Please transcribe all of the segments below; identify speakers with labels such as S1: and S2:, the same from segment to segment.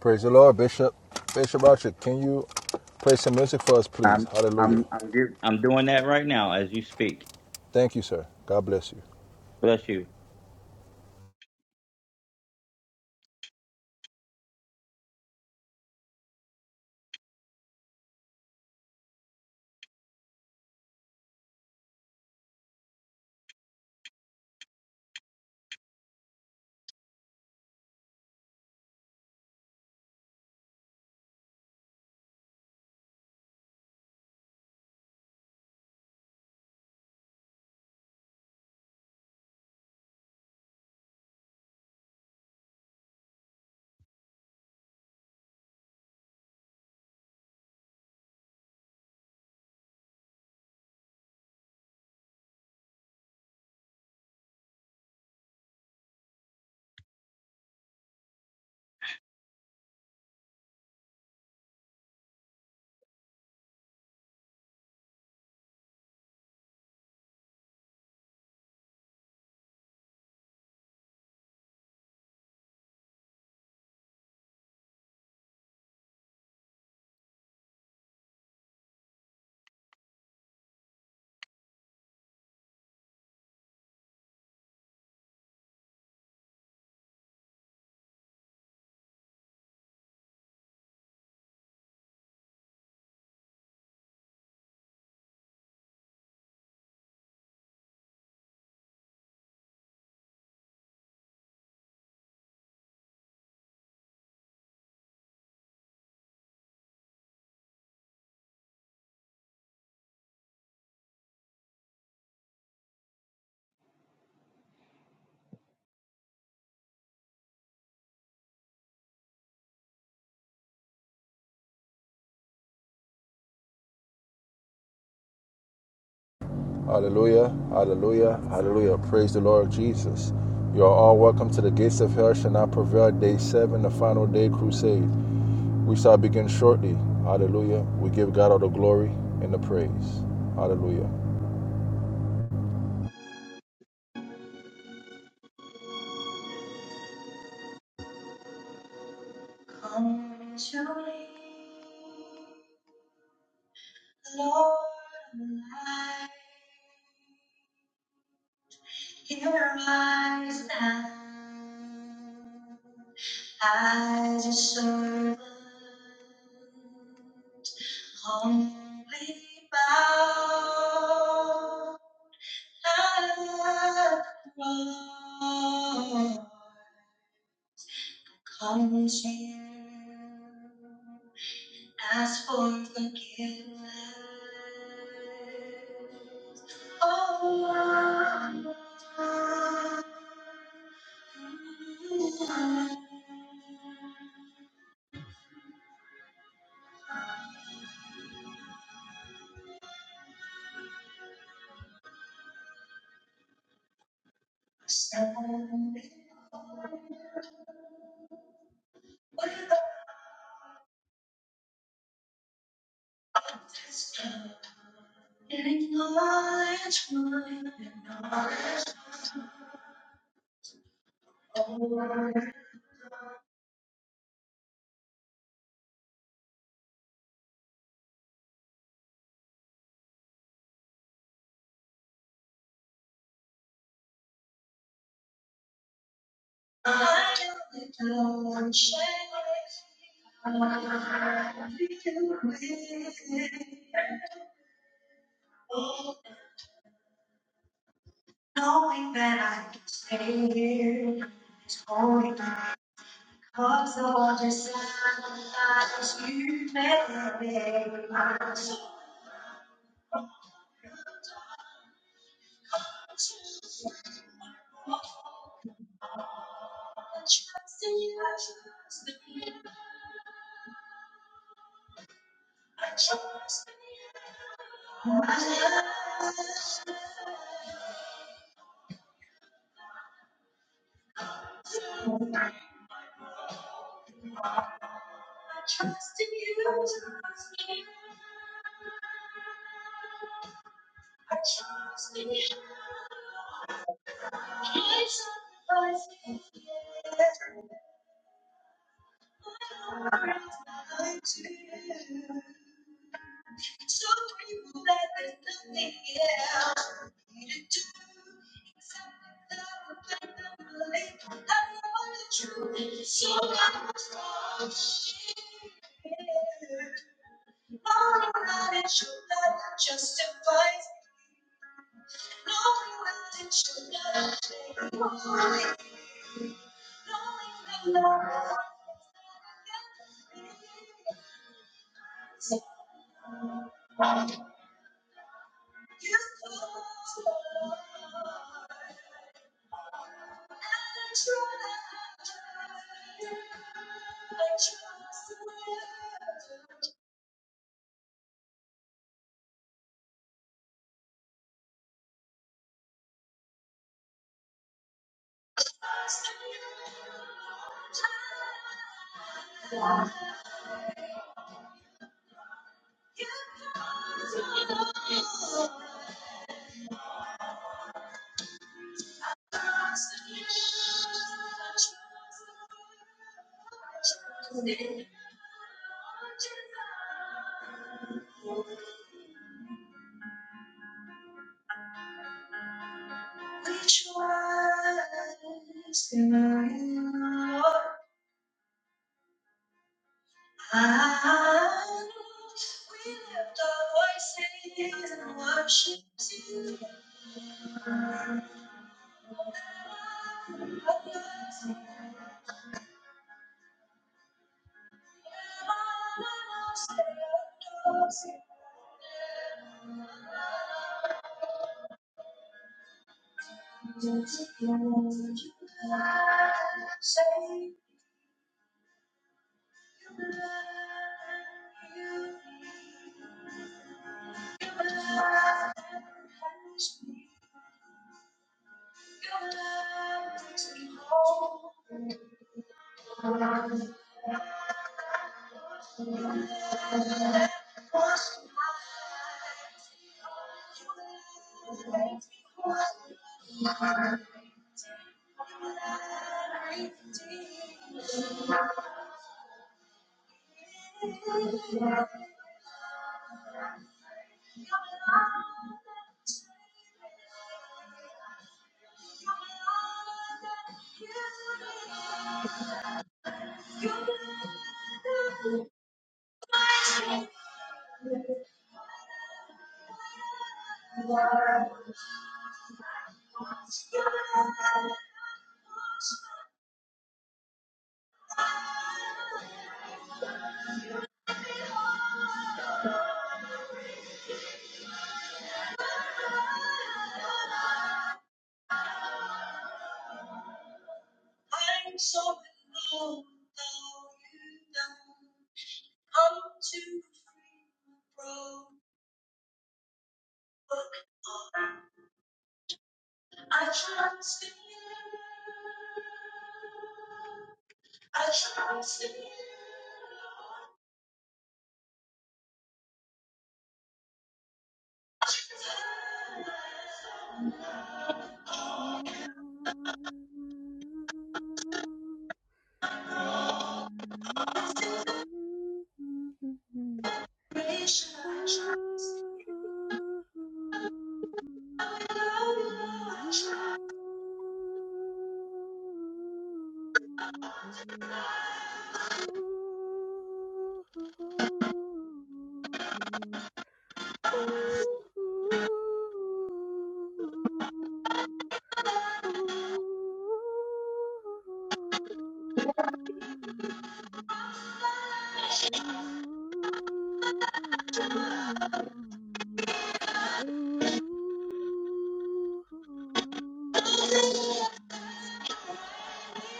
S1: Praise the Lord, Bishop. Bishop Archer, can you play some music for us, please?
S2: I'm
S1: Hallelujah.
S2: I'm I'm give, I'm doing that right now as you speak.
S1: Thank you, sir. God bless you.
S2: Bless you.
S1: Hallelujah. Hallelujah. Hallelujah. Praise the Lord Jesus. You are all welcome to the gates of hell shall not prevail. Day seven, the final day crusade. We shall begin shortly. Hallelujah. We give God all the glory and the praise. Hallelujah.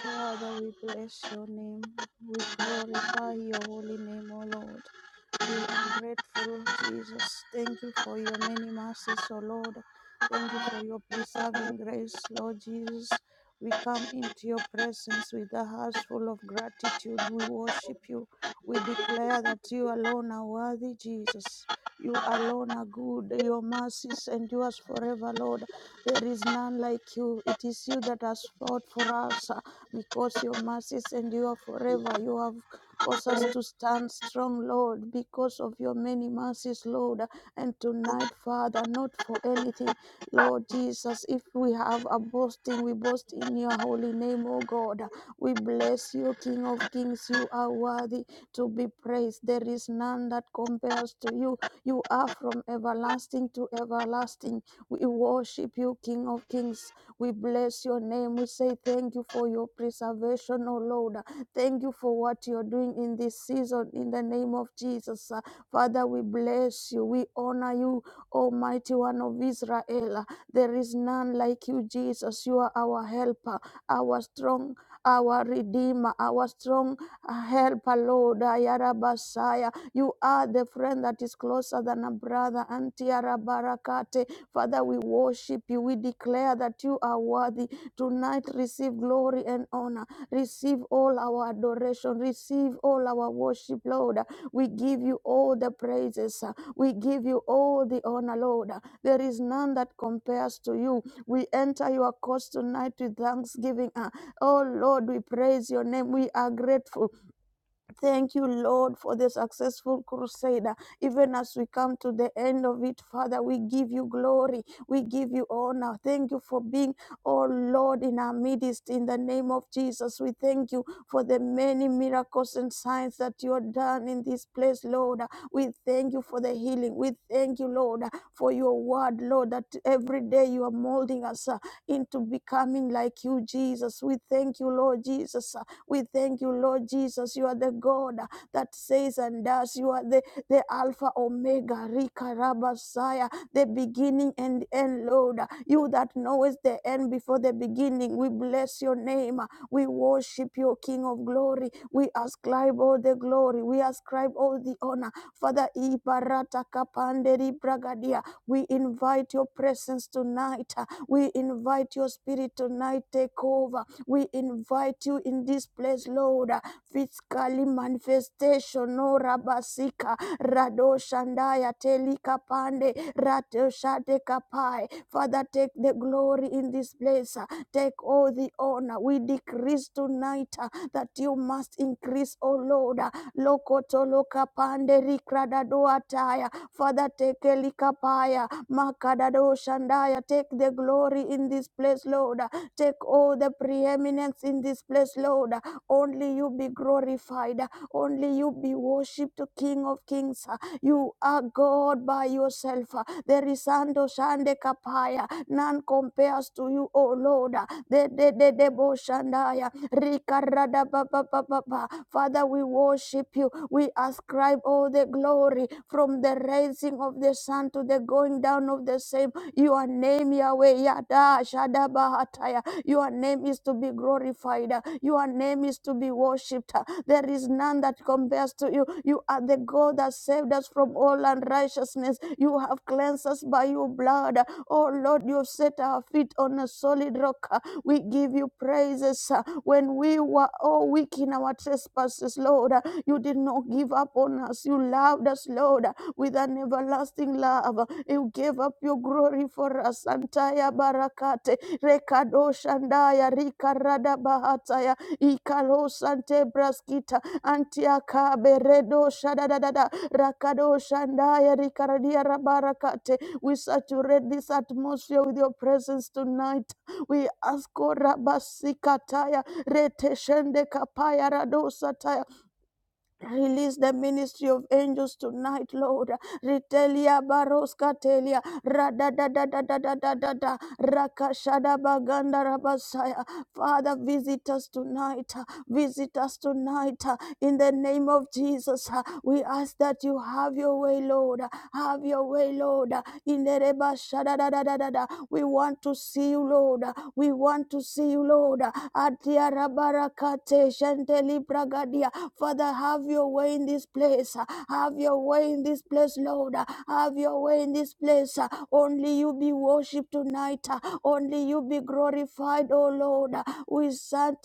S3: Father, we bless your name. We glorify your holy name, O Lord. We are grateful, Jesus. Thank you for your many mercies, O Lord. Thank you for your preserving grace, Lord Jesus. We come into your presence with a heart full of gratitude. We worship you. We declare that you alone are worthy, Jesus. You alone are good. Your mercies endures forever, Lord. There is none like you. It is you that has fought for us uh, because your mercies endure forever. You have Cause us to stand strong, Lord, because of your many mercies, Lord. And tonight, Father, not for anything, Lord Jesus, if we have a boasting, we boast in your holy name, O God. We bless you, King of Kings. You are worthy to be praised. There is none that compares to you. You are from everlasting to everlasting. We worship you, King of Kings. We bless your name. We say thank you for your preservation, O Lord. Thank you for what you're doing in this season in the name of Jesus. Uh, Father, we bless you. We honor you, Almighty One of Israel. Uh, There is none like you, Jesus. You are our helper, our strong, our redeemer, our strong uh, helper, Lord. Ayarabasaya. You are the friend that is closer than a brother. Antiarabarakate. Father, we worship you. We declare that you are worthy. Tonight, receive glory and honor. Receive all our adoration. Receive all our worship, Lord. We give you all the praises. We give you all the honor, Lord. There is none that compares to you. We enter your courts tonight with thanksgiving. Ah, Oh, Lord, we praise your name. We are grateful. Thank you, Lord, for the successful crusade. Even as we come to the end of it, Father, we give you glory. We give you honor. Thank you for being, oh Lord, in our midst. In the name of Jesus, we thank you for the many miracles and signs that you have done in this place, Lord. We thank you for the healing. We thank you, Lord, for your word, Lord, that every day you are molding us uh, into becoming like you, Jesus. We thank you, Lord Jesus, we thank you, Lord Jesus. You are the God that says and does. You are the, the Alpha Omega, Rika Rabasaya, the beginning and the end, Lord. You that knowest the end before the beginning. We bless your name. We worship you, King of glory. We ascribe all the glory. We ascribe all the honor. Father, Ibarata Kapanderi Bragadia. We invite your presence tonight. We invite your spirit tonight. Take over. We invite you in this place, Lord. Physically manifestation, no rabasika, rado shandaya, telika pande, rato shate kapai. Father, take the glory in this place. Take all the honor. We decrease tonight uh, that you must increase, O Lord. Lokoto lokapande rikradadoataya. Father, take elikapaya, makadado shandaya. Take the glory in this place, Lord. Take all the preeminence in this place, Lord. Only you be glorified. Only you be worshipped, King of Kings. You are God by yourself. There is Ando Shande Kapaya. None compares to you, O Lord. De de de de bo Shandaya. Rika rada ba ba ba ba ba. Father, we worship you. We ascribe all the glory from the rising of the sun to the going down of the same. Your name, Yahweh, Yada, Shadabahataya. Your name is to be glorified. Your name is to be worshipped. There is none that compares to you. You are the God that saved us from all unrighteousness. You have cleansed us by your blood. Oh Lord, you have set our feet on a solid rock. We give you praises. When we were all weak in our trespasses, Lord, you did not give up on us. You loved us, Lord with an everlasting love. You gave up your glory for us. Antaya barakate, rekado shandaya, rikarada bahataya, ikalo sante braskita, antiaka beredo shadadadada, rakado shandaya, rikaradia rabarakate. We saturate this atmosphere with your presence tonight. We ask, O rabasikataya, rete shende kapaya radosa Release the ministry of angels tonight, Lord. Ritelia baroska telia rada da da da da da da da da rakashada baganda rabasaya. Father, visit us tonight. Visit us tonight in the name of Jesus. We ask that you have your way, Lord. Have your way, Lord. In the reba shada da da da da da. We want to see you, Lord. We want to see you, Lord. Atia rabarakate shanteli bragadia Father, have your way in this place. Have your way in this place, Lord. Have your way in this place. Only you be worshipped tonight. Only you be glorified, O Lord. We stand,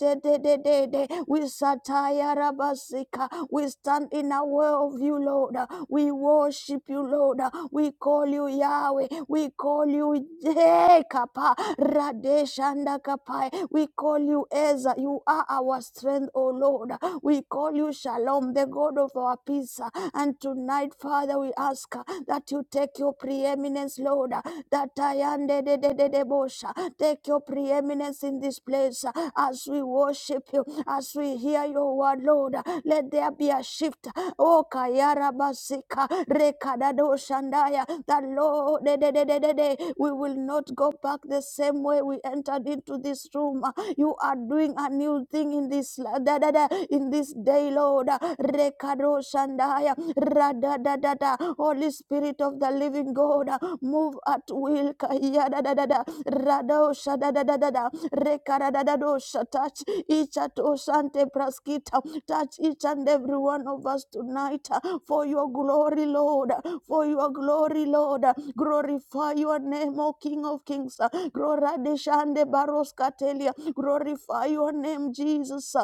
S3: we satire rabasika. We stand in our way of you, Lord. We worship you, Lord. We call you Yahweh. We call you Jekapa Radeshanda Kapai. We call you Ezra. You are our strength, O Lord. We call you Shalom, the God of our peace. And tonight, Father, we ask uh, that you take your preeminence, Lord, uh, that I am de de de de de bosha. Take your preeminence in this place uh, as we worship you, as we hear your word, Lord. uh, Let there be a shift. Oh, Kayara Basika, Rekadado Shandaya, that Lord, de de de de de de, we will not go back the same way we entered into this room. You are doing a new thing in this la- da, da, da, in this day, Lord. Rekado Shandaya. Rada da da da. Holy Spirit of the Living God, move at will. Kaya da da da da. Rado shada da da da da. Rekada da da dosha. Touch each at Osante Praskita. Touch each and every one of us tonight for your glory, Lord. For your glory, Lord. Glorify your name, O King of Kings. Gloradeshande baroskatelia. Glorify your name, Jesus.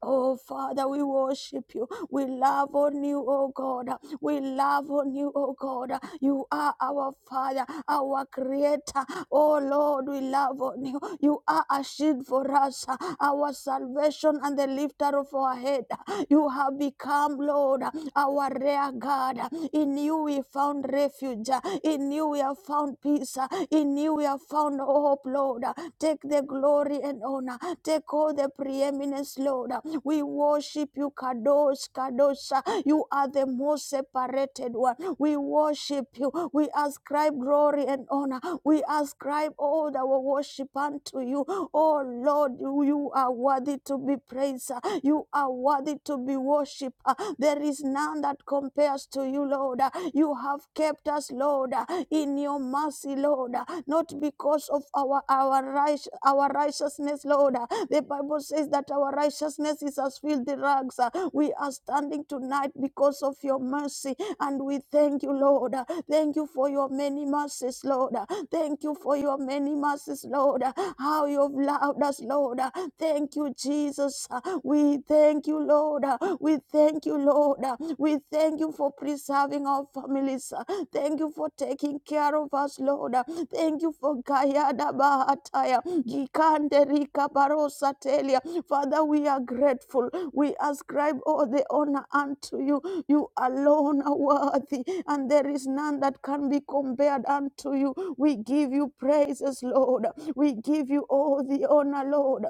S3: Oh, Father, we worship you. We love on you, oh God. We love on you, oh God. You are our Father, our Creator. Oh, Lord, we love on you. You are a shield for us, our salvation and the lifter of our head. You have become, Lord, our rear guard. In you we found refuge. In you we have found peace. In you we have found hope, Lord. Take the glory and honor. Take all the preeminence, Lord. We worship you, Kadosh, Kadosh. You are the most separated one. We worship you. We ascribe glory and honor. We ascribe all our worship unto you. Oh Lord, you you are worthy to be praised. You are worthy to be worshipped. There is none that compares to you, Lord. You have kept us, Lord, in your mercy, Lord not because of our our right, our righteousness, Lord. Uh, The Bible says that our righteousness is as filthy rags. Uh, We are standing tonight because of your mercy, and we thank you, Lord. Uh, Thank you for your many mercies, Lord. Uh, Thank you for your many mercies, Lord. Uh, How you've loved us, Lord. Uh, Thank you, Jesus. Uh, We thank you, Lord. Uh, We thank you, Lord. Uh, We thank you for preserving our families. Thank you for taking care of us, Lord. Thank you for Kayada Bahataya. Gikande Rika Barosa Telia. Father, we are grateful. We ascribe all the honor unto you. You alone are worthy, and there is none that can be compared unto you. We give you praises, Lord. We give you all the honor, Lord.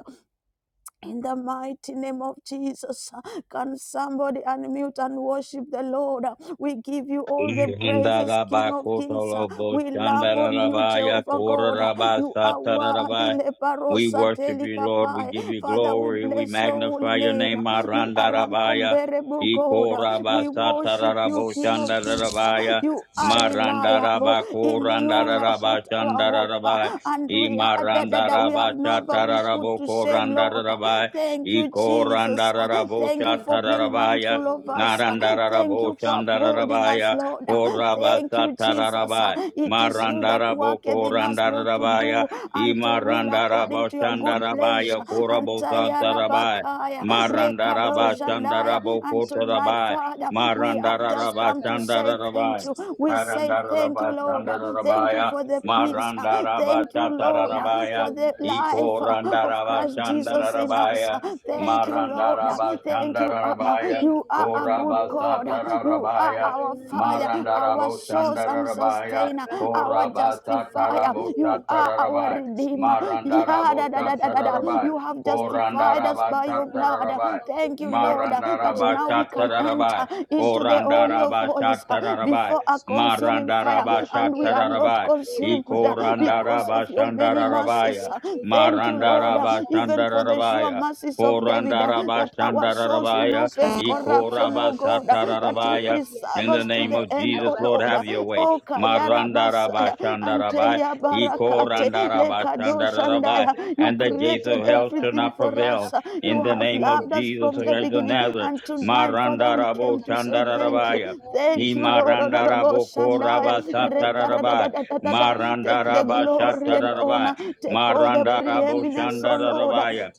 S3: In the mighty name of Jesus, can somebody unmute and worship the Lord? We give you all the praises, King
S2: Irhandaraba
S3: of Kings.
S2: kotolobo
S3: We love on you,
S2: shandararabaya
S3: Jehovah God.
S2: kororaba
S3: You are worthy,
S2: satararabaya. We
S3: Leparosa
S2: worship you, Lord. We give
S3: Telikapai.
S2: you
S3: Father, we
S2: glory. We
S3: bless your holy
S2: magnify your
S3: name.
S2: name,
S3: You are
S2: Marandarabaya.
S3: incomparable, God.
S2: Ikoraba
S3: We worship you,
S2: satararabo
S3: King of Kings.
S2: shandararabaya.
S3: You are reliable.
S2: Marandaraba
S3: In you we have put
S2: korandararaba
S3: our hope,
S2: shandararabaya.
S3: and we that, that, that we have
S2: Imarandaraba
S3: never been put
S2: satararabo
S3: to shame, Lord.
S2: korandararabaya.
S3: Thank you, Jesus. Uh,
S2: Ikorandararabo
S3: Thank you for being
S2: satararabaya.
S3: mindful of us. Uh, Thank
S2: Narandararabo
S3: you for upholding us,
S2: shandararabaya.
S3: Lord. Uh, Thank you, Jesus. Uh,
S2: Korabasatarabai.
S3: It is you that
S2: Marandarabo
S3: worketh in us both to
S2: Korandarabaya.
S3: do and to will according
S2: Imarandarabo
S3: to your good
S2: Shandarabaya.
S3: pleasure. And
S2: Korabosatarabai.
S3: Tayarabakaya,
S2: Marandaraba
S3: Rekadoshandaya.
S2: Shandarabo
S3: And tonight,
S2: Kotarabai.
S3: Father, we have just
S2: Marandaraba
S3: come to say thank
S2: Shandarabai.
S3: you. We say thank you,
S2: Marandaraba
S3: Lord. Thank you
S2: Shandarabaya.
S3: for the peace.
S2: Marandaraba
S3: Thank you, Lord,
S2: Satarabaya.
S3: for the life of
S2: Ikorandaraba
S3: Christ Jesus in us.
S2: Shandarabaya.
S3: Thank you, Lord.
S2: Marandaraba
S3: Thank you, Abba.
S2: Shandarabaya.
S3: You are a good
S2: Korabasa
S3: God. You are
S2: Tararabaya.
S3: our Father, our
S2: Marandarabo
S3: source, source and
S2: Shandarabaya,
S3: sustainer, our
S2: Korabasa
S3: justifier.
S2: Tarabo
S3: You are our
S2: Shatarabai,
S3: redeemer. Yeah,
S2: Marandarabo
S3: da, da, da, da, da, da.
S2: Shatarabai,
S3: You have justified us
S2: Korandaraba
S3: by your blood.
S2: Shatarabai,
S3: Thank you, Lord, that
S2: Marandaraba
S3: now we can enter
S2: Shatarabai,
S3: into the Holy of
S2: Korandaraba
S3: Holies uh,
S2: Shatarabai,
S3: before a consuming fire
S2: Marandaraba
S3: and we are not
S2: Shatarabai,
S3: consumed uh, because of
S2: Ikorandaraba
S3: your many mercies.
S2: Shandarabaya,
S3: uh. Thank you, Lord,
S2: Marandaraba
S3: uh, even for the sure
S2: Shandarabaya,
S3: mercies of David, uh,
S2: Korandaraba
S3: that our souls will
S2: Shandarabaya,
S3: not face corruption,
S2: Ikoraba
S3: oh God, uh, that you
S2: Satarabaya,
S3: preserve
S2: in the
S3: us to
S2: name
S3: the
S2: of
S3: end,
S2: Jesus,
S3: oh
S2: Lord,
S3: Lord. uh,
S2: have your way.
S3: Oh Kayara Basaya,
S2: Marandarabashandarabai,
S3: Anteya Barakate,
S2: Ikorandarabashandarabai,
S3: Lekadoshandaya. You
S2: and the gates
S3: created
S2: of hell shall
S3: everything
S2: not
S3: for us.
S2: prevail.
S3: uh,
S2: In
S3: You
S2: the
S3: have
S2: name of
S3: loved us
S2: Jesus
S3: from the
S2: Christ of
S3: beginning.
S2: Nazareth,
S3: And tonight, Father, we came to say thank you.
S2: Marandaraboshandarabaya.
S3: Thank you, Lord.
S2: Imarandaraboko
S3: Odoroboshandaya,
S2: Marandarabashatarabai,
S3: Rekaradadadadada. Take the glory and honor. Take all the preeminence, O Lord.
S2: Marandaraboshandarabaya,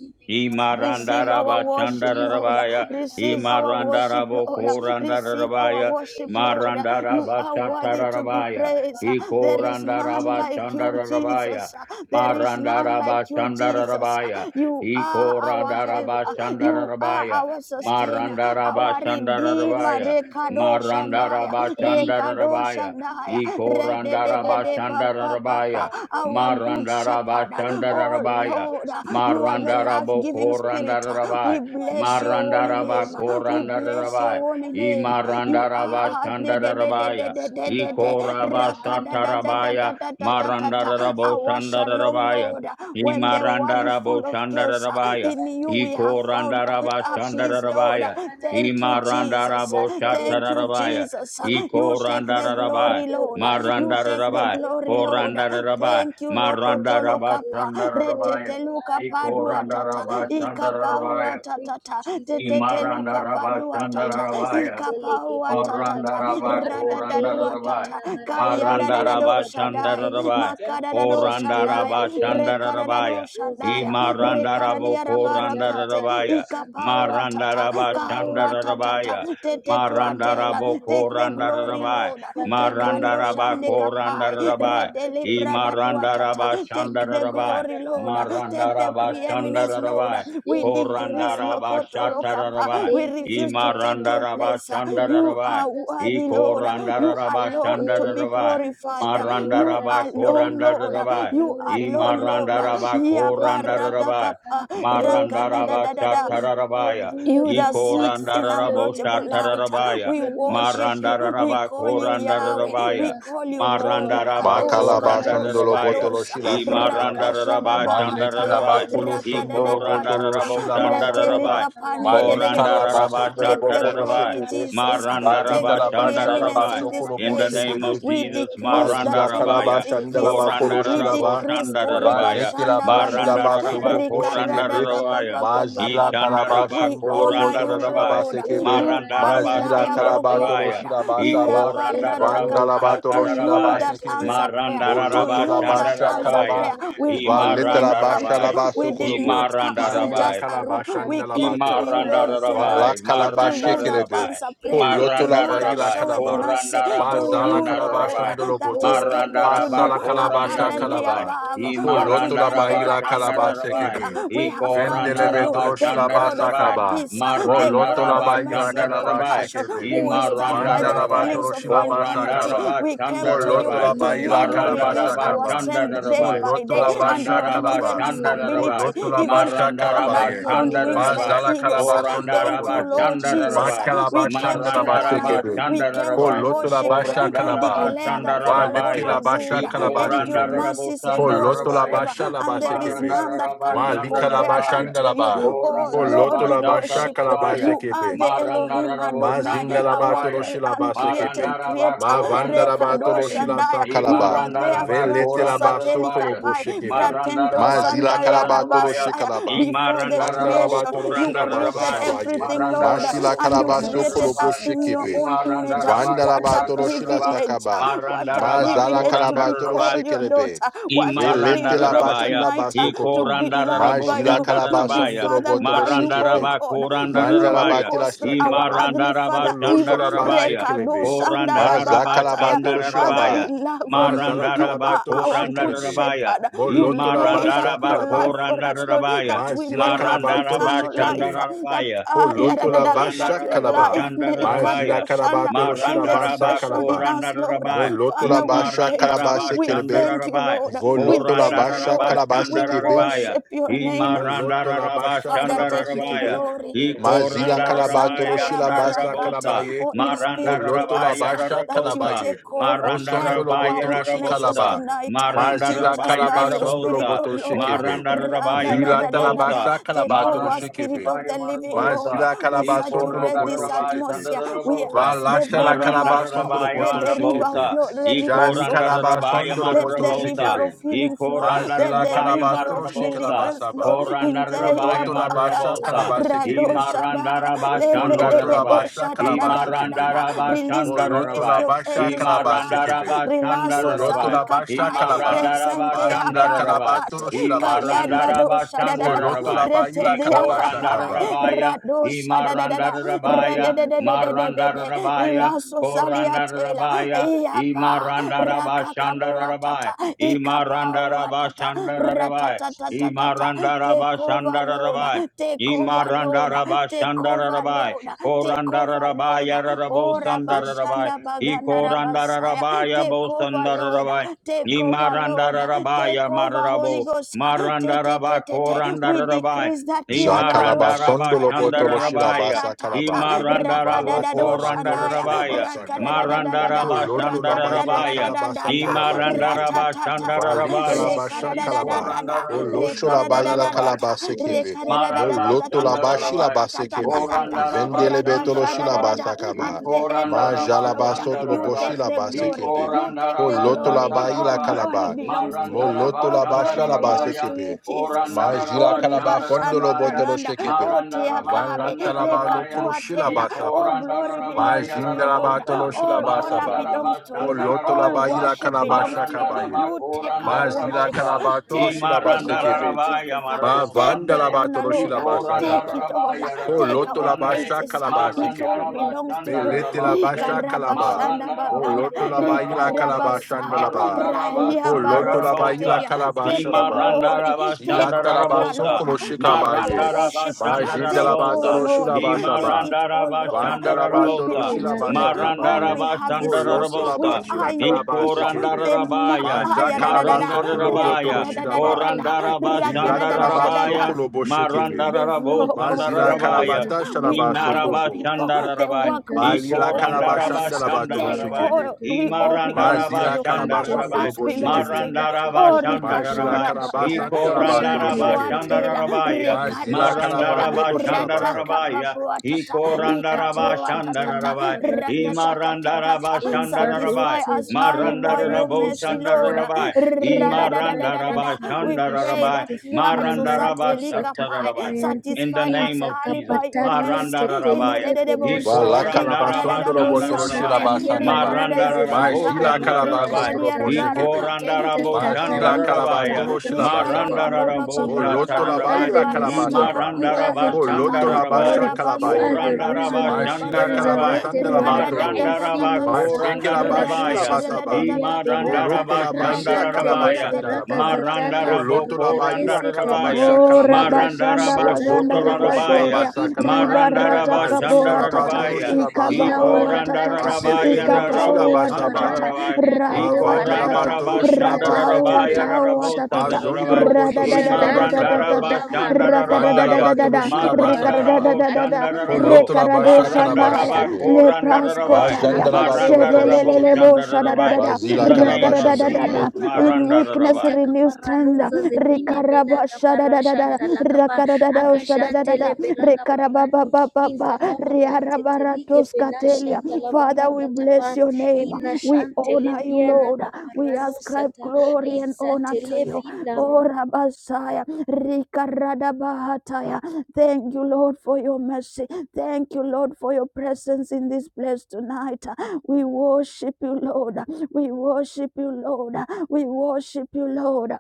S3: Receive our worship, Lord.
S2: Imarandarabashandarabaya,
S3: Receive our worship, Lord. Receive our
S2: Imarandaraboko
S3: worship, Lord. You are worthy to be
S2: Marandarabashatarabaya.
S3: praised. There is none like you,
S2: Ikorandarabashandarabaya.
S3: Jesus. There is none like you, Jesus.
S2: Marandarabashandarabaya.
S3: You are our helper. You are
S2: Ikorandarabashandarabaya.
S3: our sustainer, our redeemer.
S2: Marandarabashandarabaya.
S3: Rekado Shandaya. Rekado
S2: Marandarabashandarabaya.
S3: Shandaya. Redededede ba ba ba ba.
S2: Ikorandarabashandarabaya.
S3: Our good shepherd. Oh
S2: Marandarabashandarabaya.
S3: Lord, uh, you are the life
S2: Marandarabo
S3: giving spirit. uh,
S2: korandarabaya.
S3: We bless your holy
S2: Marandaraba
S3: name. uh, We bless your
S2: Korandarabai,
S3: holy name. uh, You are de- de- de- de- de-
S2: Imarandarabashandararabaya.
S3: de- de- de- de- raka- da- da- da- da- da-
S2: Ikorabasatarabaya.
S3: da- da- da- da- da. our shalom,
S2: Marandaraboshandararabaya.
S3: Lord. uh, When the world is full of chaos, uh,
S2: Imarandaraboshandararabaya.
S3: in you we have found p- uh, peace, Lord.
S2: Ikorandarabashandararabaya.
S3: uh, Thank you, Jesus. uh, Thank you,
S2: Imarandaraboshatararabaya.
S3: Jesus. uh, You take the
S2: Ikorandararabaya.
S3: glory, Lord. uh, You take the
S2: Marandararabaya.
S3: glory, Lord.
S2: Korandararabaya.
S3: Thank you, Lokoto Lokapa,
S2: Marandarabashandararabaya.
S3: Retete Lukapa Duatata, Ikapa
S2: Ikorandarabashandararabaya.
S3: Uatatata, Tetete Lukapa Duatata,
S2: Imarandarabashandararabaya.
S3: Ikapa Uatatata,
S2: Marandaraba,
S3: Radada
S2: Korandaraba,
S3: Duatata, Kayada Dado
S2: Marandaraba,
S3: Shaddai,
S2: Shandaraba,
S3: Makarado Shandaya,
S2: Korandaraba,
S3: Rekarado
S2: Shandarabaya,
S3: Shandaya,
S2: Imarandarabo,
S3: Rekaradia Rabarakate,
S2: Korandarabaya,
S3: Ikapauatata,
S2: Marandaraba,
S3: Kauatatata,
S2: Shandarabaya,
S3: Tetetuatela.
S2: Marandarabo,
S3: Take the glory,
S2: Korandarabai,
S3: Lord. Take Ando
S2: Marandaraba,
S3: Shande Kapai,
S2: Korandarabai,
S3: Redeli Brada Duatata.
S2: Imarandaraba,
S3: Take the
S2: Shandarabai,
S3: glory, Lord. Take the
S2: Marandaraba,
S3: preeminence, Lord.
S2: Shandarabai,
S3: We decrease
S2: Korandaraba,
S3: Lokoto
S2: Shatarabai,
S3: Lokapa. We refuse to take your
S2: Imarandaraba
S3: place. You
S2: Shandarabai.
S3: are worthy, Lord. You
S2: Ikorandaraba
S3: alone to be
S2: Shandarabai.
S3: glorified. You
S2: Marandaraba
S3: alone, Lord.
S2: Korandarabai.
S3: You alone, Lord.
S2: Imarandaraba Korandarabai.
S3: Yabaradakapa.
S2: Marandaraba
S3: Rakadadadada.
S2: Shatarabaya.
S3: You that sits in
S2: Ikorandarabo
S3: approachable light,
S2: Shatarabaya.
S3: we worship you. We
S2: Marandaraba
S3: call you Yahweh. We
S2: Korandarabaya.
S3: call you Holy
S2: Marandaraba
S3: Kadosh,
S1: Makalaba
S3: Kadosh,
S1: shondolo
S2: Korandarabaya.
S1: botolo
S3: Kadosh.
S1: shila sakalaba.
S2: Imarandaraba
S3: Rakashadabahataya,
S1: Valetilaba
S2: Shandarabai.
S1: kolo shondolo botolo
S3: Rakadadadwatata,
S2: Ikorandarabo
S1: shila
S2: Shandarabai.
S1: basakaba.
S3: Retelikapandedededebosha.
S1: Malikalaba sondolo
S3: Take the
S1: bokolo
S2: Korandarabashatarabai.
S3: glory,
S1: shekebe.
S3: Jesus. Take the
S1: Valitalaba shalaba
S3: preeminence
S2: Marandarabashandarabai.
S3: in this
S1: sokolo
S2: In the
S3: place.
S2: name
S1: boshekebe.
S2: of
S3: We
S2: Jesus,
S3: decrease that
S1: Mazila
S3: you
S1: Kalaba
S3: must
S2: Marandarabaya,
S3: increase.
S1: Shandalaba Kolo
S3: We
S1: Shilaba
S3: decrease
S2: Korandaraboshandarabaya,
S1: Valete
S3: Koribashanda
S1: Laba
S3: Baganda,
S1: Shilaba
S2: Marandaraba,
S1: Sokopo
S3: Rikarada
S1: Shekebe
S3: Papa
S2: Korandarabaya,
S3: Papa
S1: Mazila
S3: Papa
S1: Kalaba
S2: Ishandaraba,
S3: we
S1: Shandolo
S3: honor you,
S1: Botolo
S2: Korandarabai,
S1: Shilaba
S3: Lord.
S1: Sekebe
S3: You are
S2: Marandaraba,
S1: Mazila
S3: reliable,
S1: Kalaba Tolo
S2: Shandarabaya,
S3: God.
S1: Shilaba Saba
S3: Yabarataka.
S1: Vandalaba
S3: To
S1: Tolo
S3: you
S1: Shilaba
S2: Ikorandaraboshatarabai,
S3: that
S1: Sekebe
S3: answer prayer, to
S1: Moloto
S2: Marandaraba,
S3: you
S1: Laba
S3: that answer
S2: Shandarabaya,
S1: Shakalaba
S3: prayer, will all
S1: Valete
S3: men
S1: Laba
S3: come to.
S2: Imarandarabai,
S1: Shalaba
S3: We did
S1: Sokolobo
S3: not come to
S1: Malila
S2: Imarandarabai,
S3: just a
S1: Kalaba
S3: room. We came
S1: Shandalaba
S3: to you,
S1: Tolobo
S3: Lord,
S1: Vala
S2: Imarandarabai,
S3: tonight
S1: Kalaba
S3: to you that
S1: Shekelebe
S2: Marandarabai,
S3: answer prayer,
S1: Poloto
S3: to you
S1: Laba
S3: that
S1: Ila
S2: Marandarabai,
S3: showeth
S1: Kalaba
S3: mercy, to
S1: Mazala
S3: you,
S1: kalaba
S3: Lord,
S2: Korandaraboshandarabai,
S1: shandolo
S3: that is
S1: boto.
S3: able to
S2: Marandaraba,
S3: do
S1: Pasala kalaba
S3: abundantly
S2: Korandarabai,
S1: shakalaba.
S3: above what we
S1: Poloto la
S3: can
S2: Imarandaraba,
S3: ever
S1: baila
S3: ask
S1: kalaba
S3: or
S2: Shandarabai,
S3: think.
S1: sekebe.
S3: We have come to
S1: Vendelebe
S3: you,
S2: Ikorandaraba,
S1: tolo
S3: the
S1: shilaba
S3: God of
S2: Shandarabai,
S3: our
S1: sakaba.
S3: peace, the
S1: Moloto
S3: God
S1: la
S3: of
S2: Marandaraba,
S1: baila
S3: mercy and
S1: kalaba
S2: Shandarabai,
S3: compassion,
S1: shekebe.
S3: who is touched by the
S1: Vandala
S2: Imarandarabai,
S3: feelings
S1: batolo
S3: of our
S1: shilaba
S3: infirmity.
S1: sakaba.
S2: Korandaraba,
S3: We came to you,
S1: Poloto
S2: Shandarabai,
S1: la
S3: to you
S1: baila
S3: who
S1: kalaba
S3: renews
S2: Marandaraba,
S3: our
S1: shakaba.
S3: strength day
S2: Shandarabai,
S3: by
S1: Poloto
S3: Friday,
S1: la
S3: and you
S1: basha
S3: have
S2: Korandaraba,
S3: given
S1: kalaba.
S3: us
S2: Shandarabai,
S3: ability
S1: Poloto la
S3: even to
S1: basha
S3: mount up
S2: Marandaraba
S1: kalabaye.
S3: on wings like
S2: Shandarabai,
S1: Mazala
S3: eagles.
S1: kalaba
S3: Ah,
S1: shandolo
S3: Thank you,
S2: Horandaraba
S1: boto.
S3: Lord Jesus.
S2: Shandarabai,
S3: Ah,
S1: Makalaba
S3: We came
S1: shandala
S3: to honor
S2: Marandaraba
S3: you,
S1: basekebe.
S3: we came to
S2: Shandarabai,
S1: Polotola
S3: worship you,
S1: basha
S3: to
S1: kalaba.
S2: Horandaraba
S3: declare that you alone
S1: Valeke
S2: Shandarabaya,
S1: la
S3: are
S1: basha
S3: good ah,
S1: kalaba
S3: and your
S1: sekebe.
S2: Viporandarabo
S3: mercies endures
S1: Polotola
S2: Sandarabaya,
S3: forever,
S1: basha la
S3: and there is
S1: basekebe.
S3: none that
S2: Marandaraba
S3: can be
S1: Malika la
S3: compared
S2: Shandarabaya,
S1: bashanda
S3: unto
S1: la
S3: you.
S1: ba.
S3: Oh Lord,
S2: Horandaraba
S3: we
S1: la basha
S3: worship you.
S1: kalaba
S2: Shatarabaya,
S3: You are
S1: sekebe.
S3: the Elohim
S2: Marandarabo
S1: Ma
S3: Adonai our
S1: zindalabatolo
S2: Shandarabaya,
S1: shilaba sekepe.
S3: uncreated
S2: Marandaraba
S3: creator.
S1: Ma
S3: Rekado
S1: vandalabatolo
S2: Korandarabaya,
S1: shila
S3: Shandaya. You
S1: sakalaba.
S3: are there,
S2: Imarandaraba
S1: Velete
S3: Frato
S1: laba
S3: Satelika
S1: sokolo
S2: Korandarabaya,
S3: Pai,
S1: boshekepe.
S3: Fratendo
S1: Ma
S2: Marandaraba
S3: Santa
S1: zila kalabatolo
S2: Shandarabaya,
S3: Yarabasaya.
S2: Ni
S1: shekalaba.
S3: Before the
S2: marandararabo
S3: creation,
S1: Vandalabatolo
S3: you
S1: shilaba
S3: created
S2: korandararaba,
S1: sakabaye.
S3: everything,
S1: Ma
S3: Lord,
S2: marandararabo
S1: shila
S3: and you
S1: kalaba
S3: created
S1: sokolo
S2: korandararaba,
S3: us in your
S2: ni
S1: boshekepe.
S3: own image.
S2: marandaraba
S3: What a
S1: Vandalabatolo shila
S2: korandararaba,
S3: privilege!
S1: sakaba.
S3: What a
S1: Ma
S2: marandaraba
S1: zala
S3: privilege to be
S1: kalabatolo
S2: korandararaba,
S3: called your
S1: shekelebe.
S3: daughter. What a
S1: Velete
S3: privilege
S1: laba
S2: Imarandarabaya,
S1: shilaba
S3: tonight uh, to
S1: sokopo.
S3: be
S1: Ma
S3: loved by
S1: jila
S3: you,
S1: kalaba
S3: to be
S2: Ikorandaraboshandarabaya,
S1: sondolo
S3: fathered
S1: botolo
S3: by you, oh
S1: shekepe.
S3: God. You who
S2: Marandarabakorandarabaya,
S1: Vandalabatila
S3: caused our
S1: shakalaba.
S3: earthly father evil.
S2: Imarandarabashandarabaya,
S3: Rekado
S1: Polosolabasekelebe.
S3: Shandaya Bahataya. Father,
S2: Korandarabashandarabaya,
S3: we
S1: Mazakalabatoloshilaba.
S3: love on you.
S1: Mazala
S3: You are
S1: kalabatolo
S3: our good
S1: shekelebe.
S2: Marandarabakorandarabaya,
S3: shepherd. You
S1: Moloto la
S3: laid up
S1: basha
S3: your life
S1: kalaba.
S3: for us, Lord,
S2: Imarandarabakorandarabaya,
S3: that we
S1: Mazila
S3: may have
S1: kalabatolo
S3: eternal life.
S1: shekelebe.
S3: uh, That
S2: Marandarabashandarabaya,
S3: ah, yeah, da,
S1: Poloto
S3: da,
S1: la
S3: da, that
S1: basha
S3: your life
S1: kalaba.
S3: may
S2: Ikorandaraboshandarabaya,
S1: Mazila
S3: Kado Shanda
S1: kalabatolo
S3: find
S1: shilabasa
S3: expression in
S1: kalaba.
S3: us, Lord.
S2: Marandarabakorandarabaya,
S1: Moloto la
S3: Father, we
S1: basha
S3: thank
S1: kalaba
S3: you. We
S1: sekelebe.
S3: thank you,
S2: Imarandarabashandarabaya,
S3: Lord. We
S1: Voloto la
S3: thank you,
S1: basha
S3: Lord. We
S1: kalaba
S2: Korandararabashandararabaya.
S3: worship your name.
S1: Moloto la basha
S3: Father, take
S1: kalabase
S3: the
S2: Imarandararabashandararabaya.
S1: kebe.
S3: glory. Take the
S1: Mazila
S3: Lord
S1: kalabatolo
S3: Santa
S2: Ikorandararabaya
S3: ya
S1: shilabasa
S2: nararabosa.
S1: kalabaye.
S3: Holy Spirit, we
S1: Moloto la
S2: Marandararabaya
S3: ask uh,
S1: basha
S3: that you
S2: rarabosa.
S1: kalabaye.
S3: take over. Help
S1: Mosondolo
S3: our
S2: Marandararabaya
S1: botolo
S3: weaknesses
S2: rarabosa.
S1: shikalaba.
S3: tonight. uh, Teach
S1: Mazila
S3: us
S2: Marandararabaya
S3: by your
S1: kalabasondolo
S2: rarabosa.
S3: Spirit, O
S1: botolo
S3: Lord. uh,
S1: shikebe.
S3: ra- da-
S2: Marandararabaya
S3: da-
S1: Vila
S3: da- da- da- da.
S2: rarabosa.
S1: talabasa
S3: Take
S1: kalabatolo
S3: over, Spirit
S1: shikebe.
S3: of the
S2: Marandararabaya
S3: of the living God.
S2: rarabosa.
S1: Mazila
S3: We
S1: kalabasondolo
S3: saturate
S1: botolo
S3: this
S2: Ikorandararabaya
S1: shikebe.
S3: atmosphere. We
S2: shandararabosa.
S3: ask that
S1: Valasha
S3: the
S1: la
S3: river flow.
S1: kalabasondolo
S2: Marandararabaya
S3: Let
S1: botolo
S3: the river
S2: rarabosa.
S1: shikebe.
S3: flow. The river
S1: Jali
S3: sokataya.
S2: Ikorandararabaya
S1: kalabasondolo
S3: Let
S1: botolo
S3: the
S2: rarabosa.
S3: river
S1: shikebe.
S3: of
S2: E
S3: healing flow. Let
S1: Mazila
S3: the
S2: corandarabaya
S3: river of
S1: Karabatoro
S2: marrabosa.
S3: deliverance flow.
S1: Shikarabasaba.
S3: In
S1: O
S2: Corandarabaya
S3: the
S1: la basha
S3: bakata
S2: marrabosa.
S1: kalabase
S2: E
S1: kebe.
S3: radoshadaya. Let let the
S1: Moloto la
S3: debo
S2: marandarabashandarabai.
S1: basha
S3: shada
S2: E
S3: da da
S1: kalabase
S3: da da
S1: kebe.
S3: da. Release the
S1: Moloto la
S3: ministry
S2: marandarabashandarabai.
S3: of
S1: basha
S2: E
S3: angels
S1: kalabase
S3: tonight
S1: kebe.
S3: rilaso
S1: Moloto
S2: marandarabashandarabai.
S1: la
S3: salika
S2: E
S1: basha
S3: pai
S1: kalaba.
S3: resente
S1: Bazila
S2: marandarabashandarabai.
S3: abarakate
S1: kalabatoro
S2: E
S1: shilabase
S3: kayanda
S1: kebe.
S3: do shada da da
S1: Moloto la
S2: marandarabashandarabai. E
S1: baila
S3: retende
S1: kalabasha
S3: akapai
S1: kaba.
S2: corandarabaya.
S3: rado
S2: E
S3: shada da
S2: marandarabaya.
S3: redededededede
S2: Marandarabaya.
S3: rilaso saliatela
S2: Corandarabaya. E
S3: iapa
S2: marandarabashandarabai.
S3: rakakaboatata
S2: Imarandaraba
S3: ikapauatata
S2: Shandarabai.
S3: ratatatatata take
S2: Imarandaraba
S3: over Lord
S2: Shandarabai.
S3: take over Lord
S2: Imarandaraba
S3: take over
S2: Shandarabai.
S3: Lord take over
S2: Korandarabai
S3: Lord
S2: Yarabo
S3: oh
S4: Thank
S2: Sandarabai.
S3: rabashanda baganda rabasaya
S2: Ikorandararabai
S3: take
S2: Yabo
S3: over Lord
S2: Sandarabai.
S3: take over Lord
S2: Imarandarabai
S3: take over Holy
S2: Yamarabo.
S3: Ghost te te te
S2: Marandarabai
S3: te te we
S2: Korandarabai.
S3: decrease that
S1: Zakalaba
S2: Imarandaraba
S1: sondolo
S3: yabaroskataya
S1: botolo shilaba
S2: Shandarabai.
S1: sakalaba.
S3: ratatatata
S2: Imarandarabo
S1: Valata labatolo
S3: rakadadadoshanaya da
S1: shilaba
S2: Korandarabai.
S3: da da
S1: kalaba.
S3: da da da,
S2: Marandaraba
S4: you.
S1: Poloto
S3: rakada da da
S1: labaila
S3: da
S2: Shandarabai.
S3: da da
S1: kalaba
S3: da da,
S1: sandalaba
S4: And
S1: tekebe.
S2: Imarandaraba
S4: after I took
S3: ratatata,
S1: Valita
S4: this
S2: Shandarabaya.
S3: rekada
S1: labasha
S4: flight
S3: da
S4: is
S3: da da
S4: really
S1: kalaba.
S3: da, da
S4: we are
S1: Olosho
S4: saying
S2: Ikorandarabosha
S3: rekada
S4: thank
S3: da da
S4: you,
S1: labaila
S3: da da
S4: Jesus.
S1: kalaba
S3: da
S4: To this
S1: sekebe.
S3: rekada
S4: flight
S3: rekada rekada
S4: is
S3: rakadadadadada, rakadadadadadada, ratatatata, rekadadadadada,
S4: because of
S1: Moloto
S4: your
S1: labashi
S4: mercy.
S2: Marabashandarabai,
S1: labashilaba
S4: To this
S1: sekebe.
S4: flight
S3: rekadadadadada, rekadadadadadadadadadadadadadadadadadada,
S4: is you,
S1: Vendele
S4: Jesus.
S1: betolo
S2: Korandarabashandarabai,
S1: shilaba
S3: ratashadadadada.
S4: Rakata
S3: At
S1: sakaba.
S3: the
S4: parate
S3: end of
S4: tele
S3: it,
S1: Majalaba
S3: Lord,
S4: firaka
S1: sotolo
S3: you
S4: parano
S2: Ikorandarabashandarabai,
S3: take the
S1: boshilaba
S4: setara
S3: glory.
S1: sekebe.
S3: You
S4: parante
S3: take the
S1: Poloto
S3: glory.
S4: shandala
S1: labaila
S3: All
S4: viraka
S2: Ikorandarabashatarabai,
S3: glory
S1: kalaba.
S4: zatele
S3: belongs to you.
S4: vinamara
S1: Moloto
S3: All
S1: labasha
S3: glory
S1: laba
S4: amano
S3: belongs
S2: Marandarabashandarabaya,
S3: to
S1: sekebe.
S3: you,
S4: shetaka
S3: Jesus.
S4: parante
S1: Majila
S3: Oh,
S1: kalaba
S3: ribashanda
S1: fondolo
S2: Korandarabashandarabaya,
S1: botolo
S4: Jesus
S3: baganda.
S4: take the
S1: shekepe.
S3: Oh,
S4: glory
S1: Van la
S3: teakabe.
S4: you
S1: talaba
S4: are
S1: lo
S2: Marandarabashandarabaya,
S1: kolo
S3: Lekatua
S4: worthy of
S3: tela.
S1: shilaba
S4: God.
S3: All
S1: saba.
S4: We
S3: glory
S4: sing
S3: belongs
S2: Ikorandarabaya
S4: praises
S3: to you,
S4: unto
S1: Majindalaba
S3: Lord.
S4: you,
S2: Rarabosa,
S4: O
S1: tolo
S4: Lord,
S3: All
S1: shilaba
S4: for
S3: honor
S4: all
S1: saba.
S4: you
S3: belongs to you.
S1: Poloto
S3: All
S1: laba
S2: Marandarabashandarabosa,
S1: ila
S3: worship
S1: kalaba
S3: belongs to you.
S1: shakabaye.
S3: You take our
S1: Mazila
S3: worship.
S2: Marandarabakorandarabasa,
S1: kalaba tolo
S3: Take the
S1: shilaba
S3: glory,
S1: sekepe.
S2: Imarandarabaya
S3: Jesus.
S1: Ma
S3: Take the
S2: Marabosande,
S1: vandalaba
S3: honor,
S1: tolo
S3: Lord.
S1: shilaba
S3: Take
S1: sakaba.
S3: it all. Take
S1: Poloto
S3: our
S1: laba
S2: Ikorandararabayararabosande,
S3: praises.
S1: shakalaba
S3: It all
S1: sekepe.
S3: belongs to you.
S1: Melete la
S3: Rika
S2: marandarabashandararabose,
S1: basha kalaba.
S3: Rabashanda Baganda.
S1: Moloto la
S3: Rika
S1: baila
S2: marandarabashandararabosa,
S1: kalaba
S3: Rabasaya.
S1: shandalaba.
S3: Raya
S1: Poloto la baila
S2: marandarabashandararabosa,
S3: Baroskatelia.
S1: kalaba
S2: ni
S3: Take the
S1: shalaba.
S3: glory. Take
S1: Silata la
S3: honor,
S1: baso
S3: Lord.
S2: marandarabashandararabosa,
S4: Give you all
S1: koloshika
S3: Take
S4: of mother.
S3: our
S1: baye.
S3: worship.
S4: Shando
S1: Majinda
S3: Take,
S1: la
S4: se te
S3: oh
S2: marandarabashandararabosa,
S1: batoro
S3: Lord.
S2: i
S1: shilaba
S3: Take
S1: saba.
S3: it, oh Lord.
S1: Vanda la
S3: We
S1: batoro
S2: marandarabashandararabosa,
S3: belong to
S1: shilaba
S3: you.
S1: sakaba.
S3: All
S4: Irakatapala
S3: we have is
S4: paratu
S3: yours.
S1: Poloto la
S2: marandarabashandararabosa,
S3: We
S4: sasatelia
S1: bashila
S3: are your
S4: manatu
S1: kalaba
S3: people.
S1: sekebe.
S3: The
S4: shatakapa
S3: ma-
S2: ikorandararabaya,
S1: Maja
S3: aya da da
S4: imarante
S3: da
S1: kalaba
S3: da,
S1: sondolo
S3: raka
S1: botoro
S2: marandararabaya,
S3: da
S4: satelikipina
S3: da da da
S1: shilaba.
S3: da da, raka da
S1: Vilata
S4: entakapalatu
S3: da
S1: la
S3: da da da
S1: baso
S3: da
S2: korandarabashandararabaya,
S4: shatala
S1: kolobo shekebe.
S4: paratelia
S3: the
S4: kapena
S2: Marandarabo
S3: flock of
S1: Mazila
S3: your
S4: enando
S2: Sandarabaya,
S3: pasture.
S1: kalabata
S4: zazile
S3: We
S1: shalaba
S3: are
S4: vinaka
S3: your
S2: Ninaraba
S1: sokofo.
S3: people,
S4: paratu
S3: the
S2: Shandarabai,
S4: intalaka
S3: workmanship
S1: Balila
S3: of your
S4: paratu
S2: Ikorandaraba
S3: hands.
S1: kalabashanda la batolo
S4: shasatelia
S3: Take
S2: Shandarabai,
S1: shekebe.
S3: all,
S4: manate
S3: we all
S4: telika pa
S3: belongs to
S2: Imarandaraba
S1: Mazila
S3: you.
S4: rantu
S3: Our
S1: kalabasando
S2: Shandarabai,
S1: lo
S3: lives
S1: bo
S4: satelia
S3: belongs to
S1: shekebe.
S3: you.
S4: manate
S2: Marandaraba
S3: Oh,
S4: telike
S1: Mazila
S2: Shandarabai,
S4: piraka
S3: Rikashanda
S4: shata
S3: Bagada,
S1: kalabasanda la batolo
S4: shantele
S2: Ikorandaraba
S3: Rekadoa
S1: shekebe.
S3: Tela,
S4: fetimina
S2: Shandarabaya,
S4: kaparatu
S1: Mazila
S3: Rekadoa Tela,
S4: shasatala
S2: Marandaraba
S1: kalabatolo
S4: pa
S3: Rataka
S1: shilabasaba.
S2: Shandarabaya,
S3: Pabuatata,
S2: Ikorandaraba
S4: rakatete teli
S3: Ikabuatatata,
S2: Shandarabai,
S4: farato shatapa
S2: Imarandaraba
S3: Ratatatatata.
S2: Shandarabai,
S3: Satisfy
S4: envarote
S3: us
S4: rika
S3: early by your
S4: paranto
S2: Marandarabo
S3: mercy, Lord.
S4: shatalapa
S2: Shandarabai,
S4: ela maipa
S3: Radadadadadada,
S2: Imarandaraba
S3: we
S4: faraka
S3: pray
S2: Shandarabai,
S3: that
S4: shante la
S3: Lord, so
S4: manto
S2: Marandaraba
S3: satelika
S2: Shatarabai.
S4: satakapayante
S2: In the
S3: satisfy
S2: name
S3: us
S2: of
S3: early
S2: Jesus.
S3: by your
S4: intakapatalia
S3: mercy. In the
S2: Marandarabaya.
S4: tetelike
S3: de- de- de-
S2: He
S4: penasha
S3: bosha,
S1: Vala
S4: takapa
S2: korandaraba
S1: kalabasondo lo botolo
S4: inosha
S2: shandarabai.
S3: rikaradadadoshandaya,
S4: telia
S1: shilabasakaba.
S4: manande zelike
S2: Marandarabo
S3: rikaradadoshandaya,
S1: Mazila
S4: peraka
S2: shandarabai.
S1: kalabasondo lo bo
S2: He
S4: tashatalano
S1: shekebe.
S3: rikaradiarabarakate,
S2: korandarabo
S1: Mazila
S4: intatatalike
S3: ikaboatatata,
S2: shandarabaya.
S1: kalabatolo
S4: peraka tete
S1: shilabasaba.
S4: glory
S2: Marandarabo
S4: jehovah
S1: Voloto
S3: rikarababababababa,
S4: you
S1: la
S4: are
S2: shatarabai.
S4: the
S1: baila
S2: He
S4: messiah
S1: kalabasaba.
S4: you are
S2: marandaraba
S4: the
S3: iparatakapaboatatata,
S4: King
S1: Poloto
S4: of
S1: la
S2: shandarabai.
S1: basha
S4: glory. You are
S3: orabasanda
S4: the
S1: kalabayebe.
S2: Korandaraba
S3: baganda
S4: risen one, the
S1: Mashila
S3: rabasaya.
S2: shandarabai.
S4: resurrected
S1: kalabasanda la
S4: one.
S3: Rada da da da
S1: batolo.
S3: da
S2: Marandaraba
S3: da da
S4: Elfinosa
S3: da
S1: Maseke la
S3: Rata
S1: bashila
S2: korandarabaya.
S4: kaparadosha
S3: kada da! da
S1: basaba.
S2: He
S3: da
S4: zatelia
S3: da da da
S4: penaka
S1: Poloko
S2: marandaraba
S1: la
S3: Rata
S1: bayila
S4: ashante
S3: kada da da
S2: shandarabaya.
S3: da!
S1: kalabashanda la
S3: da
S4: leperaka
S1: ba.
S3: da da
S4: zatalia
S3: da!
S2: Marandarabo
S1: Poloto la bayila
S4: farakatese
S2: Korandarabaya,
S4: telipe
S1: kalabasha
S3: Oh,
S1: kalabaye.
S3: Rabashanda
S4: inanosha
S2: Marandaraba
S1: Bozoto
S3: Baganda
S1: lo boshila
S4: takaparante
S2: Kotorabaya,
S3: Rababoria,
S1: basa kalaba.
S4: intala
S3: Ribarata
S2: Marandaraba
S4: faranosa
S3: Kabo
S1: Malisha la
S3: Atata,
S1: batolo
S4: sakaparano
S2: Shandarabaya,
S1: shila
S2: E
S4: ina
S1: basaba.
S3: Ikabao
S4: varakate
S3: Atatata,
S1: Matelebe
S2: Korandarabaya and
S1: kolo
S4: sheteleke
S1: shila
S2: Rabo
S3: Ikabao
S4: penaka
S1: basaba.
S4: parana
S3: Atatata,
S2: Sandarabaya, E
S4: akata
S3: Rao
S1: Mavanda la
S4: palate
S3: Atatata,
S2: Korandaraba
S1: batolo shila
S4: intala
S3: Ratao
S1: basekebe.
S2: Shandarabaya
S3: Atao
S2: Rabo
S4: kapalatusha
S3: Atatata,
S4: telika
S2: Sandarabaya,
S1: Mazondolo
S4: pa
S1: botolo
S2: E
S1: shila
S4: Shanandundu
S1: basakaba.
S2: Marandaraba
S3: Radadadadadadadata,
S4: lavarande
S1: Vanda la
S2: Shandarabaya,
S1: batolo
S4: dekepena
S3: Rakadadadadada,
S1: shila
S4: kapa
S1: basakaba.
S2: Marandarabo
S3: Rikadadadadada,
S4: akatapatale
S2: Shandarabo,
S1: Polotola
S3: Rekarado
S1: basha
S4: keperana
S1: kalaba
S3: Shandaya,
S2: Marandaraba
S1: sekebe.
S4: kashandele mediana
S1: Ba
S2: Korandarabaya,
S3: Lepraskotalia,
S1: jandala ba tolo kolo
S4: aradezele
S2: Marandarabo
S4: vida
S1: shikebe.
S3: Shelelelebo
S2: Shandarabaya,
S1: Ba
S4: makaparata
S3: Shadadadada,
S2: in
S1: zila
S2: the
S1: kalaba
S4: imana
S2: name of
S1: shandala
S4: kashata
S3: Rakadadadada,
S4: la
S2: Jesus,
S3: in
S4: parante
S2: Maranda
S3: weakness,
S2: Rabai.
S3: renew strength.
S4: intakaparanuza zevine mena
S3: Rikaraba shadadadada.
S4: kaparashanta la kapa
S3: Rakadadada
S4: akashantele beraka
S3: shadadadada.
S4: parantu
S3: baba,
S4: intalavarantetelike
S3: Riarabaratos
S4: pena
S3: katelia.
S4: shanda
S3: Father, we
S4: lavaraka
S3: bless
S4: tapa
S3: your name.
S4: ina
S3: We
S4: shantele
S3: honor you,
S4: viana
S3: Lord. We
S4: kaparano
S3: ascribe
S4: sata
S3: glory and
S4: insa
S3: honor to you.
S4: telefina
S3: Oh, Rabasaya. Rikaradabahataya. Thank you, Lord, for your mercy. Thank you, Lord, for your presence in this place tonight. We worship you, Lord. We worship you, Lord. We worship you, Lord.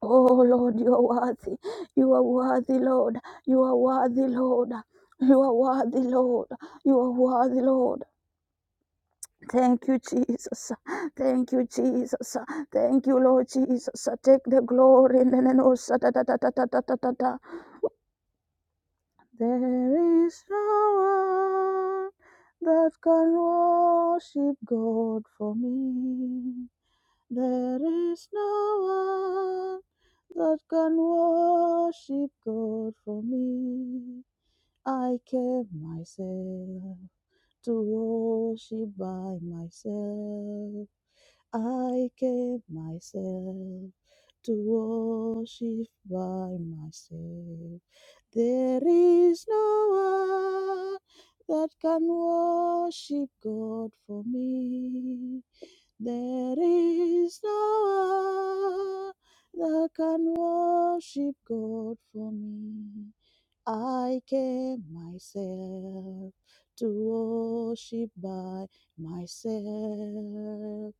S3: Oh, Lord, you are worthy. You are worthy, Lord. You are worthy, Lord. You are worthy, Lord. You are worthy, Lord. Thank you, Jesus. Thank you, Jesus. Thank you, Lord Jesus. Take the glory. There is no one that can worship God for me. There is no one. that can worship God for me. I kept myself to worship by myself. I kept myself to worship by myself. There is no one that can worship God for me. There is no one that can worship God for me. I came myself to worship by myself.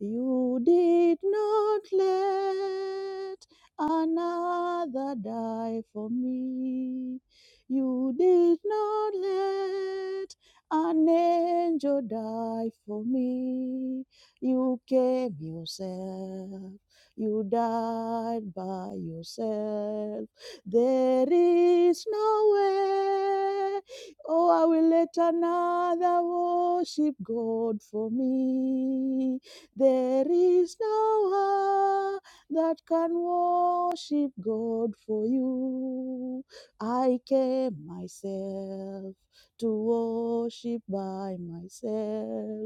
S3: You did not let another die for me. You did not let an angel die for me. You came yourself. You died by yourself. There is no way. Oh, I will let another worship God for me. There is no heart that can worship God for you. I came myself to worship by myself.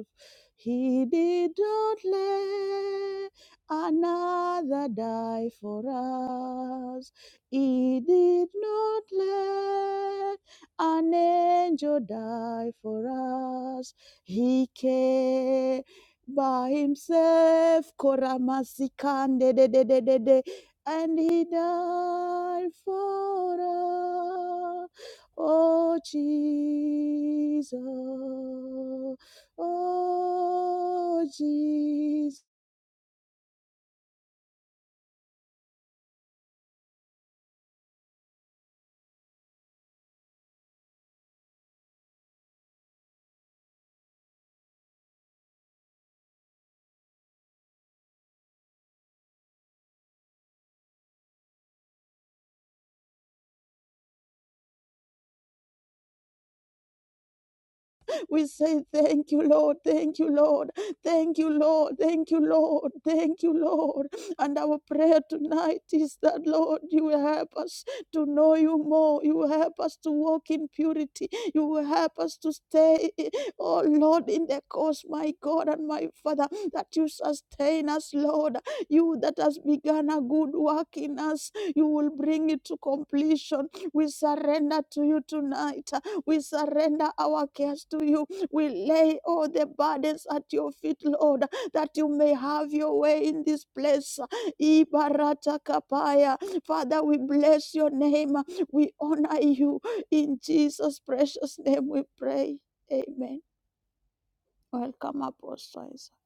S3: He did not let another die for us. He did not let an angel die for us. He came by himself. Koramasikande de de de de de. And he died for us. Oh, Jesus. Oh, Jesus. We say thank you, Lord. Thank you, Lord. Thank you, Lord. Thank you, Lord. Thank you, Lord. And our prayer tonight is that, Lord, you will help us to know you more. You will help us to walk in purity. You will help us to stay, oh Lord, in the cause, my God and my Father, that you sustain us, Lord. You that has begun a good work in us, you will bring it to completion. We surrender to you tonight. We surrender our cares to you. We lay all the burdens at your feet, Lord, that you may have your way in this place. Ibarata kapaya. Father, we bless your name. We honor you. In Jesus' precious name we pray. Amen. Welcome, Apostle Isaac.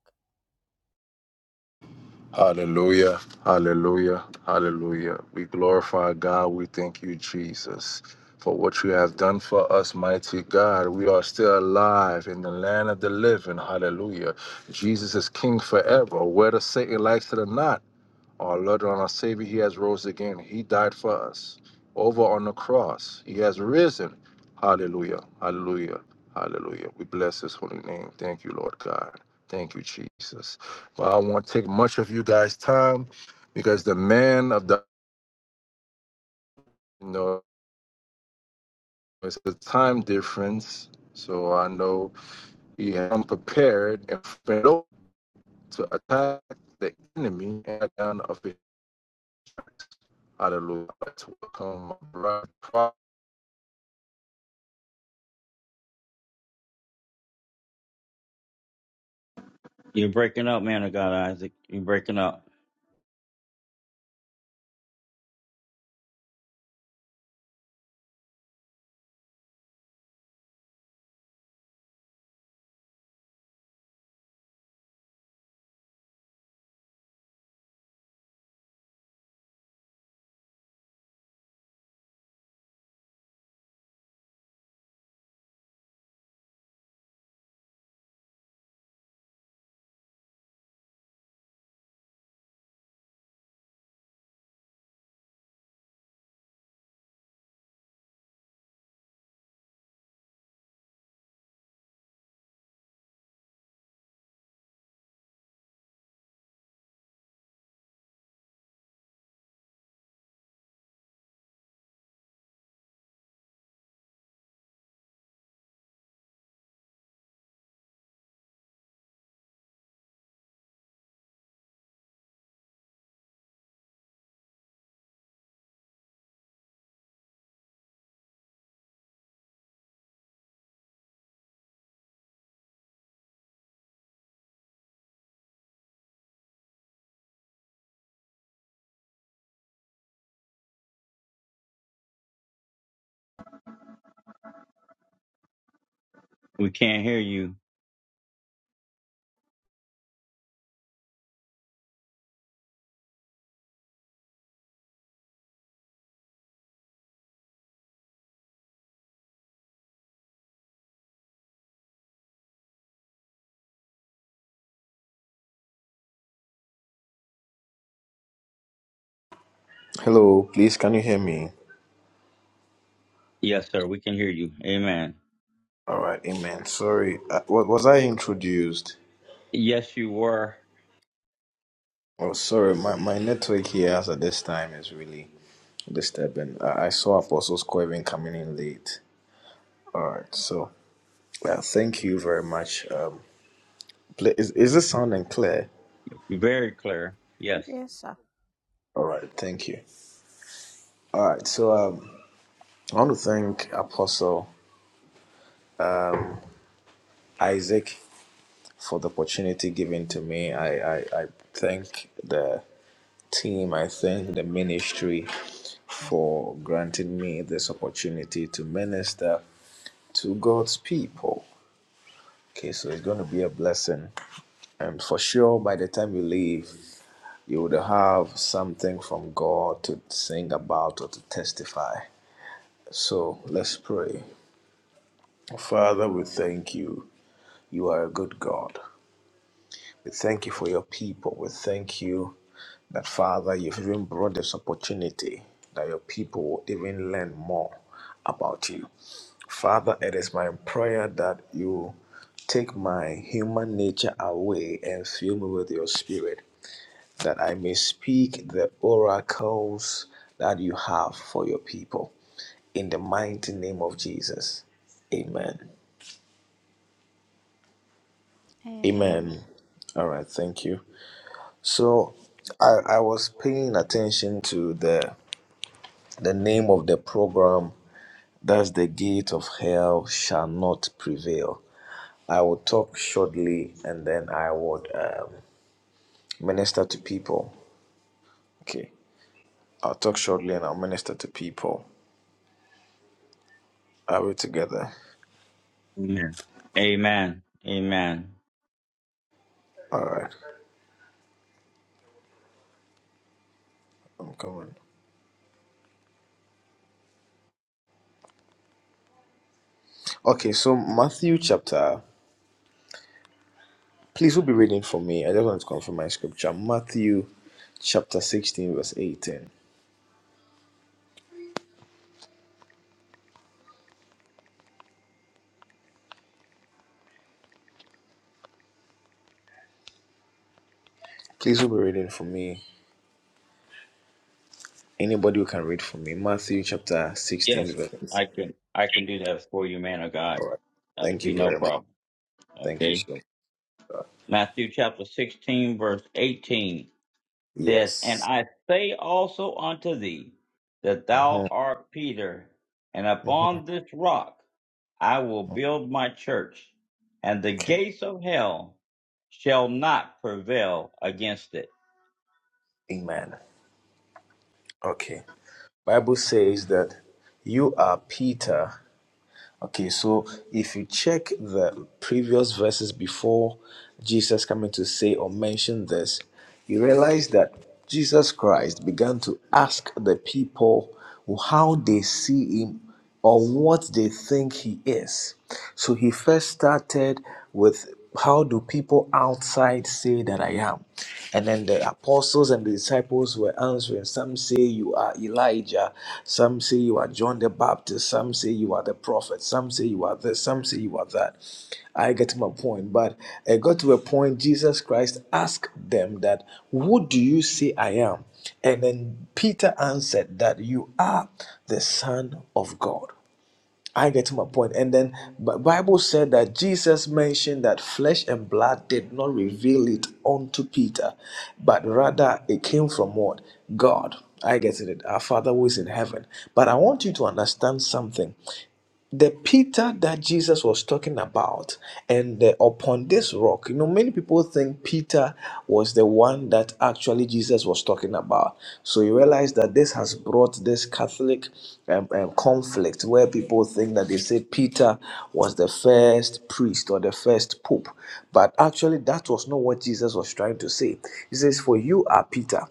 S1: Hallelujah. Hallelujah. Hallelujah. We glorify God. We thank you, Jesus, for what you have done for us, mighty God. We are still alive in the land of the living. Hallelujah. Jesus is king forever, whether Satan likes it or not. Our Lord and our Savior, He has rose again. He died for us. Over on the cross, He has risen. Hallelujah. Hallelujah. Hallelujah. We bless His holy name. Thank you, Lord God. Thank you, Jesus. Well, I won't take much of you guys' time because the man of the you know it's a time difference. So I know he had unprepared and failed to attack the enemy and down of it. Hallelujah. Let's welcome my brother, Prophet
S2: You're breaking up, man of God, Isaac. You're breaking up. We can't hear you.
S5: Hello, please can you hear me?
S2: Yes, sir. We can hear you. Amen.
S5: All right, amen. Sorry, uh, wa- was I introduced?
S2: Yes, you were
S5: Oh, sorry, my, my network here as at this time is really disturbing. I, I saw Apostles Coven coming in late. All right, so well, thank you very much. Um, pl- is is this sounding clear?
S2: very clear. Yes.
S3: Yes, sir.
S5: All right, thank you. All right, so um, I want to thank Apostle Isaac for the opportunity given to me. I I, I thank the team. I thank the ministry for granting me this opportunity to minister to God's people. Okay, so it's going to be a blessing. And for sure, by the time you leave, you would have something from God to sing about or to testify. So let's pray. Father, we thank you. You are a good God. We thank you for your people. We thank you that Father, you've even brought this opportunity that your people will even learn more about you. Father, it is my prayer that you take my human nature away and fill me with your spirit, that I may speak the oracles that you have for your people. In the mighty name of Jesus. Amen. Amen. All right, thank you. So I, I was paying attention to the the name of the program Thus the gate of hell shall not prevail. I will talk shortly and then I would um, minister to people. Okay. I'll talk shortly and I'll minister to people. Are we together?
S2: Amen. Amen. Amen.
S5: All right. I'm coming. Okay. So, Matthew chapter. Please, who'll be reading for me? I just want to confirm my scripture. Matthew chapter 16, verse 18. Please, who'll be reading for me? Anybody who can read for me. Matthew chapter 16,
S2: Yes,
S5: verse.
S2: I can. I can do that for you, man of God.
S5: All right.
S2: That'll
S5: Thank
S2: be
S5: you
S2: no
S5: very much.
S2: problem.
S5: Thank you so
S2: Okay. Matthew chapter 16, verse 18. says, And
S5: Yes.
S2: I say also unto thee, that
S5: hmm
S2: thou art Peter, and
S5: hmm
S2: upon this rock I will build my church, and the
S5: Okay.
S2: gates of hell shall not prevail against it.
S5: Amen. Okay. Bible says that you are Peter. Okay, so if you check the previous verses before Jesus coming to say or mention this, you realize that Jesus Christ began to ask the people how they see him or what they think he is. So he first started with how do people outside say that I am? And then the apostles and the disciples were answering. Some say you are Elijah. Some say you are John the Baptist. Some say you are the prophet. Some say you are this. Some say you are that. I get my point. But I got to a point, Jesus Christ asked them that, What do you say I am? And then Peter answered that you are the Son of God. I get to my point. And then Bi- Bible said that Jesus mentioned that flesh and blood did not reveal it unto Peter, but rather it came from what? God. I get it. Our Father who is in heaven. But I want you to understand something the Peter that Jesus was talking about, and the, upon this rock, you know, many people think Peter was the one that actually Jesus was talking about. So you realize that this has brought this Catholic um, um, conflict where people think that they say Peter was the first priest or the first pope, but actually that was not what Jesus was trying to say. He says, "For you are Peter."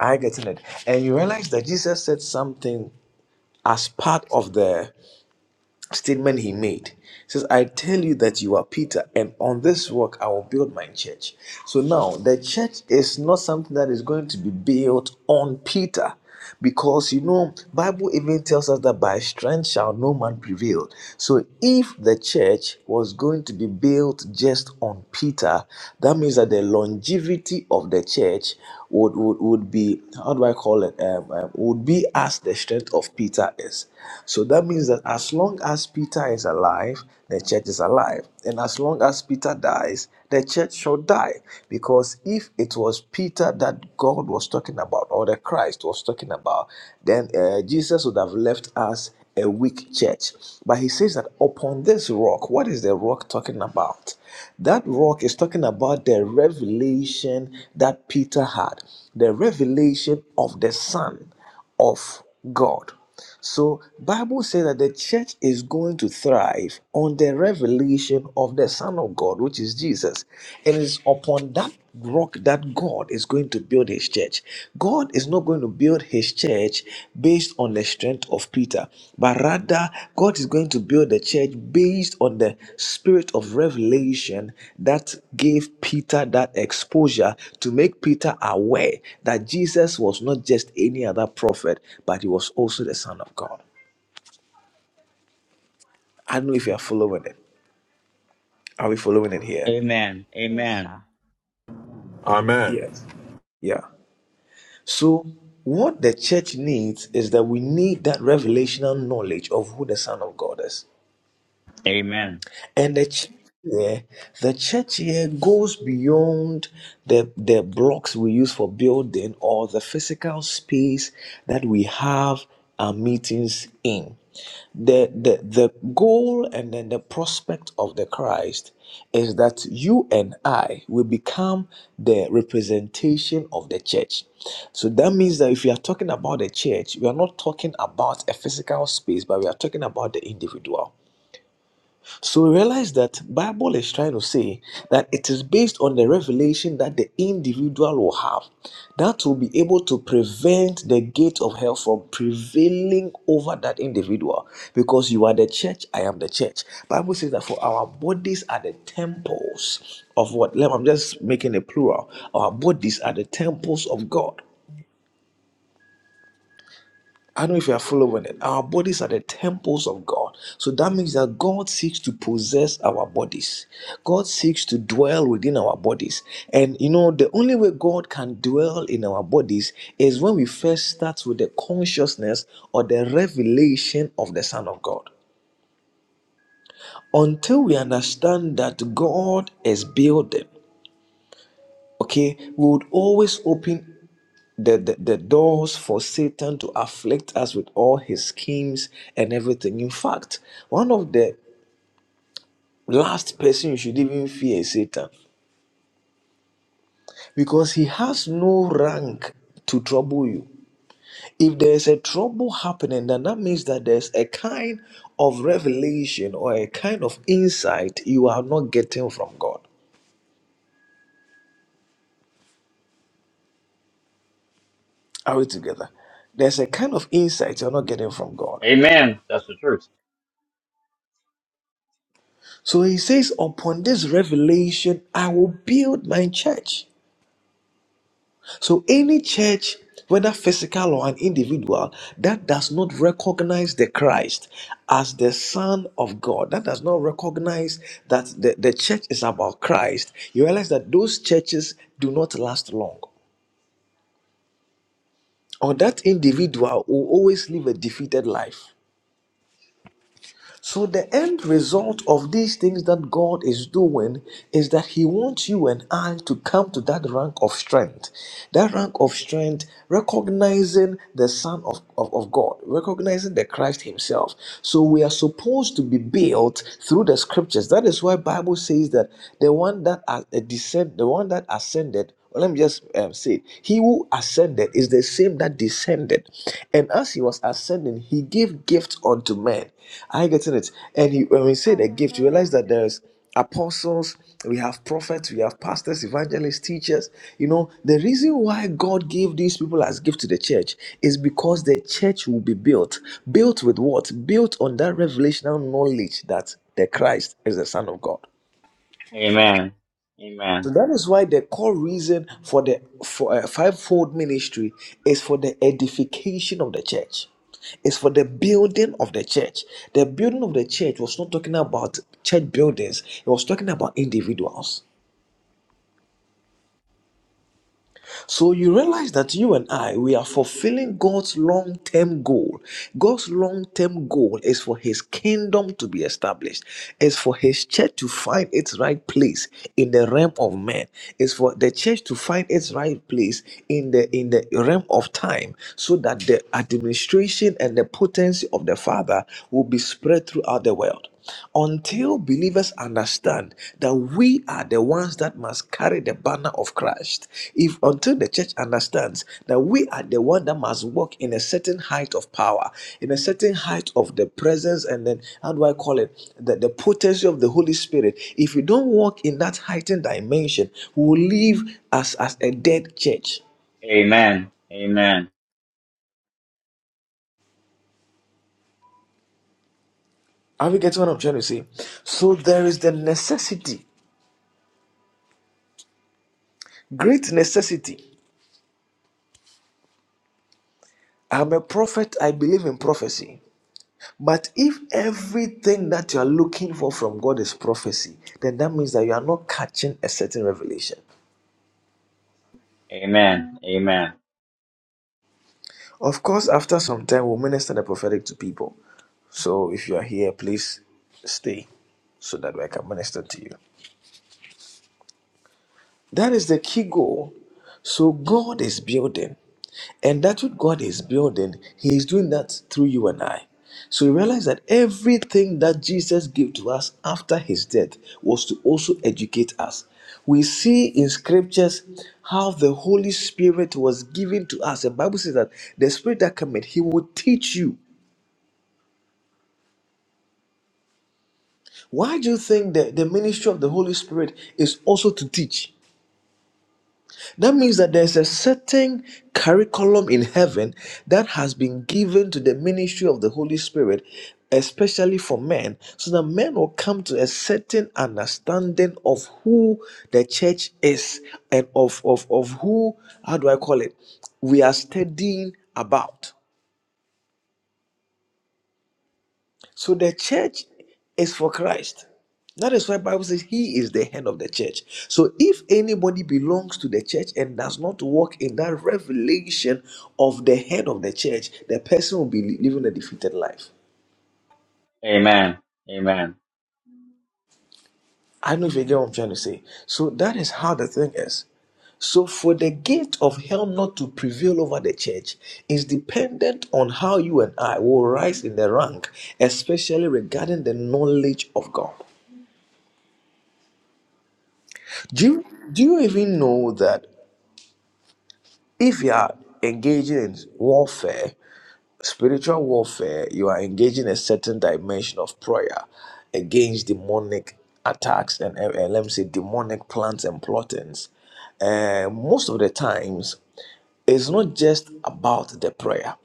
S5: I get it, and you realize that Jesus said something as part of the statement he made. He says, I tell you that you are Peter, and on this rock I will build my church. So now the church is not something that is going to be built on Peter. Because you know, Bible even tells us that by strength shall no man prevail. So if the church was going to be built just on Peter, that means that the longevity of the church would, would, would be how do I call it? Um, um, would be as the strength of Peter is. So that means that as long as Peter is alive, the church is alive, and as long as Peter dies, the church shall die. Because if it was Peter that God was talking about, or the Christ was talking about, then uh, Jesus would have left us a weak church. But he says that upon this rock, what is the rock talking about? That rock is talking about the revelation that Peter had, the revelation of the Son of God. So Bible says that the church is going to thrive on the revelation of the Son of God, which is Jesus. And it's upon that rock that God is going to build his church. God is not going to build his church based on the strength of Peter, but rather God is going to build the church based on the spirit of revelation that gave Peter that exposure to make Peter aware that Jesus was not just any other prophet, but he was also the Son of God. I don't know if you are following it. Are we following it here?
S2: Amen.
S3: Yes.
S2: Amen.
S1: Amen.
S5: Yes. Yeah. So, what the church needs is that we need that revelational knowledge of who the Son of God is.
S2: Amen.
S5: And the church here, the church here goes beyond the, the blocks we use for building or the physical space that we have our meetings in. The, the, the goal and then the prospect of the Christ is that you and I will become the representation of the church. So that means that if we are talking about the church, we are not talking about a physical space, but we are talking about the individual. So we realize that Bible is trying to say that it is based on the revelation that the individual will have that will be able to prevent the gate of hell from prevailing over that individual because you are the church I am the church Bible says that for our bodies are the temples of what I'm just making a plural our bodies are the temples of God I don't know if you are following it. Our bodies are the temples of God. So that means that God seeks to possess our bodies. God seeks to dwell within our bodies. And you know, the only way God can dwell in our bodies is when we first start with the consciousness or the revelation of the Son of God. Until we understand that God is building, okay, we would always open the, the, the doors for Satan to afflict us with all his schemes and everything. In fact, one of the last person you should even fear is Satan because he has no rank to trouble you. If there's a trouble happening, then that means that there's a kind of revelation or a kind of insight you are not getting from God. Are we together? There's a kind of insight you're not getting from God.
S2: Amen. That's the truth.
S5: So he says, Upon this revelation, I will build my church. So, any church, whether physical or an individual, that does not recognize the Christ as the Son of God, that does not recognize that the, the church is about Christ, you realize that those churches do not last long. Or that individual will always live a defeated life. So, the end result of these things that God is doing is that He wants you and I to come to that rank of strength. That rank of strength, recognizing the Son of, of, of God, recognizing the Christ Himself. So, we are supposed to be built through the scriptures. That is why Bible says that the one that uh, descend, the one that ascended well, Let me just um, say it. He who ascended is the same that descended. And as he was ascending, he gave gifts unto men. Are you getting it? And he, when we say the gift, you realize
S3: Hallelujah.
S5: that there's apostles, we have prophets, we have pastors, evangelists, teachers. You know, the reason why God gave these people as gift to the church is because the church will be built. Built with what? Built on that revelational knowledge that the Christ is the Son of God.
S3: Amen.
S2: Amen.
S5: So
S2: Amen.
S5: that is why the core reason for the for a fivefold ministry is for the edification of the church. It's for the building of the church. The building of the church was not talking about church buildings, it was talking about individuals. So you realize that you and I, we are fulfilling God's long term goal. God's long term goal is for His kingdom to be established, is for His church to find its right place in the realm of men, is for the church to find its right place in the in the realm of time, so that the administration and the potency of the Father will be spread throughout the world until believers understand that we are the ones that must carry the banner of Christ, if until the church understands that we are the one that must walk in a certain height of power, in a certain height of the presence, and then how do I call it? The, the potency of the Holy Spirit. If we don't walk in that heightened dimension, we will live as, as a dead church.
S2: Amen. Amen.
S5: Are we getting what I'm trying to say? So there is the necessity, great necessity. I'm a prophet, I believe in prophecy. But if everything that you are looking for from God is prophecy, then that means that you are not catching a certain revelation.
S2: Amen. Amen.
S5: Of course, after some time, we'll minister the prophetic to people. So if you are here, please stay so that I can minister to you. That is the key goal. So God is building. And that's what God is building. He is doing that through you and I. So we realize that everything that Jesus gave to us after his death was to also educate us. We see in scriptures how the Holy Spirit was given to us. The Bible says that the Spirit that cometh, he will teach you. Why do you think that the ministry of the Holy Spirit is also to teach? That means that there's a certain curriculum in heaven that has been given to the ministry of the Holy Spirit, especially for men, so that men will come to a certain understanding of who the church is and of, of, of who, how do I call it, we are studying about. So the church is for Christ. That is why Bible says he is the head of the church. So if anybody belongs to the church and does not walk in that revelation of the head of the church, the person will be living a defeated life.
S2: Amen. Amen.
S5: I don't know if you get what I'm trying to say. So that is how the thing is. So for the gate of hell not to prevail over the church is dependent on how you and I will rise in the rank, especially regarding the knowledge of God. Do you, do you even know that if you are engaging in warfare, spiritual warfare, you are engaging a certain dimension of prayer against demonic attacks and, and, and let me say demonic plans and plottings? And most of the times, it's not just about the prayer.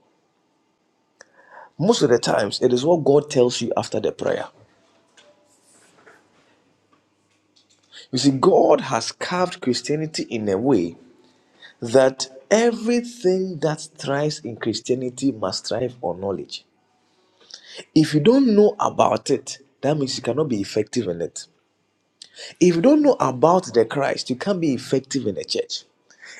S5: Most of the times, it is what God tells you after the prayer. You see, God has carved Christianity in a way that everything that thrives in Christianity must thrive on knowledge. If you don't know about it, that means you cannot be effective in it. If you don't know about the Christ, you can't be effective in the church.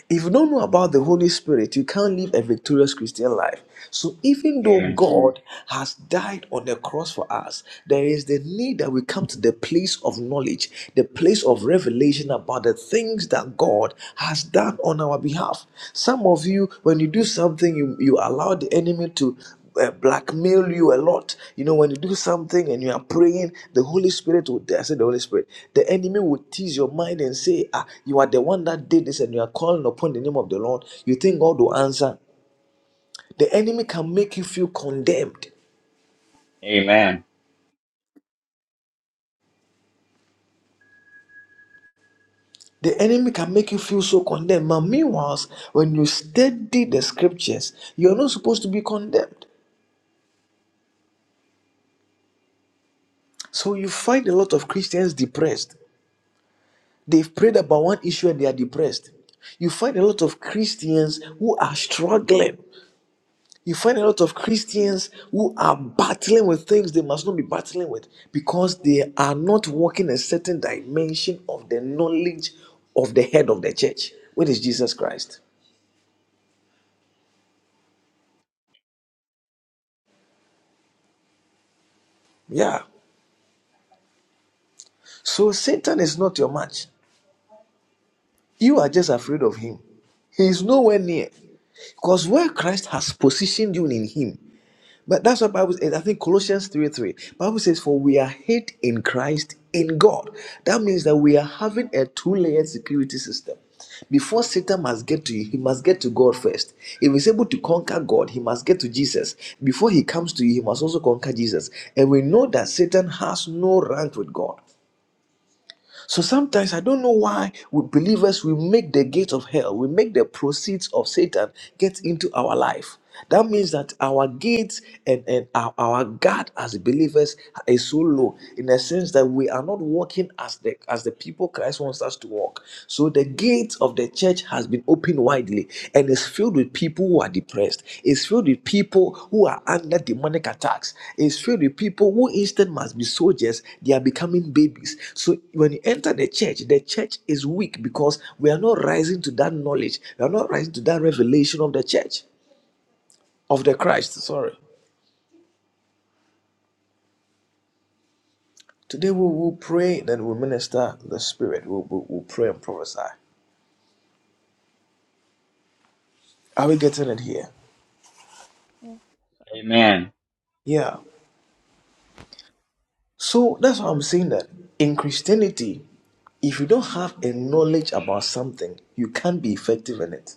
S5: If you don't know about the Holy Spirit, you can't live a victorious Christian life. So, even though
S2: Amen.
S5: God has died on the cross for us, there is the need that we come to the place of knowledge, the place of revelation about the things that God has done on our behalf. Some of you, when you do something, you, you allow the enemy to uh, blackmail you a lot. You know, when you do something and you are praying, the Holy Spirit will, I said the Holy Spirit, the enemy will tease your mind and say, ah, you are the one that did this and you are calling upon the name of the Lord. You think God will answer. The enemy can make you feel condemned.
S2: Amen.
S5: The enemy can make you feel so condemned. But meanwhile, when you study the scriptures, you are not supposed to be condemned. So you find a lot of Christians depressed. They've prayed about one issue and they are depressed. You find a lot of Christians who are struggling. You find a lot of Christians who are battling with things they must not be battling with because they are not walking a certain dimension of the knowledge of the head of the church, which is Jesus Christ. Yeah. So Satan is not your match. You are just afraid of him. He is nowhere near. Because where Christ has positioned you in him, But that's what Bible says. I think Colossians 3 3. Bible says, For we are hid in Christ in God. That means that we are having a two-layered security system. Before Satan must get to you, he must get to God first. If he's able to conquer God, he must get to Jesus. Before he comes to you, he must also conquer Jesus. And we know that Satan has no rank with God. So sometimes I don't know why we believers we make the gates of hell, we make the proceeds of Satan get into our life. That means that our gates and, and our, our guard as believers is so low in the sense that we are not walking as the as the people Christ wants us to walk. So the gates of the church has been opened widely and is filled with people who are depressed, is filled with people who are under demonic attacks, is filled with people who instead must be soldiers, they are becoming babies. So when you enter the church, the church is weak because we are not rising to that knowledge, we are not rising to that revelation of the church, of the Christ, sorry. Today we will pray, then we'll minister the Spirit. We'll, we'll, we'll pray and prophesy. Are we getting it here?
S3: yes.
S2: Amen.
S5: Yeah. So that's why I'm saying that in Christianity, if you don't have a knowledge about something, you can't be effective in it.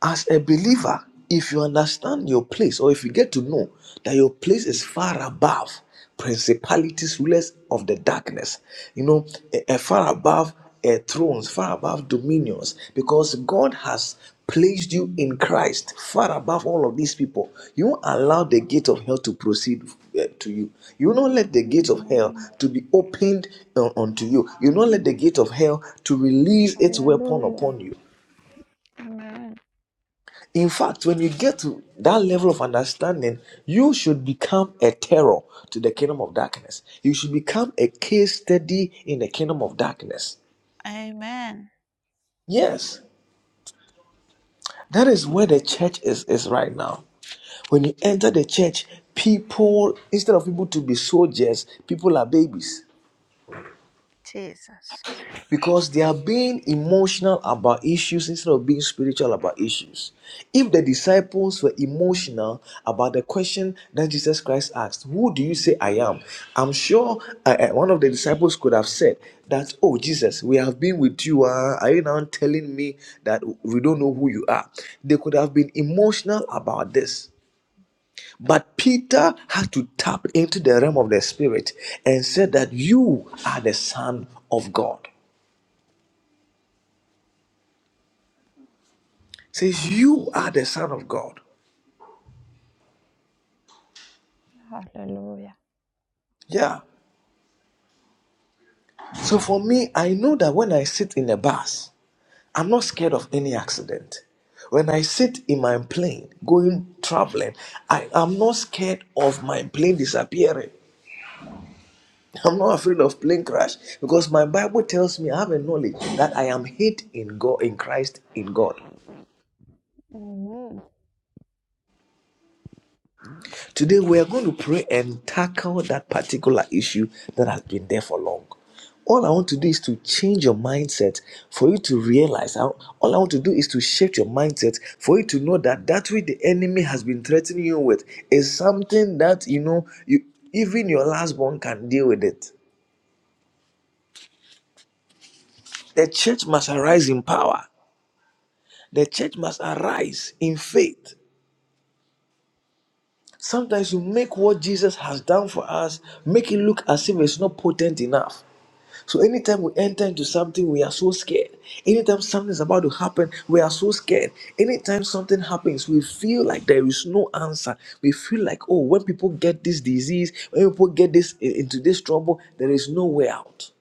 S5: As a believer, if you understand your place, or if you get to know that your place is far above principalities, rulers of the darkness, you know, eh, eh, far above eh, thrones, far above dominions, because God has placed you in Christ, far above all of these people. You won't allow the gate of hell to proceed eh, to you. You will not let the gate of hell
S3: Amen.
S5: to be opened eh, unto you. You will not let the gate of hell to release its weapon
S3: Hallelujah.
S5: upon you.
S3: Amen.
S5: In fact, when you get to that level of understanding, you should become a terror to the kingdom of darkness. You should become a case study in the kingdom of darkness. Yes, that is where the church is, is right now. When you enter the church, people, instead of people to be soldiers, people are babies.
S3: Jesus.
S5: because they are being emotional about issues instead of being spiritual about issues. If the disciples were emotional about the question that Jesus Christ asked, Who do you say I am? I'm sure uh, uh, one of the disciples could have said that, Oh, Jesus, we have been with you. Uh, are you now telling me that we don't know who you are? They could have been emotional about this. But Peter had to tap into the realm of the spirit and said that you are the Son of God. says, You are the Son of God.
S3: Hallelujah.
S5: Yeah. So for me, I know that when I sit in a bus, I'm not scared of any accident. When I sit in my plane going traveling, I am not scared of my plane disappearing. I'm not afraid of plane crash because my Bible tells me I have a knowledge that I am hid in God in Christ in God.
S3: Amen.
S5: Today we are going to pray and tackle that particular issue that has been there for long. All I want to do is to change your mindset for you to realize. I- All I want to do is to shift your mindset for you to know that that which the enemy has been threatening you with is something that you know you even your last born can deal with it. The church must arise in power. The church must arise in faith. Sometimes you make what Jesus has done for us make it look as if it's not potent enough. So anytime we enter into something, we are so scared. Anytime something is about to happen, we are so scared. Anytime something happens, we feel like there is no answer. We feel like, oh, when people get this disease, when people get this into this trouble, there is no way out.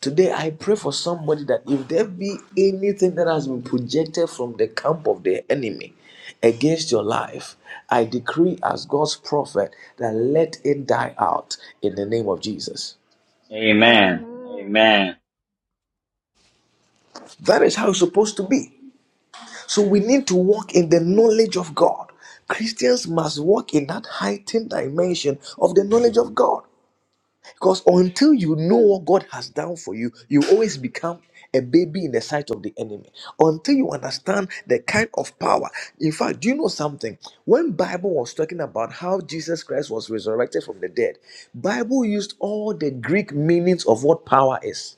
S5: Today, I pray for somebody that if there be anything that has been projected from the camp of the enemy against your life, I decree as God's prophet that let it die out in the name of Jesus.
S2: Amen.
S3: Amen.
S2: Amen.
S5: That is how it's supposed to be. So we need to walk in the knowledge of God. Christians must walk in that heightened dimension of the knowledge of God. Because until you know what God has done for you, you always become a baby in the sight of the enemy. Until you understand the kind of power. In fact, do you know something? When Bible was talking about how Jesus Christ was resurrected from the dead, Bible used all the Greek meanings of what power is.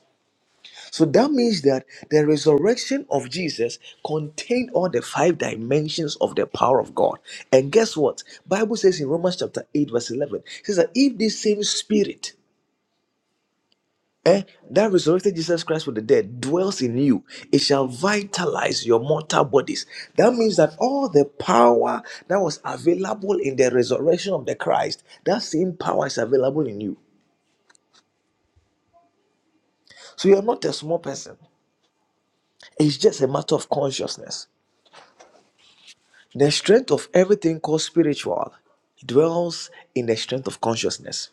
S5: So that means that the resurrection of Jesus contained all the five dimensions of the power of God. And guess what? Bible says in Romans chapter 8 verse 11, it says that if this same spirit eh, that resurrected Jesus Christ from the dead dwells in you, it shall vitalize your mortal bodies. That means that all the power that was available in the resurrection of the Christ, that same power is available in you. So you're not a small person. It's just a matter of consciousness. The strength of everything called spiritual dwells in the strength of consciousness.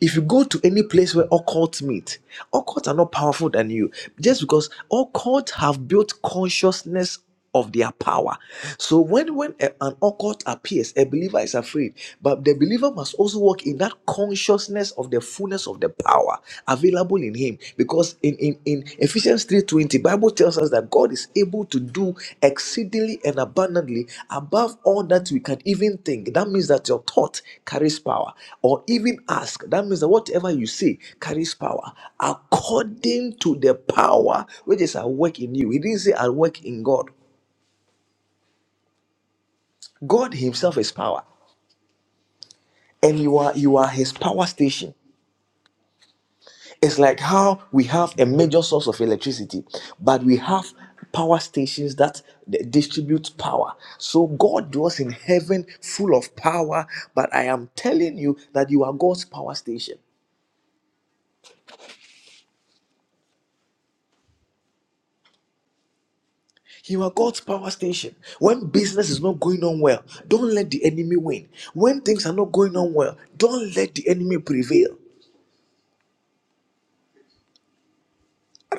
S5: If you go to any place where occults meet, occults are not powerful than you just because occults have built consciousness of their power. So when when a- an occult appears, a believer is afraid, but the believer must also walk in that consciousness of the fullness of the power available in him because in in in Ephesians 3:20, Bible tells us that God is able to do exceedingly and abundantly above all that we can even think. That means that your thought carries power, or even ask. That means that whatever you say carries power according to the power which is at work in you. He didn't say at work in God. God Himself is power, and you are you are His power station. It's like how we have a major source of electricity, but we have power stations that d- distribute power. So God was in heaven full of power, but I am telling you that you are God's power station. You are God's power station. When business is not going on well, don't let the enemy win. When things are not going on well, don't let the enemy prevail.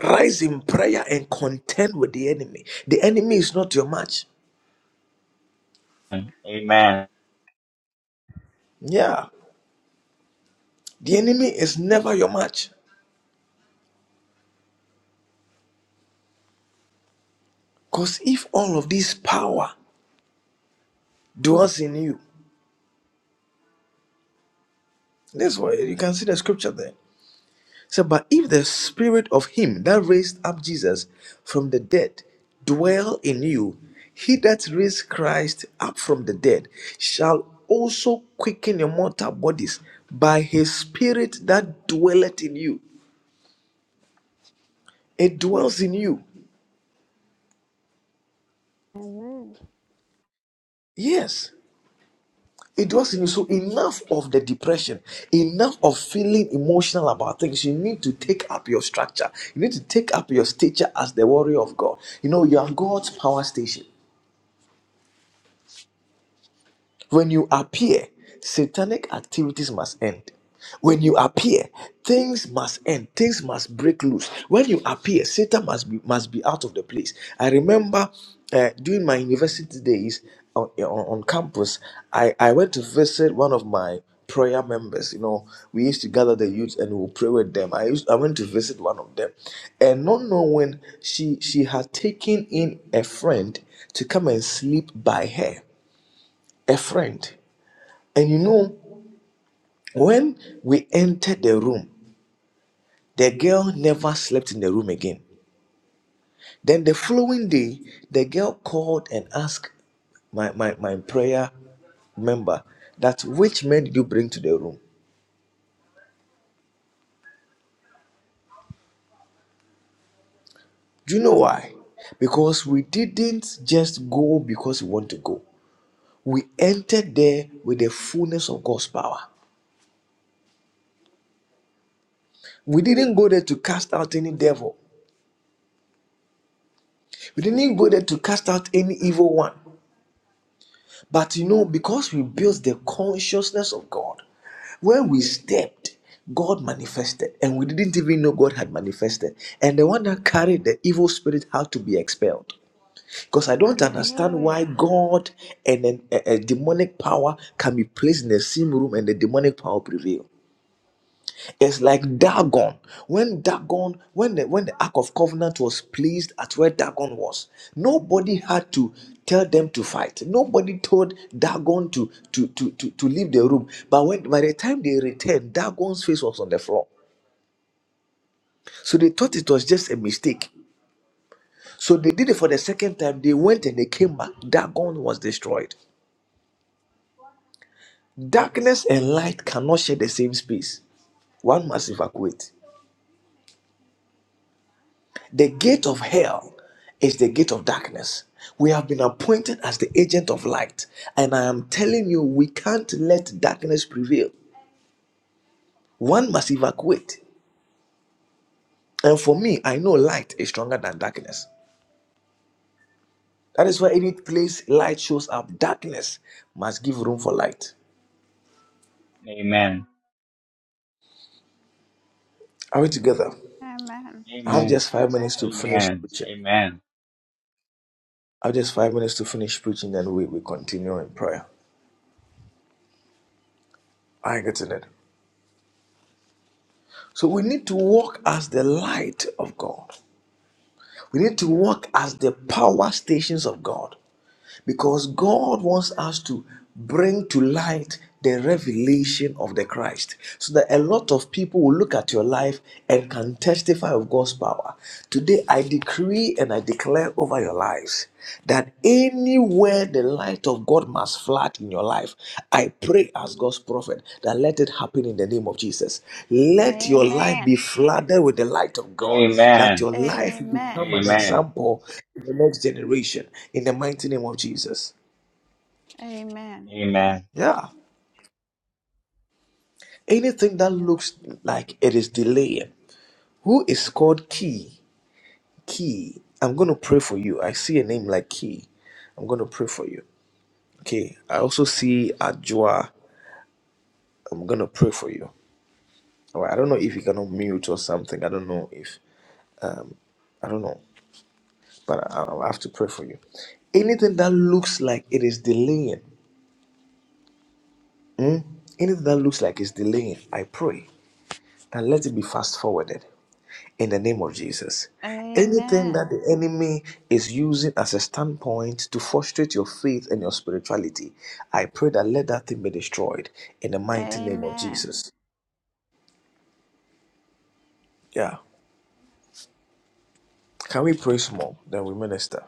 S5: Rise in prayer and contend with the enemy. The enemy is not your match.
S2: Amen. Amen.
S5: Yeah. The enemy is never your match. Because if all of this power dwells in you, that's why you can see the scripture there. So, but if the spirit of him that raised up Jesus from the dead dwell in you, he that raised Christ up from the dead shall also quicken your mortal bodies by his spirit that dwelleth in you. It dwells in you.
S3: Amen.
S5: Yes. It was in you. So enough of the depression, enough of feeling emotional about things. You need to take up your structure. You need to take up your stature as the warrior of God. You know, you are God's power station. When you appear, satanic activities must end. When you appear, things must end. Things must break loose. When you appear, Satan must be must be out of the place. I remember uh, during my university days on, on, on campus, I, I went to visit one of my prayer members. You know, we used to gather the youth and we'll pray with them. I used I went to visit one of them, and not knowing she she had taken in a friend to come and sleep by her, a friend. And you know, when we entered the room, the girl never slept in the room again. Then the following day, the girl called and asked my, my, my prayer member that which men did you bring to the room? Do you know why? Because we didn't just go because we want to go. We entered there with the fullness of God's power. We didn't go there to cast out any devil. We didn't go there to cast out any evil one. But you know, because we built the consciousness of God, when we stepped, God manifested, and we didn't even know God had manifested. And the one that carried the evil spirit had to be expelled. Because I don't understand why
S3: Hallelujah.
S5: God and an- a, a demonic power can be placed in the same room and the demonic power prevail. It's like Dagon. When Dagon, when the when the Ark of Covenant was placed at where Dagon was, nobody had to tell them to fight. Nobody told Dagon to to to to, to leave the room. But when by the time they returned, Dagon's face was on the floor. So they thought it was just a mistake. So they did it for the second time. They went and they came back. Dagon was destroyed. Darkness and light cannot share the same space. One must evacuate. The gate of hell is the gate of darkness. We have been appointed as the agent of light. And I am telling you, we can't let darkness prevail. One must evacuate. And for me, I know light is stronger than darkness. That is why any place light shows up, darkness must give room for light.
S2: Amen.
S5: Are we together? I have
S2: Amen.
S5: just five minutes to finish
S2: Amen.
S5: preaching. I have just five minutes to finish preaching, and we, we continue in prayer. I get it. So we need to walk as the light of God. We need to work as the power stations of God because God wants us to bring to light the revelation of the Christ so that a lot of people will look at your life and can testify of God's power. Today, I decree and I declare over your lives that anywhere let the light of God must flood in your life. I pray as God's prophet that let it happen in the name of Jesus. Let your life be
S3: Amen.
S5: flooded with the light of God, that
S2: Amen.
S5: your life will
S3: Amen. Amen.
S5: become an
S2: Amen.
S5: example in the next generation in the mighty name of Jesus.
S3: Amen.
S2: Amen.
S5: Yeah. Anything that looks like it is delaying. Who is called Key? Key. I'm going to pray for you. I see a name like Key. I'm going to pray for you. Okay. I also see Ajua. I'm going to pray for you. Or I don't know if you cannot mute or something. I don't know if I don't know, but I- I'll have to pray for you. Anything that looks like it is delaying, mm, anything that looks like it's delaying, I pray that let it be fast forwarded in the name of Jesus. Anything
S3: Amen.
S5: that the enemy is using as a standpoint to frustrate your faith and your spirituality, I pray that let that thing be destroyed in the mighty name of
S3: Amen.
S5: Jesus. Yeah. Can we pray some more? Then we minister.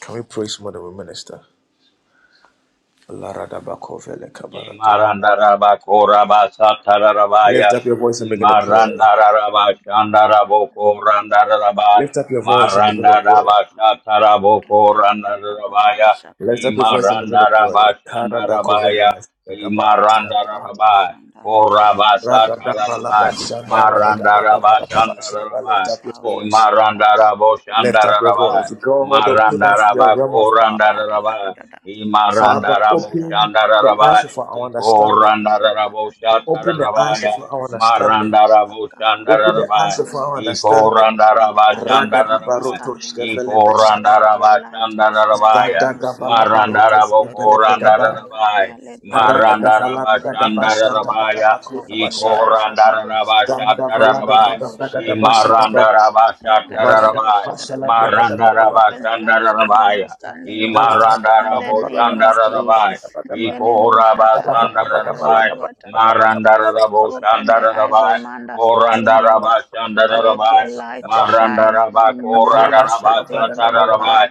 S5: Can we pray some more? Then we minister. Laradabakofele kabarato.
S2: Imarandarabako-rabasatararabaya.
S5: Lift up your voice and begin to pray.
S2: Imarandararabashandaraboko-randararaba.
S5: Lift up your voice and begin to pray.
S2: Marandarabashataraboko-randararabaya.
S5: Lift up your voice and begin to pray. Karadakovele
S2: Imarandarabashandarabaya.
S5: mesegabati alabahata.
S2: Imarandararaba. Korabasatararaba.
S5: Radadabalabashana, ragadabadabaradabashana. Lift
S2: Marandarabashandararaba.
S5: up your voice. Lift up your
S2: Imarandaraboshandararaba.
S5: voice. God, open up your realm of power.
S2: Marandarabako-randararaba.
S3: Amen.
S5: Father, open the
S2: Imarandaraboshandararaba.
S5: eyes of our
S3: Yabaratakapawatatata.
S5: understanding. Open the eyes
S2: Ikorandaraboshatarabaya.
S5: of our
S3: Rakatatawatatakatatata.
S5: understanding. Open the eyes
S2: Marandaraboshandarabaya.
S5: of our understanding.
S3: Open the eyes of my
S5: Ragada
S2: Ikorandarabashandarabaya.
S5: baroto
S3: understanding, Lord.
S5: shkevelebe
S3: Let
S5: shadabaka.
S3: your light shine,
S2: Ikorandarabashandarabaya.
S3: Anu
S5: Zadaga vala
S3: Sataya.
S5: baroto
S3: Let the
S5: shkevelebe gaba.
S2: Marandarabokorandarabaya.
S3: Libragadia, let there be
S5: Ragada
S3: light
S5: vala
S3: in the
S5: daga
S3: name of
S5: bashanda
S3: Jesus.
S5: gada
S2: Marandarabashandarabaya.
S5: bakuda
S3: Open the eyes
S5: bashaya.
S3: of my understanding
S5: Zanda
S3: in
S5: vala
S3: the
S5: gaba
S2: Ikorandarabashatarabaya.
S3: name of
S5: gaba gada
S3: Shada da
S5: basha
S3: da da da
S5: gaba.
S3: da.
S5: Varaga
S3: Rakadadada,
S2: Imarandarabashatarabaya.
S5: bashala bragada
S3: Oshakadadadadadada.
S5: baga baga
S3: Open
S5: baga.
S3: the eyes of my
S2: Marandarabashandarabaya.
S3: understanding,
S5: Jala
S3: Lord.
S5: bragada
S3: In the
S5: baga baga baga
S3: name of
S5: basha gaba
S2: Imarandaraboshandarabaya.
S5: gaba
S3: Jesus.
S5: baga
S3: In the
S5: baga.
S3: name of
S5: Jala
S3: Shataya,
S5: baga baga
S2: Ikorabasandarabai,
S5: baga baga baga
S3: Rikaradadua, ta ta ta ta.
S5: baga baga baga
S3: Open
S5: baga.
S3: the eyes of
S2: Marandarabosandarabai,
S3: my
S5: Jala baga baga baga baga
S3: understanding, Lord. Let
S2: Korandarabasandarabai,
S3: your light shine.
S2: Marandarabakora
S3: Mano
S5: basha gaba
S3: satelika
S5: baga baga.
S3: pai.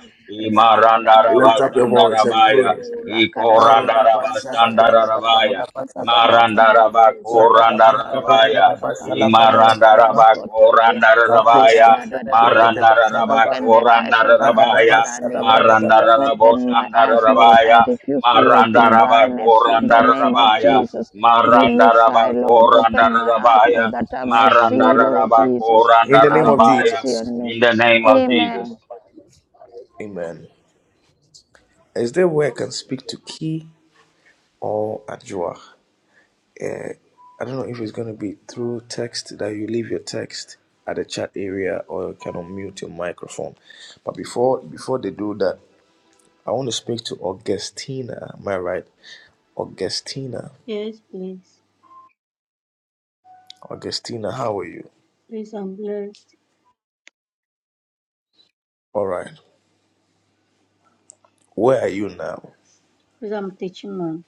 S3: Rakada da da
S5: Lift
S3: da
S5: up
S3: da
S5: your
S3: da da
S5: voice
S3: da
S5: and
S3: da.
S2: Imarandarabasandarabai,
S5: pray.
S3: Rakada da do shanda
S5: Arodabashada
S3: ya
S5: grada da
S2: Ikorandarabasandarabai,
S3: rikaramba
S5: balada
S3: pa pa pa pa
S5: bashagaba
S3: pa pa.
S5: raga
S3: Ika
S5: da
S3: pa pa
S5: balada
S3: pa pa
S2: Marandarabakorandarabai,
S5: baraga
S3: pa
S5: da
S3: pa pa.
S5: bashala braga da
S3: Lepras
S5: badaba
S3: kotalia.
S5: zatosh
S3: Kaya
S5: da
S3: da
S2: Imarandarabakorandarabai,
S3: da
S5: zene
S3: da da
S5: braga
S3: da
S5: da
S3: da.
S5: bashada
S3: Open
S5: ba
S3: the eyes of my
S5: raga da
S2: Marandarabakorandarabai,
S5: bashada
S3: understanding,
S5: braga
S3: Lord.
S5: da ba.
S3: Open my eyes, Lord.
S2: Marandarabosandarabai,
S3: I refuse to walk in
S2: Marandaraba
S3: blindness in the name of
S2: Korandarabaya,
S3: Jesus. Give me sight,
S2: Marandaraba
S3: Lord. Open my eyes, Lord,
S2: Korandarabaya,
S3: that I may see, Lord
S2: Marandaraba
S3: Jesus.
S5: In the name
S3: Have
S5: of
S2: Korandarabaya,
S3: mercy
S5: Jesus.
S3: on me.
S2: in the name of Jesus.
S3: Amen.
S5: Amen. Is there a way I can speak to Key or Adjoa? Uh, I don't know if it's going to be through text that you leave your text at the chat area or you can unmute your microphone. But before before they do that, I want to speak to Augustina. Am I right? Augustina.
S6: Yes, please.
S5: Augustina, how are you?
S6: Please, I'm blessed.
S5: All right. Where are you now?
S6: Please, I'm teaching man.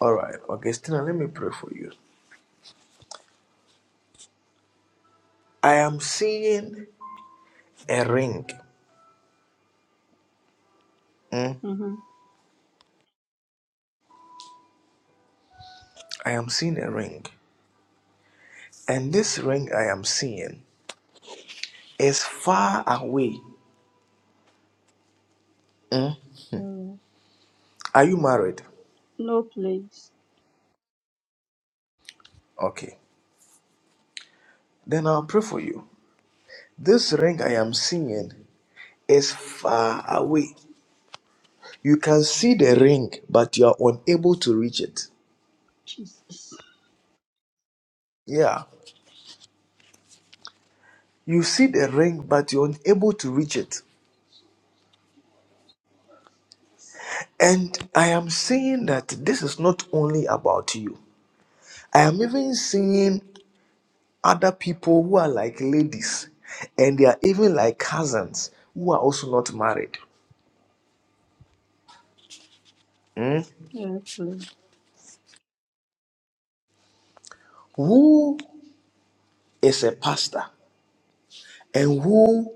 S5: All right. Augustina, let me pray for you. I am seeing a ring. Mm,
S6: Mm-hmm.
S5: I am seeing a ring. And this ring I am seeing is far away.
S6: Mm.
S5: Are you married?
S6: No, please.
S5: Okay. Then I'll pray for you. This ring I am seeing is far away. You can see the ring, but you are unable to reach it.
S6: Jesus.
S5: Yeah. You see the ring, but you're unable to reach it. And I am saying that this is not only about you. I am even seeing other people who are like ladies, and they are even like cousins who are also not married.
S6: Yes, please.
S5: Who is a pastor and who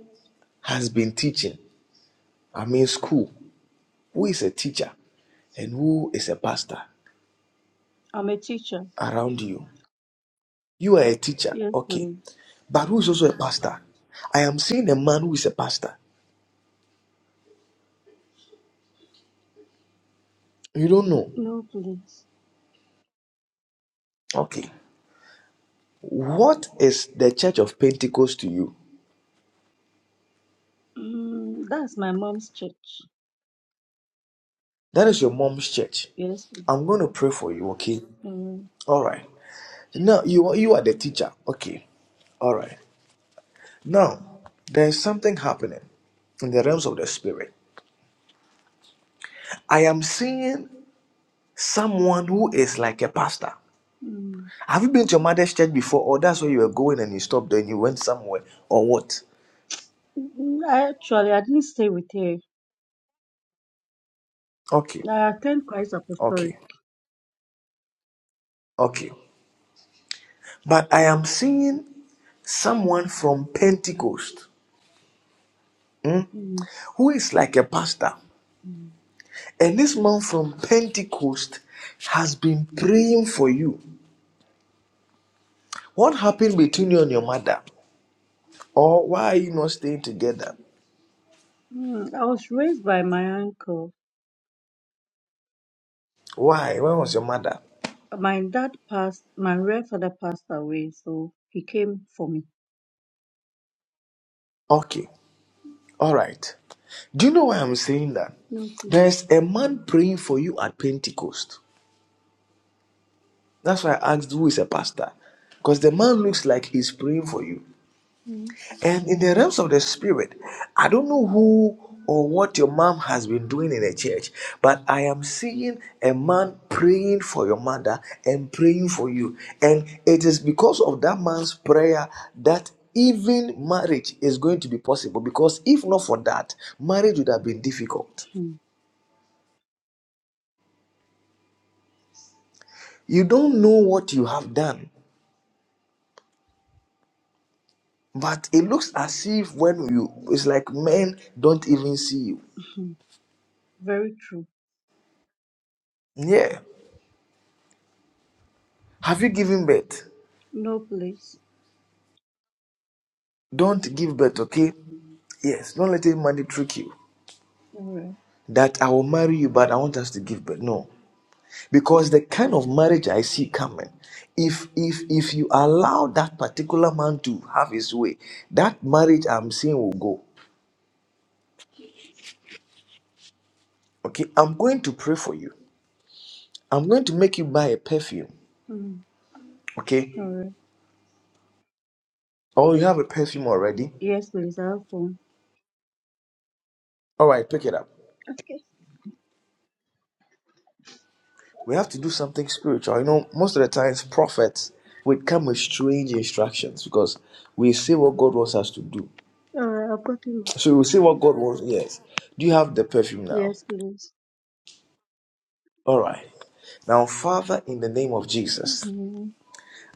S5: has been teaching? I mean, school. Who is a teacher and who is a pastor
S6: I'm a teacher.
S5: around you? You are a teacher,
S6: Yes,
S5: okay,
S6: please.
S5: but who is also a pastor? I am seeing a man who is a pastor You don't know.
S6: No, please.
S5: Okay. What is the church of Pentecost to you?
S6: Mm, that's my mom's church.
S5: That is your mom's church.
S6: Yes. please.
S5: I'm going to pray for you, okay?
S6: Mm,
S5: All right. Now, you, are- you are the teacher, okay? All right. Now, there's something happening in the realms of the spirit. I am seeing someone who is like a pastor.
S6: mm.
S5: Have you been to your mother's church before, or that's where you were going and you stopped and you went somewhere, or what?
S6: Mm, I Actually, I didn't stay with her.
S5: Okay,
S6: I attend Christ Apostolic.
S5: okay, okay. But I am seeing someone from Pentecost
S6: Mm,
S5: who is like a pastor.
S6: mm.
S5: And this man from Pentecost has been praying for you. What happened between you and your mother? Or why are you not staying together?
S6: Mm, I was raised by my uncle.
S5: Why? Where was your mother?
S6: My dad passed, my grandfather passed away, so he came for me.
S5: Okay, all right. Do you know why I'm saying that?
S6: No, please.
S5: There's a man praying for you at Pentecost. That's why I asked who is a pastor. Because the man looks like he's praying for you.
S6: Mm.
S5: And in the realms of the spirit, I don't know who or what your mom has been doing in the church, but I am seeing a man praying for your mother and praying for you. And it is because of that man's prayer that even marriage is going to be possible. Because if not for that, marriage would have been difficult.
S6: Mm.
S5: You don't know what you have done, but it looks as if when you, it's like men don't even see you.
S6: Mm. Very true.
S5: Yeah. Have you given birth?
S6: No, please.
S5: Don't give birth, okay? Yes, don't let any money trick you
S6: All right.
S5: that I will marry you, but I want us to give birth. No, because the kind of marriage I see coming, if if if you allow that particular man to have his way, that marriage I'm seeing will go. Okay, I'm going to pray for you. I'm going to make you buy a perfume.
S6: Mm. All
S5: Okay,
S6: right.
S5: or you have a perfume already.
S6: Yes, please. I have phone.
S5: All right, pick it up.
S6: Okay.
S5: We have to do something spiritual. You know, most of the times prophets would come with strange instructions because we see what God wants us to do.
S6: All right. I've got you.
S5: So we see what God wants. Yes. Do you have the perfume now?
S6: Yes, please.
S5: All right. Now, Father, in the name of Jesus,
S6: Mm.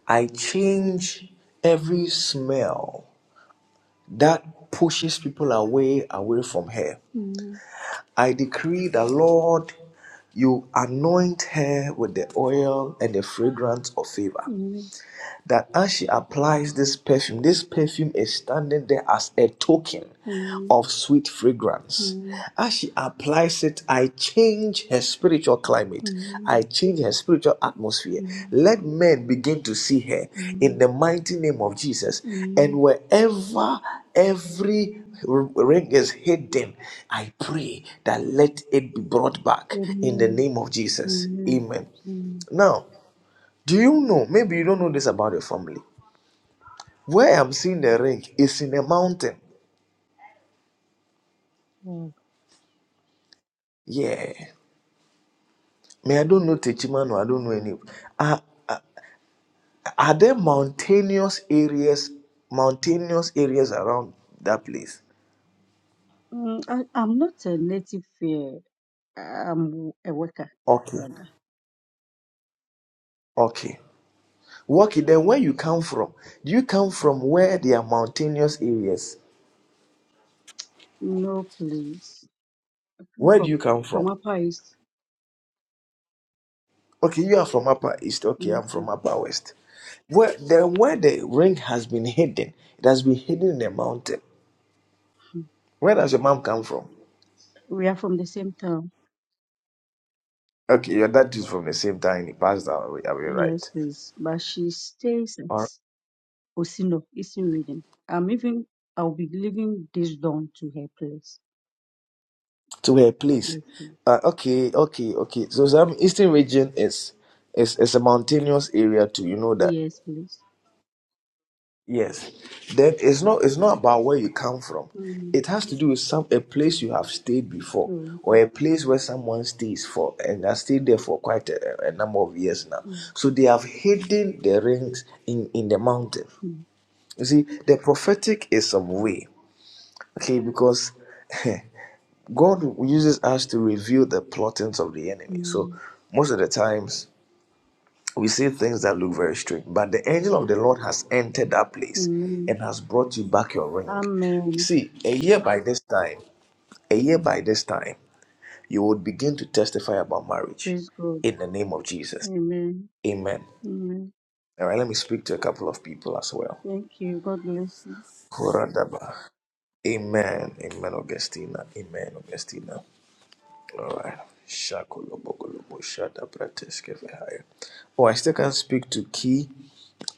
S5: I change every smell that pushes people away, away from her.
S6: Mm.
S5: I decree that, Lord, you anoint her with the oil and the fragrance of favor.
S6: Mm.
S5: that as she applies this perfume, this perfume is standing there as a token of sweet fragrance.
S6: Mm.
S5: As she applies it, I change her spiritual
S6: Mm.
S5: climate.
S6: Mm.
S5: I change her spiritual atmosphere.
S6: Mm.
S5: Let men begin to see her in
S6: Mm.
S5: the mighty name of Jesus. And
S6: Mm.
S5: wherever every ring is hidden, I pray that let it be brought back in the
S6: Amen.
S5: name of Jesus.
S6: Amen.
S5: Amen.
S6: Mm.
S5: Now, do you know? Maybe you don't know this about your family. Where I'm seeing the ring is in a mountain.
S6: Wow.
S5: Yeah. Me, I don't know Techimano, I don't know any. Are, are there mountainous areas, mountainous areas around that place?
S6: Mm, I, I'm not a native here. I'm a worker,
S5: Okay.
S6: brother.
S5: Okay. Okay, then where you come from? Do you come from where there are mountainous areas?
S6: No, please. I'm
S5: Where do
S6: From
S5: you come from?
S6: from Upper East.
S5: Okay, you are from Upper East. Okay,
S6: Yes.
S5: I'm from
S6: please.
S5: Upper West. Where then where the ring has been hidden, it has been hidden in a mountain. Where does your mom come from?
S6: We are from the same town.
S5: Okay, your dad is from the same time. He passed away. Are we
S6: Yes,
S5: right?
S6: please. But she stays at
S5: All right.
S6: Osino, Eastern Reading. I'm even, I'll be leaving this dawn to her place.
S5: To where place.
S6: Yes, please.
S5: Uh, okay, okay, okay. So some eastern region is is is a mountainous area too. You know that.
S6: Yes, please.
S5: Yes. Then it's not it's not about where you come from.
S6: Mm.
S5: It has to do with some a place you have stayed before
S6: Oh,
S5: or
S6: okay.
S5: a place where someone stays for and has stayed there for quite a, a number of years now.
S6: Mm.
S5: So they have hidden the rings in in the mountain.
S6: Mm.
S5: You see, the prophetic is some way. okay because god uses us to reveal the plottings of the enemy so
S6: Mm.
S5: most of the times we see things that look very strange but the angel of the lord has entered that place
S6: Amen.
S5: and has brought you back your ring
S6: Amen.
S5: see a year by this time a year by this time you would begin to testify about marriage
S6: Praise God.
S5: in the name of jesus
S6: Amen.
S5: amen
S6: Amen.
S5: all right let me speak to a couple of people as well
S6: Thank you. God bless you.
S5: Koradaba. amen amen augustina amen augustina Alright. Shakolobokolobo shada prateske vehaya. Oh, I still can speak to Key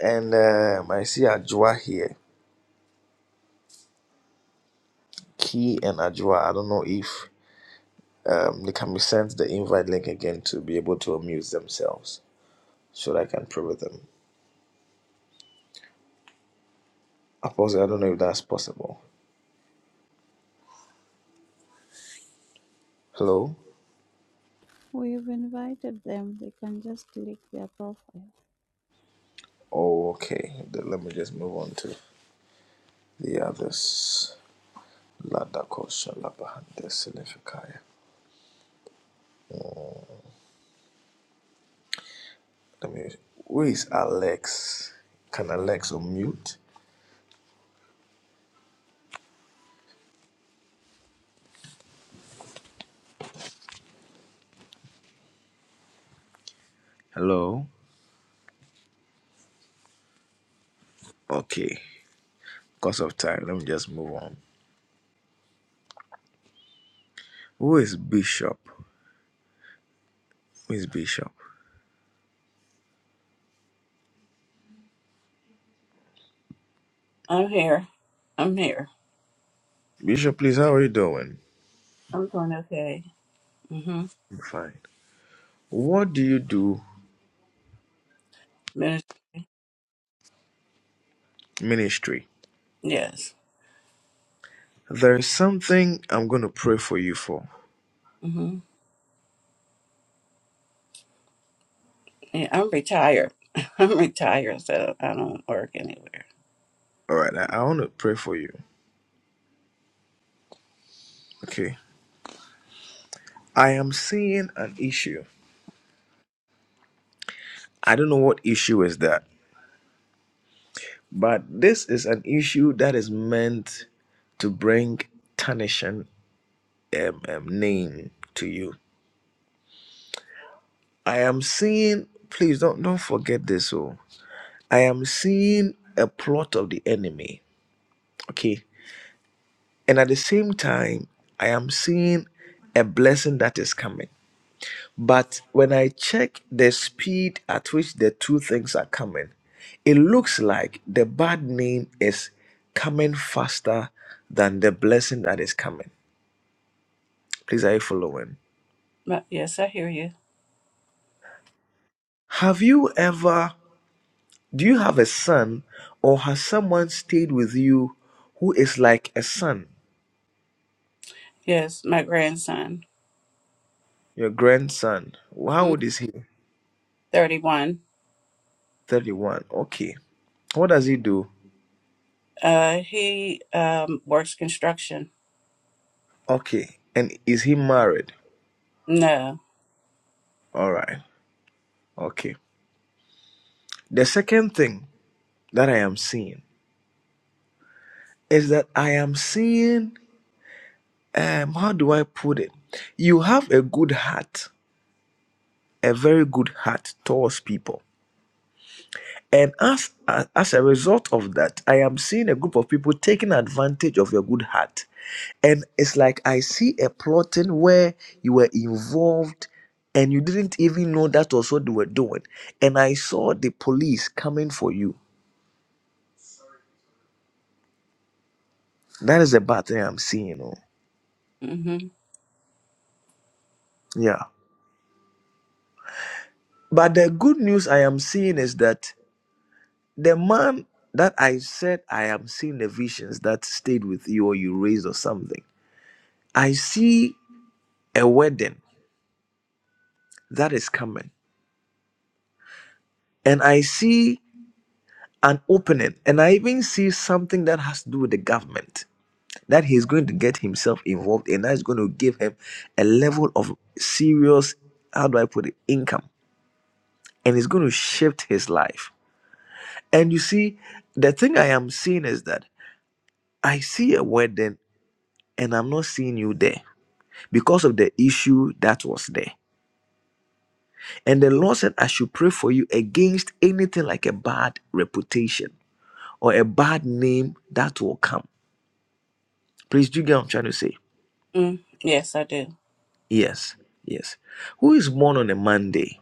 S5: and um, I see Ajua here. Key and Ajua. I don't know if um, they can be sent the invite link again to be able to amuse themselves so that I can pray with them. Apostle, I don't know if that's possible. Hello?
S3: We've invited them. They can just click their profile.
S5: Oh, okay. Then let me just move on to the others. Ladako Shalabahantes Let me. Who is Alex? Can Alex unmute? Hello. Okay. Because of time, let me just move on. Who is Bishop? Who is Bishop?
S7: I'm here. I'm here.
S5: Bishop, please. How are you doing?
S7: I'm doing okay. Mm-hmm.
S5: I'm fine. What do you do?
S7: Minis-
S5: Ministry.
S7: yes.
S5: There is something I'm going to pray for you for.
S7: Mm-hmm. Yeah, I'm retired. I'm retired, so I don't work anywhere.
S5: All right. I, I want to pray for you. Okay. I am seeing an issue. I don't know what issue is that, but this is an issue that is meant to bring tarnishing um, um, name to you. I am seeing, please don't don't forget this. Oh, I am seeing a plot of the enemy. Okay, and at the same time, I am seeing a blessing that is coming. But when I check the speed at which the two things are coming, it looks like the bad name is coming faster than the blessing that is coming. Please, are you following?
S7: But yes, I hear you.
S5: Have you ever Do you have a son, or has someone stayed with you who is like a son,
S7: Yes, my grandson,
S5: your grandson? How
S7: mm,
S5: old is he?
S7: 31.
S5: 31. Okay. What does he do?
S7: Uh, he um works construction.
S5: Okay. And is he married?
S7: No.
S5: All right. Okay. The second thing that I am seeing is that I am seeing, um, how do I put it? You have a good heart, a very good heart towards people And as, as as a result of that, I am seeing a group of people taking advantage of your good heart. And it's like I see a plotting where you were involved and you didn't even know that was what they were doing. And I saw the police coming for you. That is the bad thing I'm seeing. oh.
S7: Mm-hmm.
S5: Yeah. But the good news I am seeing is that the man that I said I am seeing the visions that stayed with you or you raised or something, I see a wedding that is coming. and I see an opening, and I even see something that has to do with the government that he's going to get himself involved in. That is going to give him a level of serious, how do I put it, income, and it's going to shift his life. And you see, the thing I am seeing is that I see a wedding, and I'm not seeing you there because of the issue that was there. And the Lord said, I should pray for you against anything like a bad reputation or a bad name that will come Please, do you get what I'm trying to say?
S7: Mm, yes, I do.
S5: Yes, yes. Who is born on a Monday?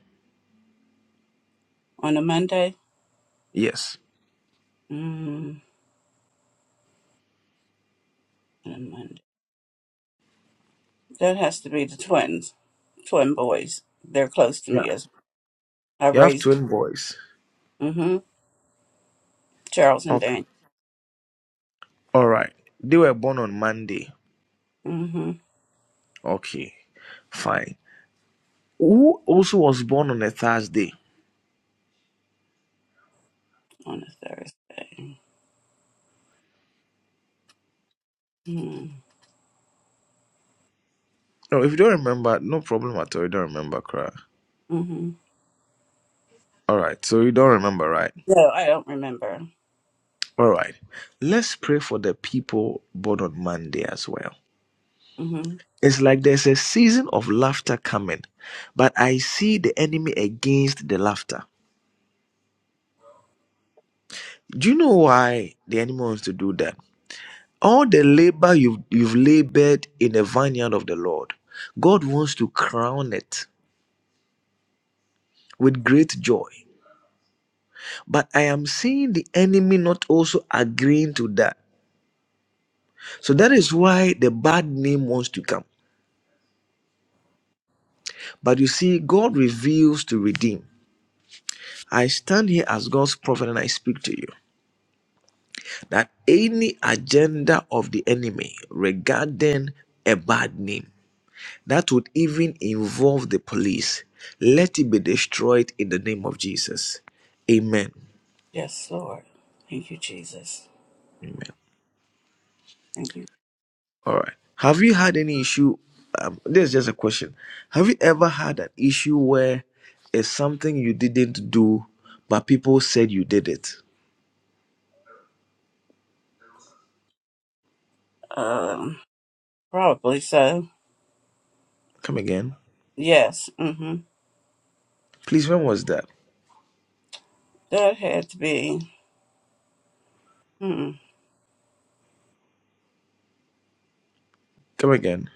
S7: On a Monday.
S5: Yes.
S7: Mm, on a Monday. That has to be the twins, twin boys. They're close to
S5: Yeah.
S7: me as I
S5: You have
S7: raised.
S5: twin boys.
S7: Mm-hmm. Charles and
S5: Okay.
S7: Daniel.
S5: All right. They were born on Monday.
S7: Mm-hmm.
S5: Okay. Fine. Who also was born on a Thursday?
S7: on a Thursday. Mm-hmm.
S5: No, if you don't remember, no problem at all. You don't remember, cry. All right. So you don't remember, right?
S7: No, I don't remember.
S5: All right. Let's pray for the people born on Monday as well.
S7: hmm
S5: It's like there's a season of laughter coming, but I see the enemy against the laughter. Do you know why the enemy wants to do that? All the labor you've you've labored in the vineyard of the Lord, God wants to crown it with great joy. But I am seeing the enemy not also agreeing to that. So that is why the bad name wants to come. But you see, God reveals to redeem. I stand here as God's prophet and I speak to you that any agenda of the enemy regarding a bad name. that would even involve the police. Let it be destroyed in the name of Jesus. Amen.
S7: Yes, Lord. Thank you, Jesus.
S5: Amen.
S7: Thank you.
S5: All right. Have you had any issue? Um, this is just a question. Have you ever had an issue where it's something you didn't do, but people said you did it?
S7: Um, probably so.
S5: Come again.
S7: Yes. hmm
S5: Please, when was that?
S7: That had to be. Mm,
S5: Come again.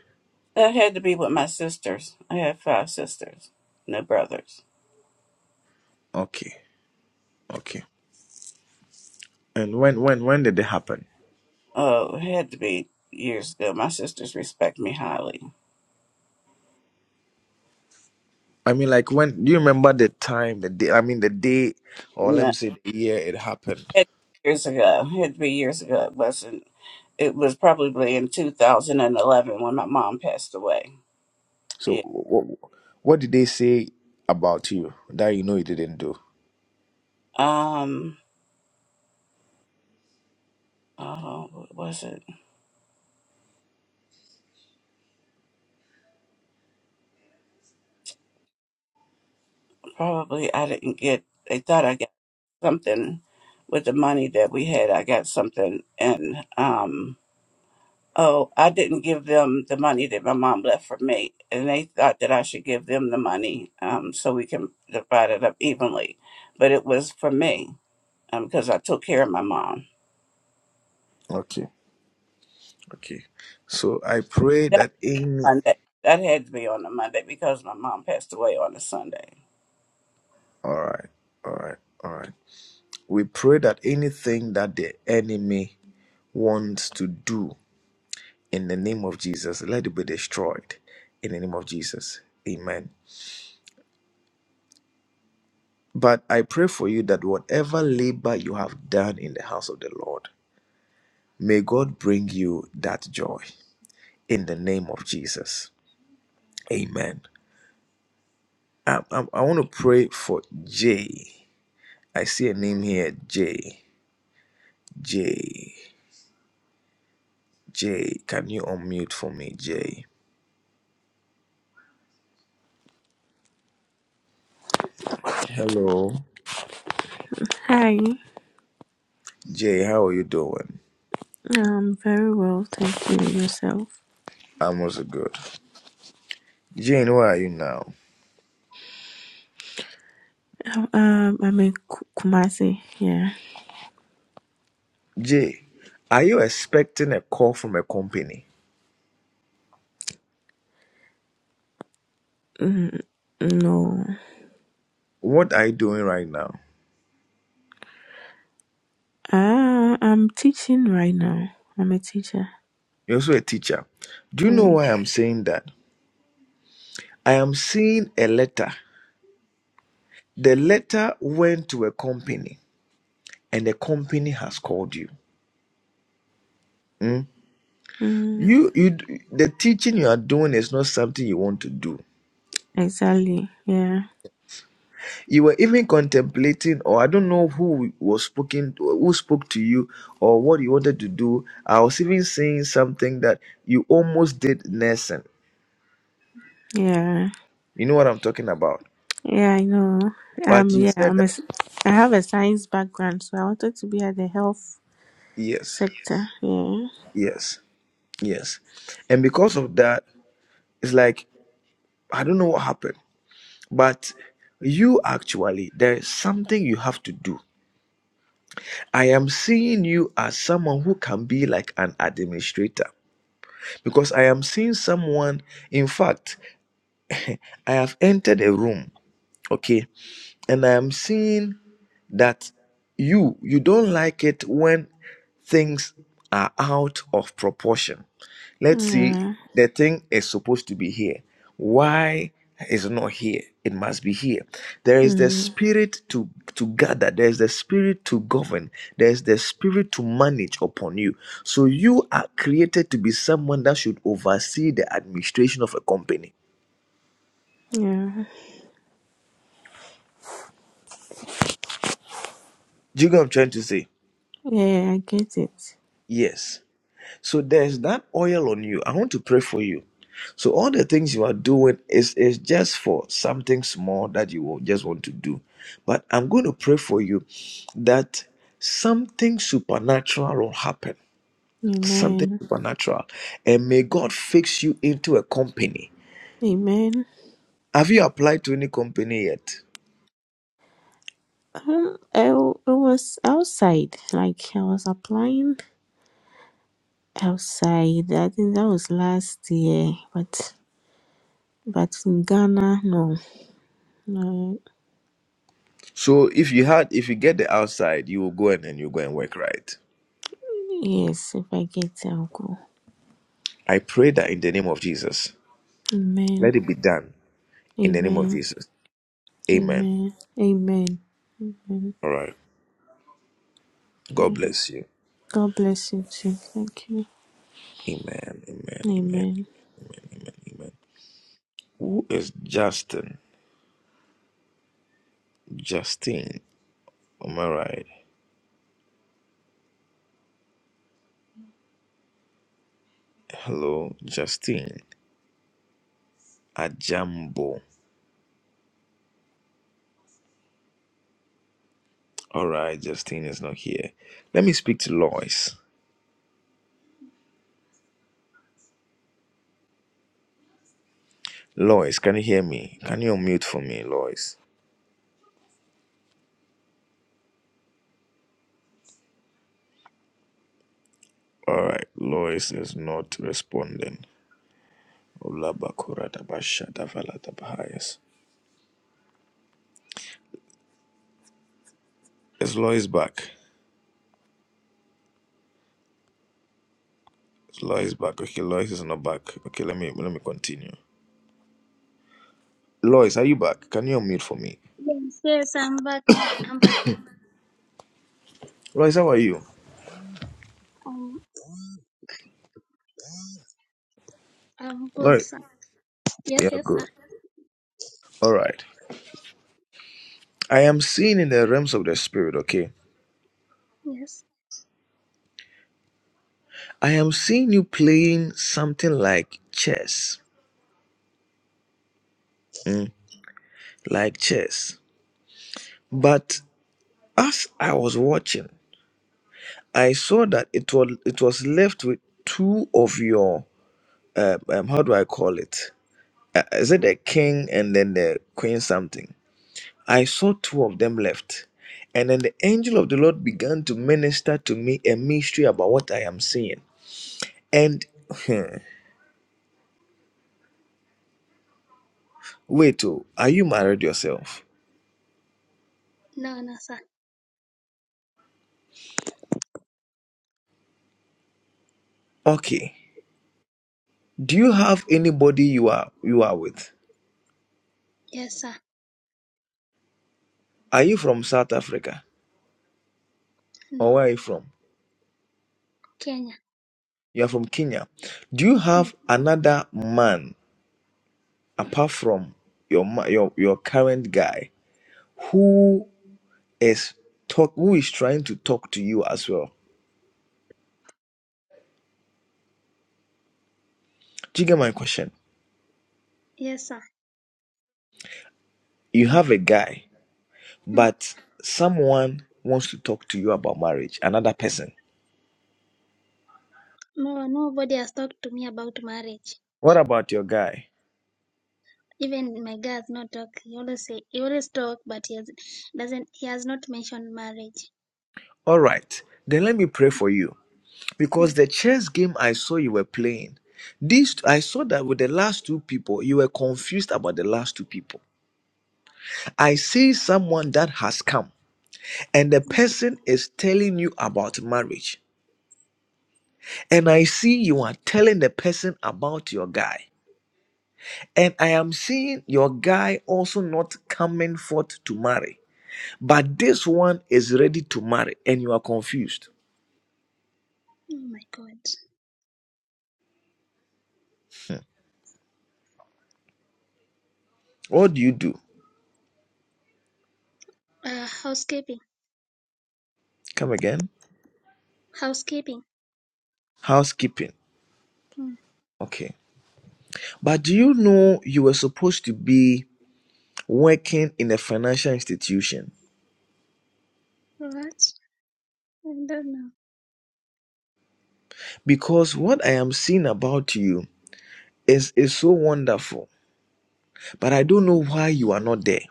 S7: that had to be with my sisters. I have five sisters, no brothers.
S5: Okay. Okay. And when when when did it happen?
S7: Oh, it had to be years ago. My sisters respect me highly.
S5: I mean, like when do you remember the time, the day? I mean, the day, or let me
S7: No,
S5: say the year it happened.
S7: it had to be years ago. It had to be years ago. It wasn't. It was probably in 2011 when my mom passed away.
S5: So,
S7: Yeah.
S5: what, what did they say about you that you know you didn't do?
S7: Um, uh, what was it? Probably I didn't get. They thought I got something with the money that we had. I got something, and um, oh, I didn't give them the money that my mom left for me, and they thought that I should give them the money, um, so we can divide it up evenly. But it was for me, um, because I took care of my mom
S5: Okay, okay. So, I pray
S7: that
S5: that any.
S7: Monday. That had to be on the Monday because my mom passed away on the Sunday.
S5: All right, all right, all right. We pray that anything that the enemy wants to do in the name of Jesus, let it be destroyed in the name of Jesus. Amen. But I pray for you that whatever labor you have done in the house of the Lord, may God bring you that joy in the name of Jesus. Amen. I, I, I want to pray for Jay. I see a name here, Jay. Jay. Jay. Can you unmute for me, Jay? Hello.
S8: Hi,
S5: Jay, how are you doing?
S8: um, very well, thank you. Yourself?
S5: I'm also good. Jane, where are you now?
S8: Um, um, I'm in Ku- Kumasi. Yeah.
S5: Jay, are you expecting a call from a company?
S8: Mm, no.
S5: What are you doing right now?
S8: Uh, I'm teaching right now. I'm a teacher.
S5: You're also a teacher. Do you know
S8: Yeah.
S5: why I'm saying that? I am seeing a letter. The letter went to a company, and the company has called you. Hmm?
S8: Mm,
S5: You, you, the teaching you are doing is not something you want to do.
S8: exactly. Yeah.
S5: You were even contemplating, or I don't know who was speaking, who spoke to you, or what you wanted to do. I was even saying something that you almost did nursing.
S8: Yeah.
S5: You know what I'm talking about.
S8: Yeah, I know.
S5: But
S8: Um,
S5: you
S8: yeah,
S5: said
S8: I'm a.
S5: that
S8: s- I have a science background, so I wanted to be at the health
S5: yes,
S8: sector. Yeah.
S5: yes, yes, and because of that, it's like I don't know what happened. But you actually, there is something you have to do. I am seeing you as someone who can be like an administrator because I am seeing someone. In fact, I have entered a room, okay, and I'm seeing that you you don't like it when things are out of proportion. Let's see,
S8: Yeah.
S5: the thing is supposed to be here. Why is it not here? It must be here. There is the
S8: Mm,
S5: spirit to to gather. There is the spirit to govern. There is the spirit to manage upon you. So you are created to be someone that should oversee the administration of a company.
S8: yeah.
S5: Do you get what I'm trying to say?
S8: Yeah. I get it.
S5: Yes. So there's that oil on you. I want to pray for you. So all the things you are doing is is just for something small that you will just want to do. But I'm going to pray for you that something supernatural will happen. Something
S8: Amen.
S5: supernatural. And may God fix you into a company.
S8: Amen.
S5: Have you applied to any company yet?
S8: Um, it, w- it was outside. Like I was applying outside. I think that was last year. But but in Ghana, no. no.
S5: So if you had if you get the outside, you will go and and you go and work right.
S8: Yes, if I get it, I'll go.
S5: I pray that in the name of Jesus.
S8: Amen.
S5: Let it be done in the name of
S8: Amen.
S5: Jesus. Amen.
S8: Amen. Amen. Amen.
S5: All right. God
S8: Okay.
S5: bless you.
S8: God bless you too. Thank you.
S5: Amen. Amen. Amen.
S8: Amen.
S5: Amen. Amen. Amen. Who is Justin? Justine. Am I right? Hello, Justine. Ajambo. All right, Justine is not here. Let me speak to Lois. Lois, can you hear me? Can you unmute for me, Lois? All right, Lois is not responding. Olabakoradabashadavaladabahias. Is Lois back? Is Lois back? Okay, Lois is not back. Okay, let me let me continue. Lois, are you back? Can you unmute for me?
S9: Yes, yes, I'm back. I'm back.
S5: Lois, how are you?
S9: Um, I'm good,
S5: Lois,
S9: sir. Yes,
S5: yeah,
S9: yes, sir.
S5: good. All right. I am seeing in the realms of the spirit, okay?
S9: Yes.
S5: I am seeing you playing something like chess, like chess. But as I was watching, I saw that it was it was left with two of your um, um how do I call it? Uh, is it the king and then the queen something? I saw two of them left. And then the angel of the Lord began to minister to me a mystery about what I am seeing. And hmm, wait, oh, are you married yourself?
S9: No, no, sir.
S5: Okay. Do you have anybody you are you are with?
S9: Yes, sir.
S5: Are you from South Africa?
S9: No.
S5: Or where are you from?
S9: Kenya.
S5: You are from Kenya. Do you
S9: No.
S5: have another man apart from your ma- your your current guy who is talk who is trying to talk to you as well? Do you get my question?
S9: Yes, sir.
S5: You have a guy
S9: Mm.
S5: but someone wants to talk to you about marriage, another person.
S9: No, nobody has talked to me about marriage.
S5: What about your guy?
S9: Even my guys not talk. He always say he always talk, but he has, doesn't. He has not mentioned marriage.
S5: All right, then let me pray for you because
S9: Mm.
S5: the chess game I saw you were playing. These I saw that with the last two people, you were confused about the last two people. I see someone that has come, and the person is telling you about marriage. And I see you are telling the person about your guy. And I am seeing your guy also not coming forth to marry But this one is ready to marry and you are confused.
S9: Oh my God.
S5: What do you do?
S9: Uh, housekeeping.
S5: Come again?
S9: Housekeeping.
S5: Housekeeping.
S9: Mm.
S5: Okay. But do you know you were supposed to be working in a financial institution?
S9: What? I don't know.
S5: Because what I am seeing about you is, is so wonderful. But I don't know why you are not there.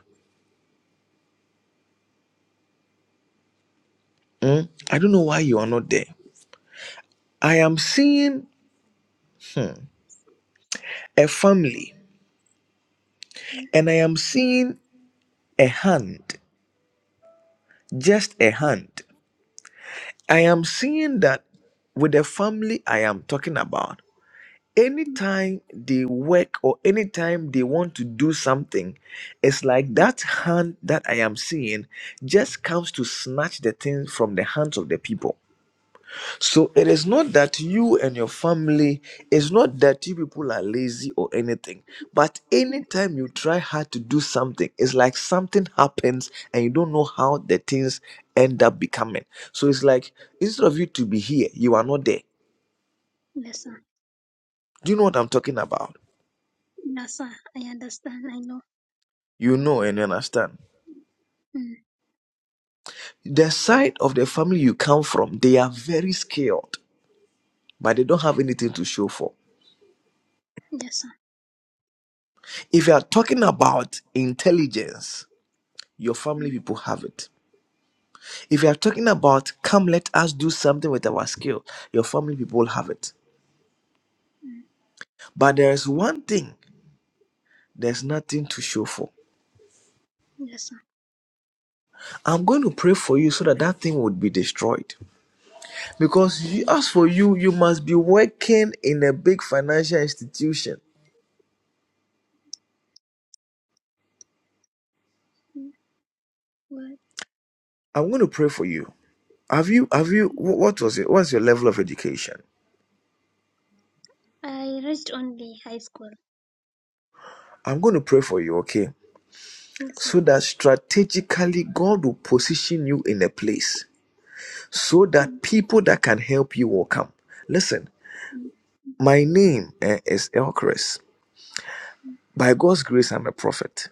S5: Hmm? I don't know why you are not there. I am seeing a family and I am seeing a hand, just a hand. I am seeing that with the family I am talking about,
S9: Mm.
S5: anytime they work or anytime they want to do something, it's like that hand that I am seeing just comes to snatch the thing from the hands of the people. So it is not that you and your family, it's not that you people are lazy or anything, but
S9: mm.
S5: anytime you try hard to do something, it's like something happens and you don't know how the things end up becoming. So it's like instead of you to be here, you are not there.
S9: Yes, sir.
S5: Do you know what I'm talking about?
S9: Yes, sir. I understand. I know.
S5: You know and you understand.
S9: Mm.
S5: The side of the family you come from, they are very skilled, but they don't have anything to show for.
S9: Yes, sir.
S5: If you are talking about intelligence, your family
S9: Mm.
S5: people have it If you are talking about come, let us do something with our skill, your family people have it.
S9: Mm.
S5: But there is one thing there's nothing to show for.
S9: Yes, sir.
S5: I'm going to pray for you so that that thing would be destroyed. Because you,
S9: Mm,
S5: as for you, you must be working in a big financial institution.
S9: mm, well,
S5: I'm going to pray for you. Have you, have you, wh- what was it? What's your level of education?
S9: I reached only high school.
S5: I'm going to pray for you, okay?
S9: Yes, sir.
S5: So that strategically God will position you in a place so
S9: Mm,
S5: that people that can help you will come. Listen,
S9: mm,
S5: My name eh, is Elchris. By God's grace, I'm a prophet.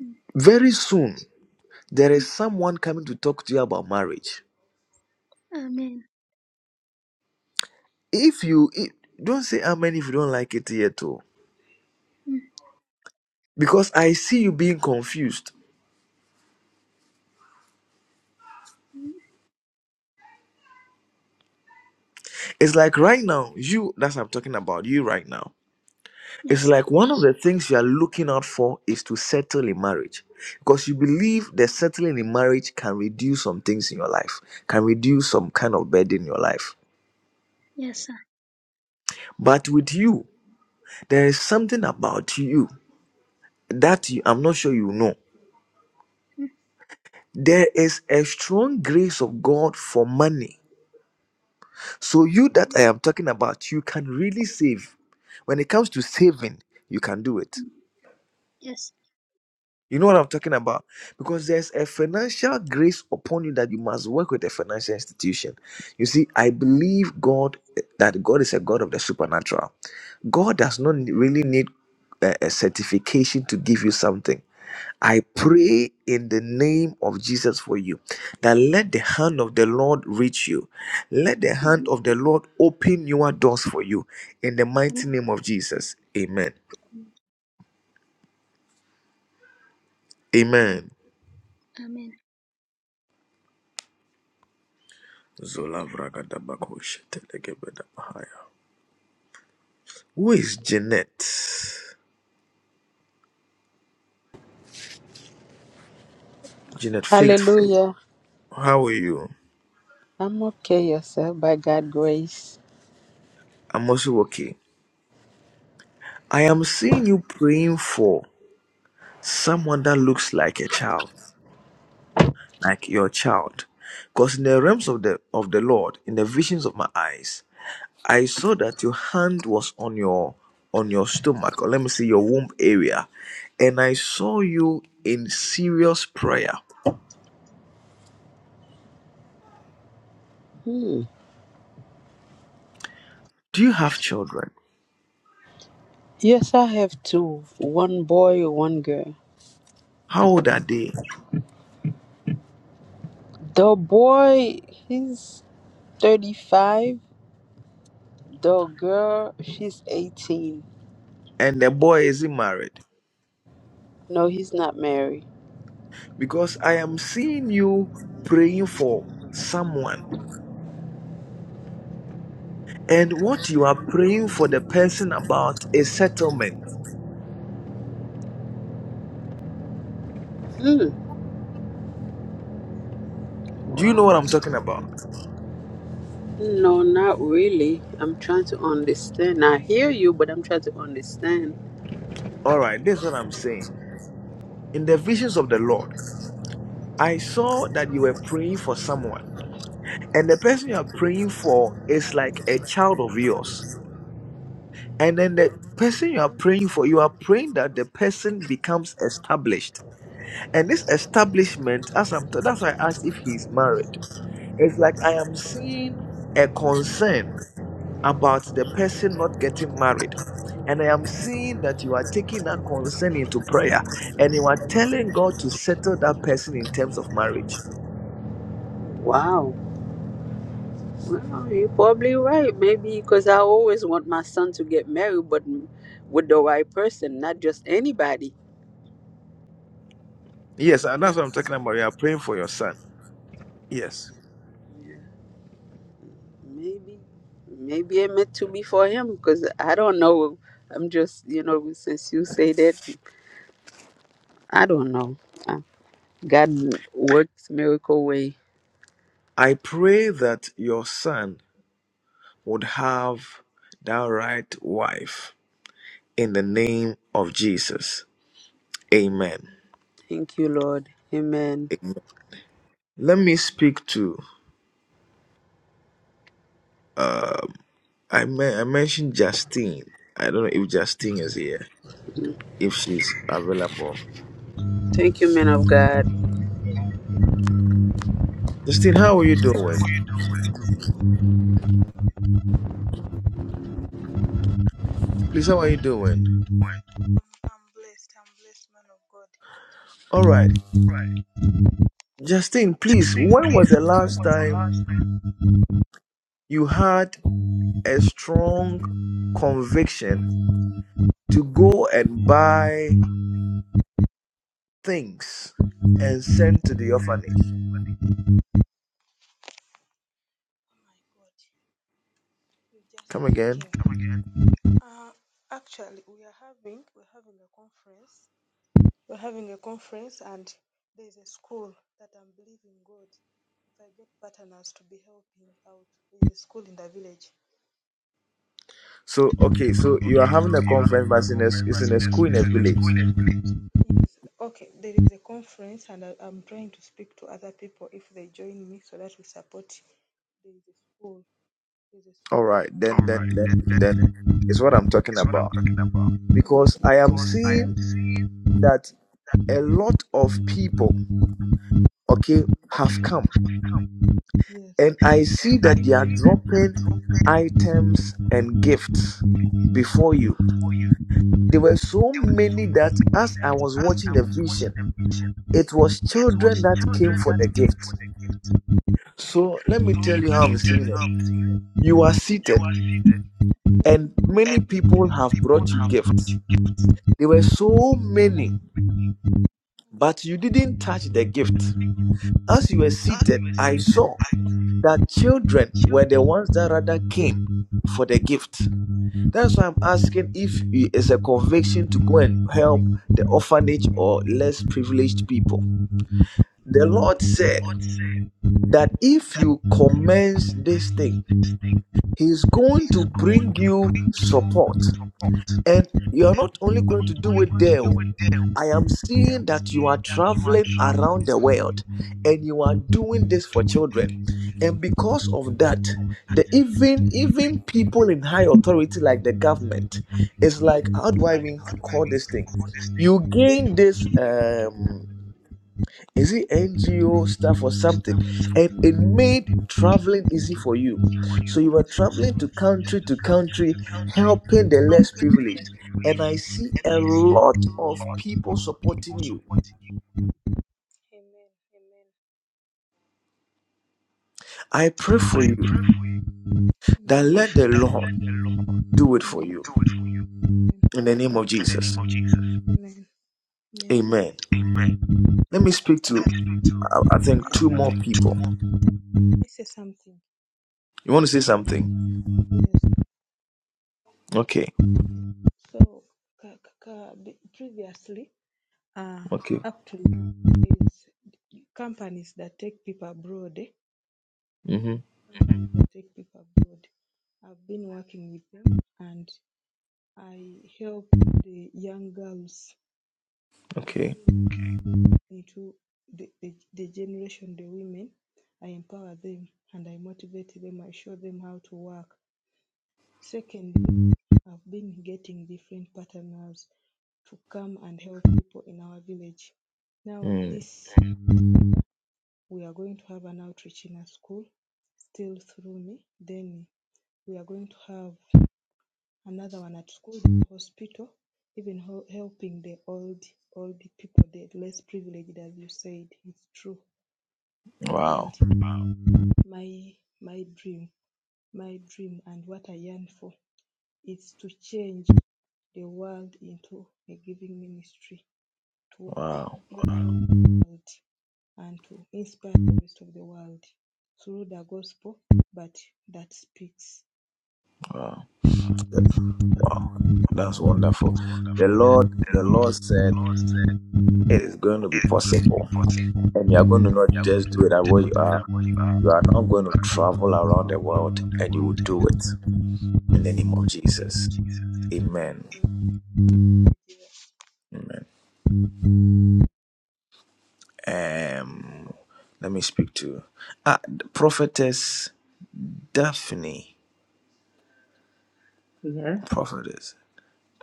S9: mm, mm.
S5: Very soon, there is someone coming to talk to you about marriage.
S9: mm. Amen.
S5: If you if, don't say amen if you don't like it yet, too,
S9: Mm,
S5: because I see you being confused.
S9: mm.
S5: It's like right now, you that's I'm talking about you right now. It's
S9: Yes,
S5: like one of the things you are looking out for is to settle in marriage because you believe that settling in marriage can reduce some things in your life, can reduce some kind of burden in your life.
S9: yes, sir.
S5: But with you, there is something about you that you, I'm not sure you know.
S9: Mm,
S5: There is a strong grace of God for money. So, you that I am talking about, you can really save. When it comes to saving, you can do it
S9: mm, Yes.
S5: You know what I'm talking about? Because there's a financial grace upon you that you must work with a financial institution. You see, I believe God that God is a God of the supernatural. God does not really need a, a certification to give you something. I
S9: Mm,
S5: pray in the name of Jesus for you that let the hand of the Lord reach you. Let the hand
S9: mm, mm.
S5: of the Lord open your doors for you in the
S9: Amen.
S5: mighty name of Jesus. Amen.
S9: Mm,
S5: Amen.
S9: Amen.
S5: Zola Vragadabako Shetelegebedabahaya. Who is Jeanette? Jeanette Faithful.
S10: Hallelujah.
S5: How are you?
S10: I'm okay, yourself, by God's grace.
S5: I'm also okay. I am seeing you praying for someone that looks like a child, like your child. Because in the realms of the of the Lord, in the visions of my eyes, I saw that your hand was on your on your stomach, or let me say your womb area, and I saw you in serious prayer. Do you have children?
S10: Yes, I have two one boy, one girl.
S5: How old are they?
S10: The boy, he's 35. The girl, she's 18.
S5: and the boy isn't married
S10: No, he's not married.
S5: because I am seeing you praying for someone, and what you are praying for the person about is settlement.
S10: Hmm.
S5: Do you know what
S10: Wow.
S5: I'm talking about?
S10: No, not really. I'm trying to understand. I hear you, but I'm trying to understand.
S5: All right, this is what I'm saying. In the visions of the Lord, I saw that you were praying for someone, and the person you are praying for is like a child of yours. And then the person you are praying for, you are praying that the person becomes established. And this establishment, as I'm t- that's why I asked if he's married It's like I am seeing a concern about the person not getting married. And I am seeing that you are taking that concern into prayer and you are telling God to settle that person in terms of marriage.
S10: Wow. Well, you're probably right. Maybe because I always want my son to get married, but with the right person, not just anybody.
S5: Yes, and that's what I'm talking about. You are praying for your son. Yes.
S10: Maybe, maybe it meant to be for him because I don't know. I'm just, you know, since you say that, I don't know. Uh, God works miracle way.
S5: I pray that your son would have that right wife in the name of Jesus. Amen.
S10: Thank you, Lord. Amen.
S5: Amen. Let me speak to uh, I men- I mentioned Justine. I don't know if Justine is here, if she's available.
S10: Thank you, men of God.
S5: Justine, how are you doing? Please, how are you doing? All right.
S11: Right.
S5: Justine, please,
S11: Think,
S5: when was
S11: please,
S5: the
S11: when
S5: last
S11: was the
S5: time
S11: last time
S5: you had a strong conviction to go and buy things and send to the orphanage? Come again.
S11: time again?
S5: So, okay, so
S11: Oh,
S5: you are
S11: okay,
S5: having
S11: so
S5: a
S11: you are
S5: conference,
S11: having
S5: but
S11: a
S5: it's in a,
S11: conference,
S5: it's in
S11: but
S5: a
S11: in the
S5: school in a
S11: space, in the
S5: village.
S11: school, explain.
S5: All right, then,
S11: All
S5: then,
S11: right,
S5: then,
S11: that, that,
S5: then,
S11: that
S5: is what I'm talking
S11: is what
S5: about.
S11: I'm talking about.
S5: because I am
S11: Because I
S5: seeing
S11: am seeing,
S5: that a lot of people, okay, have come
S11: okay, come?
S5: and I see
S11: And I
S5: that they are
S11: see that they are
S5: dropping
S11: dropping
S5: items and gifts before you.
S11: people for you.
S5: There were so
S11: They were so
S5: many that
S11: many
S5: as I
S11: that
S5: was
S11: as
S5: watching
S11: I
S5: the
S11: was watching
S5: vision,
S11: the picture,
S5: it was
S11: it
S5: children
S11: was
S5: that came
S11: children
S5: for the
S11: that came
S5: gift.
S11: for the gift.
S5: So let me tell
S11: So
S5: you
S11: let
S5: how I'm
S11: me tell
S5: seeing
S11: you
S5: it.
S11: how I'm seeing
S5: You are
S11: it. You
S5: seated,
S11: are seated,
S5: and many
S11: and
S5: people
S11: many
S5: have
S11: people
S5: brought you
S11: have brought
S5: gifts.
S11: you.
S5: There were so
S11: As
S5: many, but you didn't touch the gift.
S11: you
S5: As you were seated,
S11: were
S5: I
S11: seated
S5: saw.
S11: at
S5: that
S11: the
S5: children were the
S11: children,
S5: ones that rather came for the gift. That's why I'm asking if it's a conviction to go and help the orphanage or less privileged people. The Lord
S11: the
S5: said
S11: Lord said,
S5: that if you
S11: You
S5: commence this thing,
S11: command this thing.
S5: He's going
S11: It's
S5: to
S11: going
S5: bring
S11: to
S5: you
S11: bring you
S5: support.
S11: support.
S5: And you are
S11: And
S5: not only
S11: I'm
S5: going to
S11: not
S5: do
S11: only
S5: it
S11: going to
S5: there.
S11: do
S5: oh.
S11: it there.
S5: I am
S11: I
S5: seeing
S11: am
S5: that you are
S11: saying that you are
S5: traveling around
S11: traveling,
S5: the world and you are doing this for
S11: doing this
S5: children. And because of that,
S11: before.
S5: the
S11: And
S5: even even
S11: even
S5: people in high authority like the government is like, how do
S11: it's
S5: I
S11: like,
S5: even
S11: how do I
S5: call
S11: even
S5: this thing?
S11: call this thing?
S5: You gain this. Um, is it NGO stuff or something?
S11: Start for
S5: And
S11: something
S5: it made traveling easy for you.
S11: for
S5: So
S11: you.
S5: you were
S11: So
S5: traveling
S11: you
S5: to
S11: are traveling
S5: country
S11: to
S5: to
S11: country
S5: country,
S11: to country,
S5: helping the less
S11: helping the
S5: privileged.
S11: next
S5: And I
S11: village. And
S5: see a
S11: I see
S5: lot
S11: a
S5: of
S11: lot
S5: people
S11: of people
S5: supporting you.
S11: supporting.
S5: I pray for
S11: I
S5: you
S11: pray for you
S5: that let the
S11: that
S5: Lord
S11: let the Lord
S5: do it for you
S11: do it for you in
S5: in the name of
S11: the name
S5: Jesus.
S11: of Jesus.
S5: Amen.
S11: Amen.
S5: Let me speak to,
S11: Let me speak to,
S5: I I think, two
S11: um, I
S5: more
S11: think, two
S5: people.
S11: more.
S5: You want to say something? Okay. Okay. Mm-hmm. Okay. Mm. Wow.
S11: Wow,
S5: Wow.
S11: wow,
S5: Wow. Wow, that's wonderful.
S11: that's
S5: The
S11: wonderful.
S5: Lord,
S11: The
S5: the Lord
S11: Lord, the
S5: said
S11: Lord said
S5: it is going to be
S11: "Hey, it's going to be
S5: possible,
S11: positive.
S5: and you are going to not
S11: You are going
S5: just
S11: to
S5: do
S11: not
S5: it at
S11: just
S5: where you
S11: do
S5: are.
S11: that what you are.
S5: You
S11: You
S5: are now going to
S11: are not
S5: travel
S11: going to go
S5: around the world,
S11: around the
S5: and you will
S11: world.
S5: do it in the name of Jesus.
S11: Jesus.
S5: Amen. Amen. Um, let me speak to ah, the prophetess Daphne.
S12: Yes,
S5: Prophetess,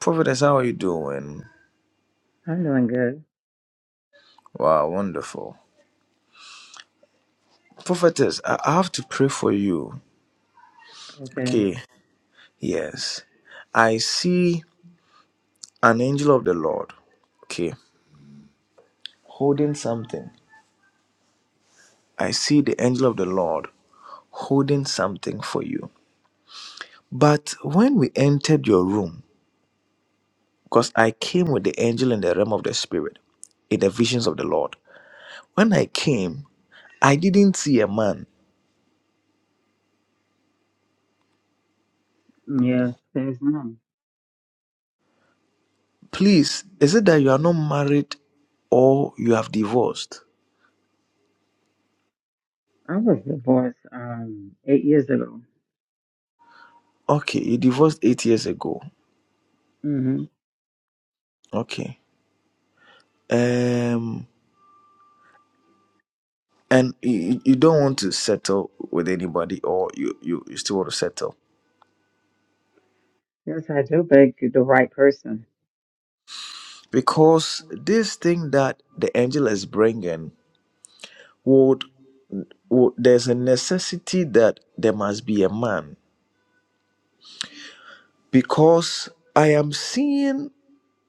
S5: prophetess, how are you doing?
S12: I'm doing good.
S5: Wow, wonderful. Prophetess, I I have to pray for you.
S12: Okay.
S5: Okay, yes. I see An angel of the Lord. Okay. Holding something. I see the angel of the Lord holding something for you. But when we entered your room, because I came with the angel in the realm of the spirit, in the visions of the Lord. When I came, I didn't see a man.
S12: Yes, there's none.
S5: Please, is it that you are not married or you have divorced?
S12: I was divorced um eight years ago.
S5: Okay, you divorced eight years ago.
S12: hmm
S5: Okay. Um and you, you don't want to settle with anybody or you, you, you still want to settle
S12: Yes, I do beg the right person.
S5: because this thing that the angel is bringing would, would there's a necessity that there must be a man because i am seeing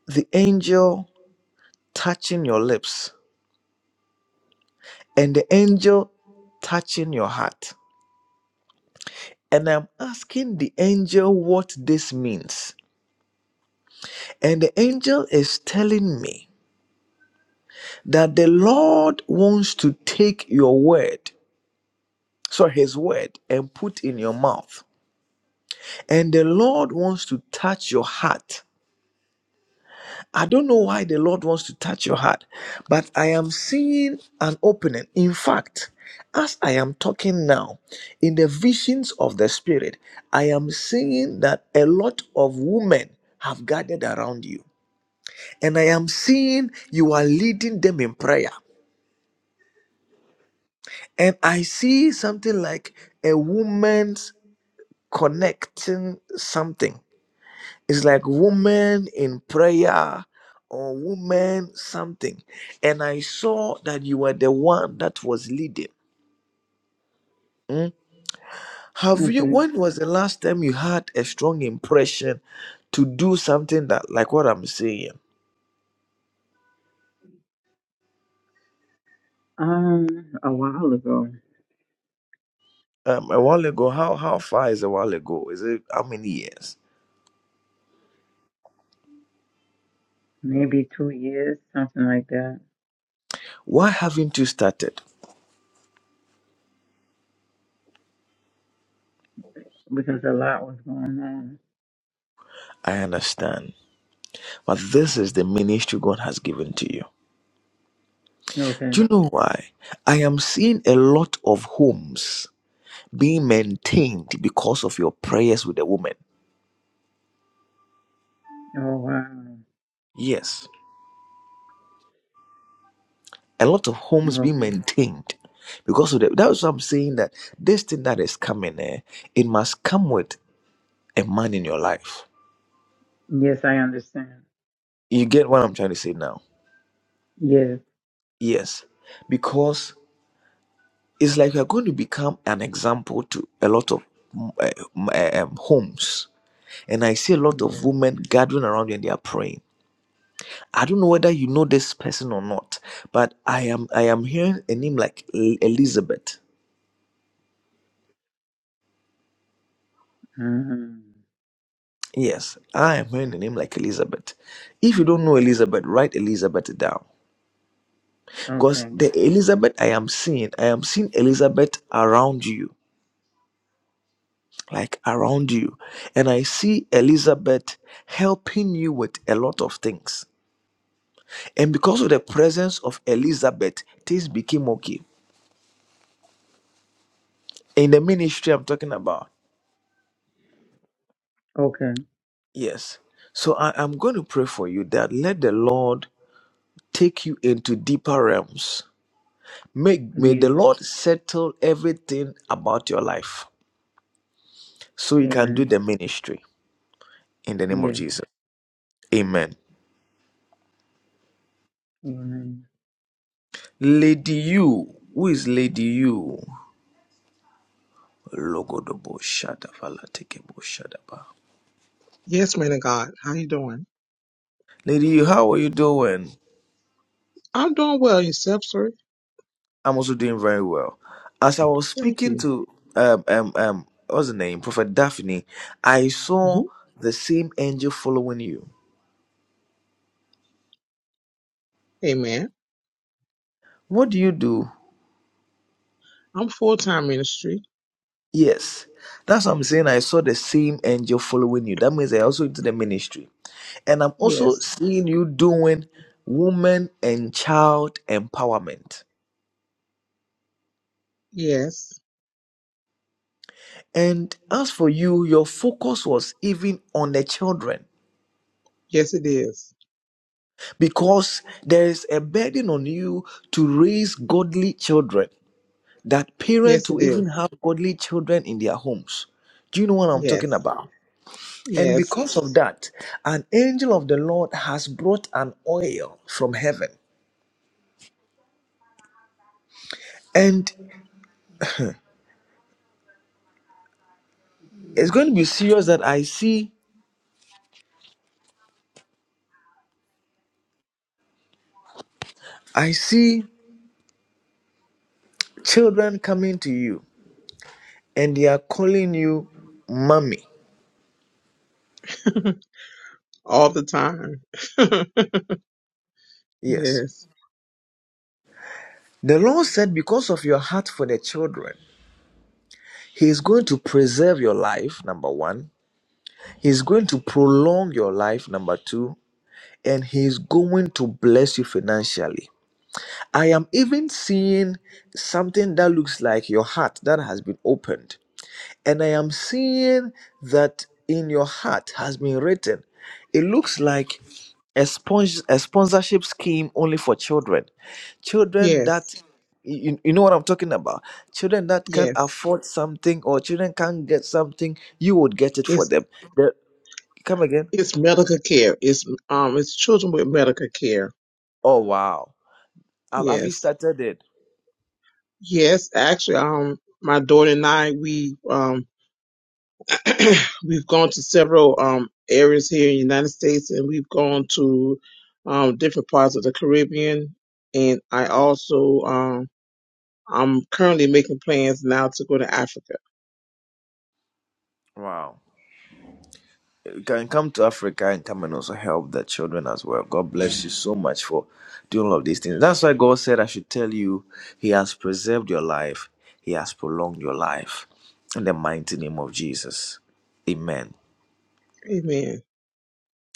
S5: the angel touching your lips and the angel touching your heart and i'm asking the angel what this means and the angel is telling me that the Lord wants to take your word, so his word, and put in your mouth. And the Lord wants to touch your heart. I don't know why the Lord wants to touch your heart, but I am seeing an opening. In fact, as I am talking now, in the visions of the Spirit, I am seeing that a lot of women have gathered around you. And I am seeing you are leading them in prayer. And I see something like a woman's connecting something. It's like woman in prayer or woman something. And I saw that you were the one that was leading. Mm. Have you,
S12: Okay.
S5: when was the last time you had a strong impression to do something that, like what I'm saying?
S12: Um, a while ago,
S5: Um, a while ago, how, how far is a while ago? Is it how many years?
S12: maybe two years, something like that,
S5: Why haven't you started?
S12: because a lot was going on.
S5: I understand But this is the ministry God has given to you.
S12: Okay.
S5: Do you know why? I am seeing a lot of homes being maintained because of your prayers with the woman.
S12: Oh wow.
S5: Yes. A lot of homes being
S12: Okay.
S5: maintained because of the, that's what I'm saying that this thing that is coming, eh, it must come with a man in your life.
S12: Yes, I understand.
S5: You get what I'm trying to say now?
S12: Yes.
S5: Yes. Because it's like you're going to become an example to a lot of mm, eh, mm, eh, um, homes and I see a lot of
S12: Yes.
S5: women gathering around you and they are praying. I don't know whether you know this person or not, but I am I am hearing a name like E- Elizabeth.
S12: Mhm.
S5: Yes, I am hearing a name like Elizabeth. If you don't know Elizabeth, write Elizabeth down. Because
S12: Okay.
S5: the Elizabeth I am seeing, I am seeing Elizabeth around you, like around you. And I see Elizabeth helping you with a lot of things. And because of the presence of Elizabeth, things became okay. in the ministry I'm talking about.
S12: Okay.
S5: Yes. So I, I'm going to pray for you that let the Lord take you into deeper realms. May, may the
S12: Yes.
S5: Lord settle everything about your life so you can do
S12: Amen.
S5: the ministry in the name of
S12: Yes.
S5: Jesus. Amen.
S12: Amen.
S5: Lady you, who is Lady you? Logodobo Shadavala Tekebo Shadaba.
S13: Yes, man of God. How you doing?
S5: Lady you, how are you doing?
S13: I'm doing well. Yourself, sir?
S5: I'm also doing very well. As I was
S13: Thank
S5: speaking
S13: you.
S5: to um um um what's the name, Prophet Daphne, I saw
S13: hmm
S5: the same angel following you.
S13: Amen.
S5: What do you do?
S13: I'm full time ministry.
S5: Yes, that's what I'm saying. I saw the same angel following you. That means I also into the ministry, and I'm also
S13: Yes.
S5: seeing you doing woman and child empowerment.
S13: Yes.
S5: And as for you, your focus was even on the children
S13: Yes, it is.
S5: because there is a burden on you to raise godly children. that
S13: Yes,
S5: parents will
S13: it
S5: even
S13: is.
S5: have godly children in their homes. Do you know what I'm talking
S13: Yes.
S5: about? And
S13: Yes.
S5: because of that, an angel of the Lord has brought an oil from heaven. And it's going to be serious that I see I see children coming to you and they are calling you mommy.
S13: All the time.
S5: Yes.
S13: yes.
S5: The Lord said, because of your heart for the children, He is going to preserve your life, number one. He's going to prolong your life, number two. and he is going to bless you financially. I am even seeing something that looks like your heart that has been opened. And I am seeing that in your heart has been written. It looks like a, spons- a sponsorship scheme only for children. Children
S13: Yes.
S5: that, you, you know what I'm talking about? Children that can
S13: Yes.
S5: afford something or children can get something, you would get it for
S13: It's
S5: them. The- come again?
S13: it's medical care. It's um it's children with medical care.
S5: Oh, wow. Have have you
S13: Yes.
S5: started it?
S13: Yes. Actually, um, my daughter and I we um we've gone to several um, areas here in the United States, and we've gone to um, different parts of the Caribbean. And I also, um, I'm currently making plans now to go to Africa.
S5: Wow. you can come to Africa and come and also help the children as well. God bless you so much for doing all of these things. That's why God said, I should tell you, He has preserved your life, He has prolonged your life. In the mighty name of Jesus. Amen.
S13: Amen.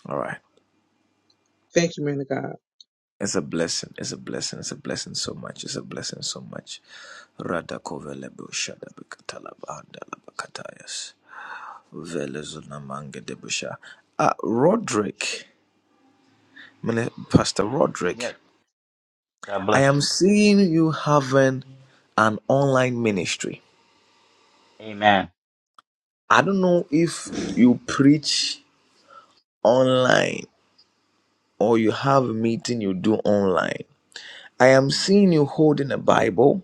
S5: All right.
S13: Thank you, man of God.
S5: It's a blessing. It's a blessing. It's a blessing so much. It's a blessing so much. Radakovelebo shadabikatalabandalabakatayas. Velezunamangedebusha. Ah, Roderick, Mini- Pastor Roderick.
S2: Yes, God
S5: I
S2: bless
S5: am
S2: you.
S5: seeing you having an online ministry.
S2: Amen.
S5: I don't know if you preach online or you have a meeting you do online. I am seeing you holding a Bible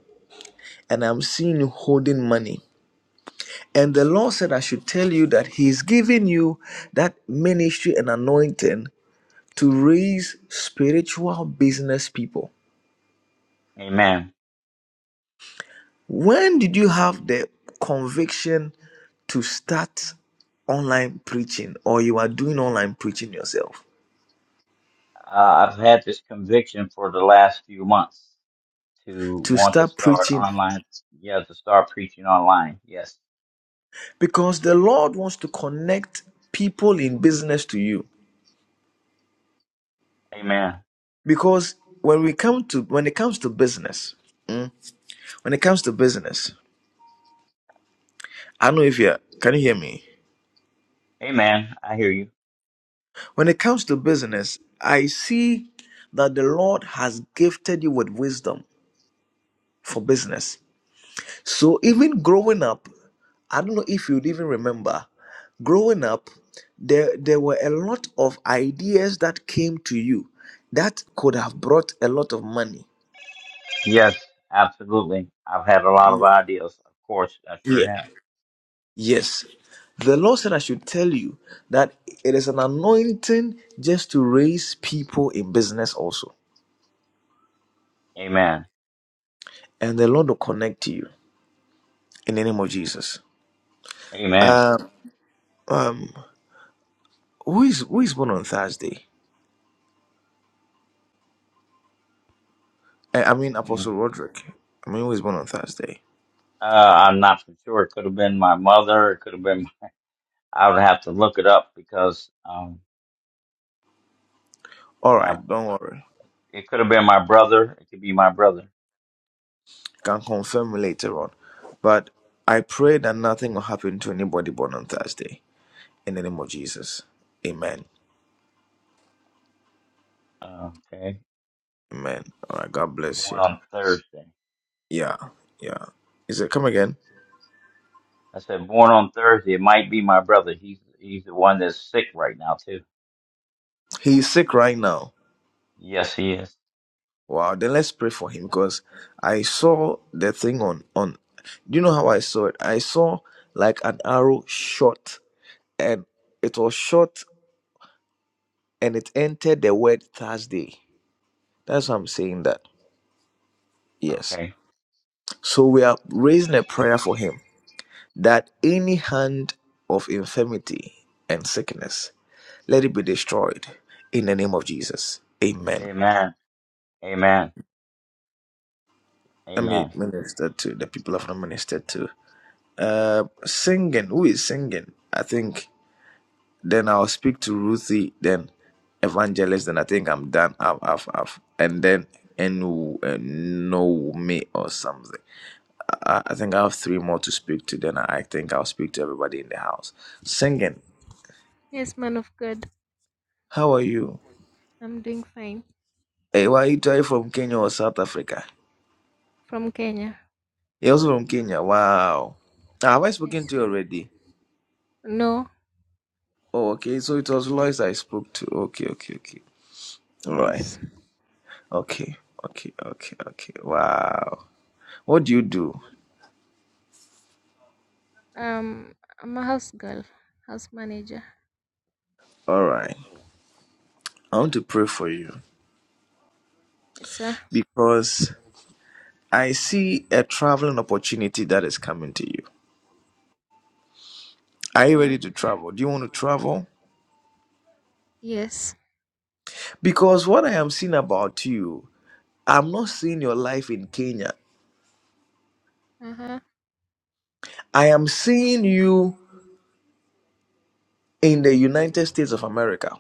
S5: and I'm seeing you holding money. And the Lord said, I should tell you that He's giving you that ministry and anointing to raise spiritual business people.
S2: Amen.
S5: When did you have the conviction to start online preaching or you are doing online preaching yourself?
S2: Uh, I've had this conviction for the last few months to
S5: To
S2: want to
S5: start
S2: start
S5: preaching
S2: online. Yeah, to start preaching online. Yes.
S5: because the Lord wants to connect people in business to you.
S2: Amen.
S5: Because when we come to when it comes to business, mm, when it comes to business, I don't know if you can you hear me?
S2: Amen. I hear you.
S5: When it comes to business, I see that the Lord has gifted you with wisdom for business. So even growing up, I don't know if you'd even remember, growing up, there there were a lot of ideas that came to you that could have brought a lot of money.
S2: Yes, absolutely. I've had a lot of
S5: Yeah.
S2: ideas, of course. I
S5: Yeah.
S2: sure have.
S5: Yes. The Lord said I should tell you that it is an anointing just to raise people in business also.
S2: Amen.
S5: And the Lord will connect to you in the name of Jesus.
S2: Amen.
S5: Um, um who is who is born on Thursday? I, I mean
S2: Yeah.
S5: Apostle Roderick. I mean who is born on Thursday?
S2: Uh, I'm not for sure. It could have been my mother. It could have been. I would have to look it up because um,
S5: All right,
S2: my
S5: don't worry.
S2: it could have been my brother. It could be my brother.
S5: Can confirm later on. But I pray that nothing will happen to anybody born on Thursday. In the name of Jesus. Amen.
S2: Uh, okay,
S5: Amen. All right, God bless
S2: born
S5: you.
S2: on Thursday.
S5: Yeah, yeah. He said, come again.
S2: I said born on Thursday. It might be my brother. He's he's the one that's sick right now too.
S5: He's sick right now.
S2: Yes, he is.
S5: Wow, then let's pray for him because I saw the thing on on do you know how I saw it? I saw like an arrow shot and it was shot and it entered the word Thursday. That's why I'm saying that. Yes.
S2: Okay.
S5: So we are raising a prayer for him that any hand of infirmity and sickness, let it be destroyed in the name of Jesus. Amen.
S2: Amen. Amen.
S5: Let me
S2: Amen.
S5: minister to the people I've not ministered to. Uh, singing. Who is singing? I think then I'll speak to Ruthie, then Evangelist, then I think I'm done. I've, I've, I've. And then Enu, uh, no me or something. I, I think I have three more to speak to. Then I think I'll speak to everybody in the house. Singing. How are you? Hey, why are you trying from Kenya or South Africa? You're also from Kenya. Wow. Ah, Have I spoken to you already?
S4: No,
S5: Oh, okay. So it was Lois I spoke to. Okay, okay, okay. All right.
S4: Yes.
S5: Okay, okay, okay, okay. Wow. What do you do?
S4: um, I'm a house girl, house manager.
S5: All right. I want to pray for you
S4: Yes, sir.
S5: because I see a traveling opportunity that is coming to you. Are you
S4: Uh-huh.
S5: ready to travel? Do you want to travel?
S4: Yes.
S5: Because what I am seeing about you, I'm not seeing your life in Kenya.
S4: Uh-huh.
S5: I am seeing you. in the United States of America.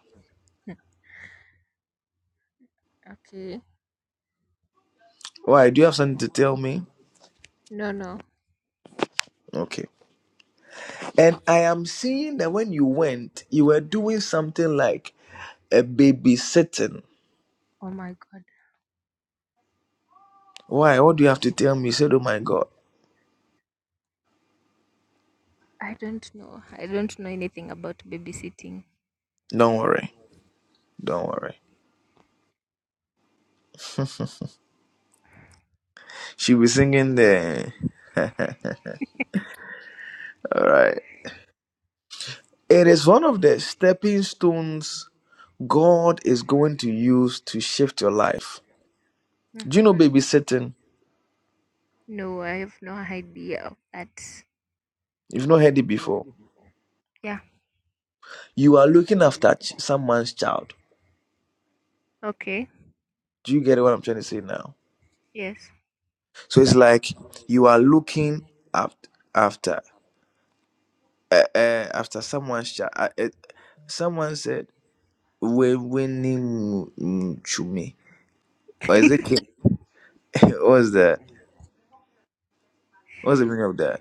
S4: Okay.
S5: Why? Do you have something to tell me?
S4: No, no.
S5: Okay. And I am seeing that when you went, you were doing something like a babysitting.
S4: Oh my god.
S5: Why? What do you have to tell me? You said, Oh my God.
S4: I don't know. I don't know anything about babysitting.
S5: Don't worry. Don't worry. She was singing the. All right. It is one of the stepping stones God is going to use to shift your life. Do you
S4: Mm-hmm.
S5: know babysitting?
S4: No, I have no idea of that.
S5: You've not heard it before.
S4: Yeah.
S5: You are looking after ch- someone's child.
S4: Okay.
S5: Do you get what I'm trying to say now?
S4: Yes.
S5: So it's like you are looking up after uh, uh, after someone's child. Uh, it, someone said we winning to me. Or is it Ken- what's the what's the meaning of that?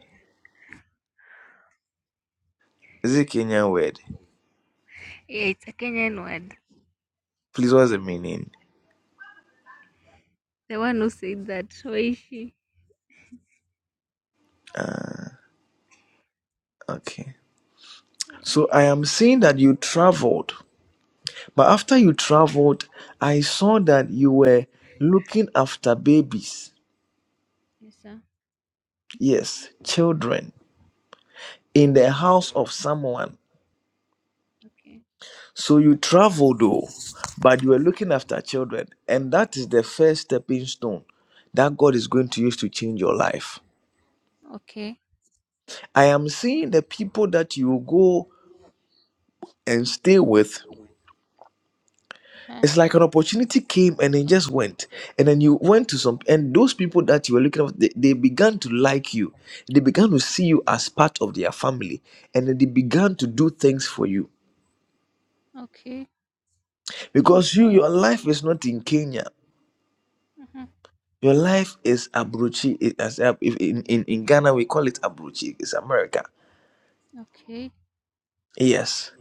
S5: Is it Kenyan word?
S4: Yeah, it's a Kenyan word.
S5: Please, what's the meaning?
S4: The one who said that. Waishi.
S5: Uh, okay.
S4: Yeah.
S5: So I am seeing that you traveled, but after you traveled, I saw that you were looking after babies.
S4: Yes, sir.
S5: Yes, children in the
S4: Mm,
S5: house of someone
S4: Okay.
S5: So you traveled though, but you were looking after children. And that is the first stepping stone that God is going to use to change your life.
S4: Okay.
S5: I am seeing the people that you go and stay with.
S4: huh
S5: It's like an opportunity came and it just went. And then you went to some, and those people that you were looking at, they, they began to like you. They began to see you as part of their family. And then they began to do things for you. Because you, your life is not in Kenya. Your life is abrochi. It, as, uh, if- in, in, in Ghana, we call it abrochi. It's America. Yes.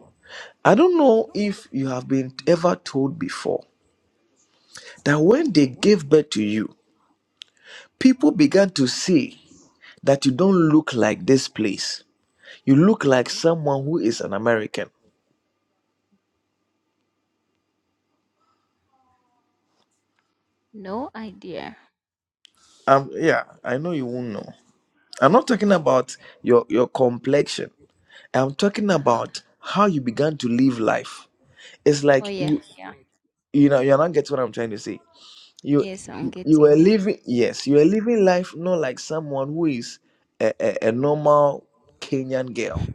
S5: I don't know if you have been ever told before that when they gave birth to you, people began to say that you don't look like this place. You look like someone who is an American.
S4: No idea.
S5: Um, yeah, I know you won't know. I'm not talking about your, your complexion. I'm talking
S4: Uh-huh.
S5: about how you began to live life. It's like you,
S4: Yeah.
S5: you know, you're not getting what I'm trying to say. you
S4: Yes, I'm
S5: you were
S4: getting you.
S5: living yes you were living life not like someone who is a, a, a normal kenyan girl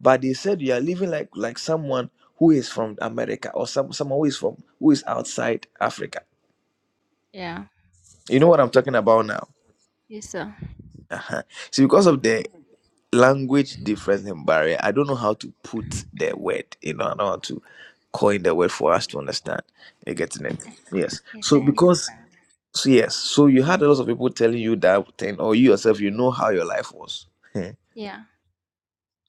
S5: but they said you are living like like someone who is from america or some someone who is from who is outside africa
S4: Yeah.
S5: you know what i'm talking about now
S4: Yes, sir.
S5: uh-huh. so because of the language difference and barrier i don't know how to put the word you know i don't know how to coin the word for us to understand you're getting it yes so because So yes, so you had a lot of people telling you that thing, or you yourself, you know how your life was.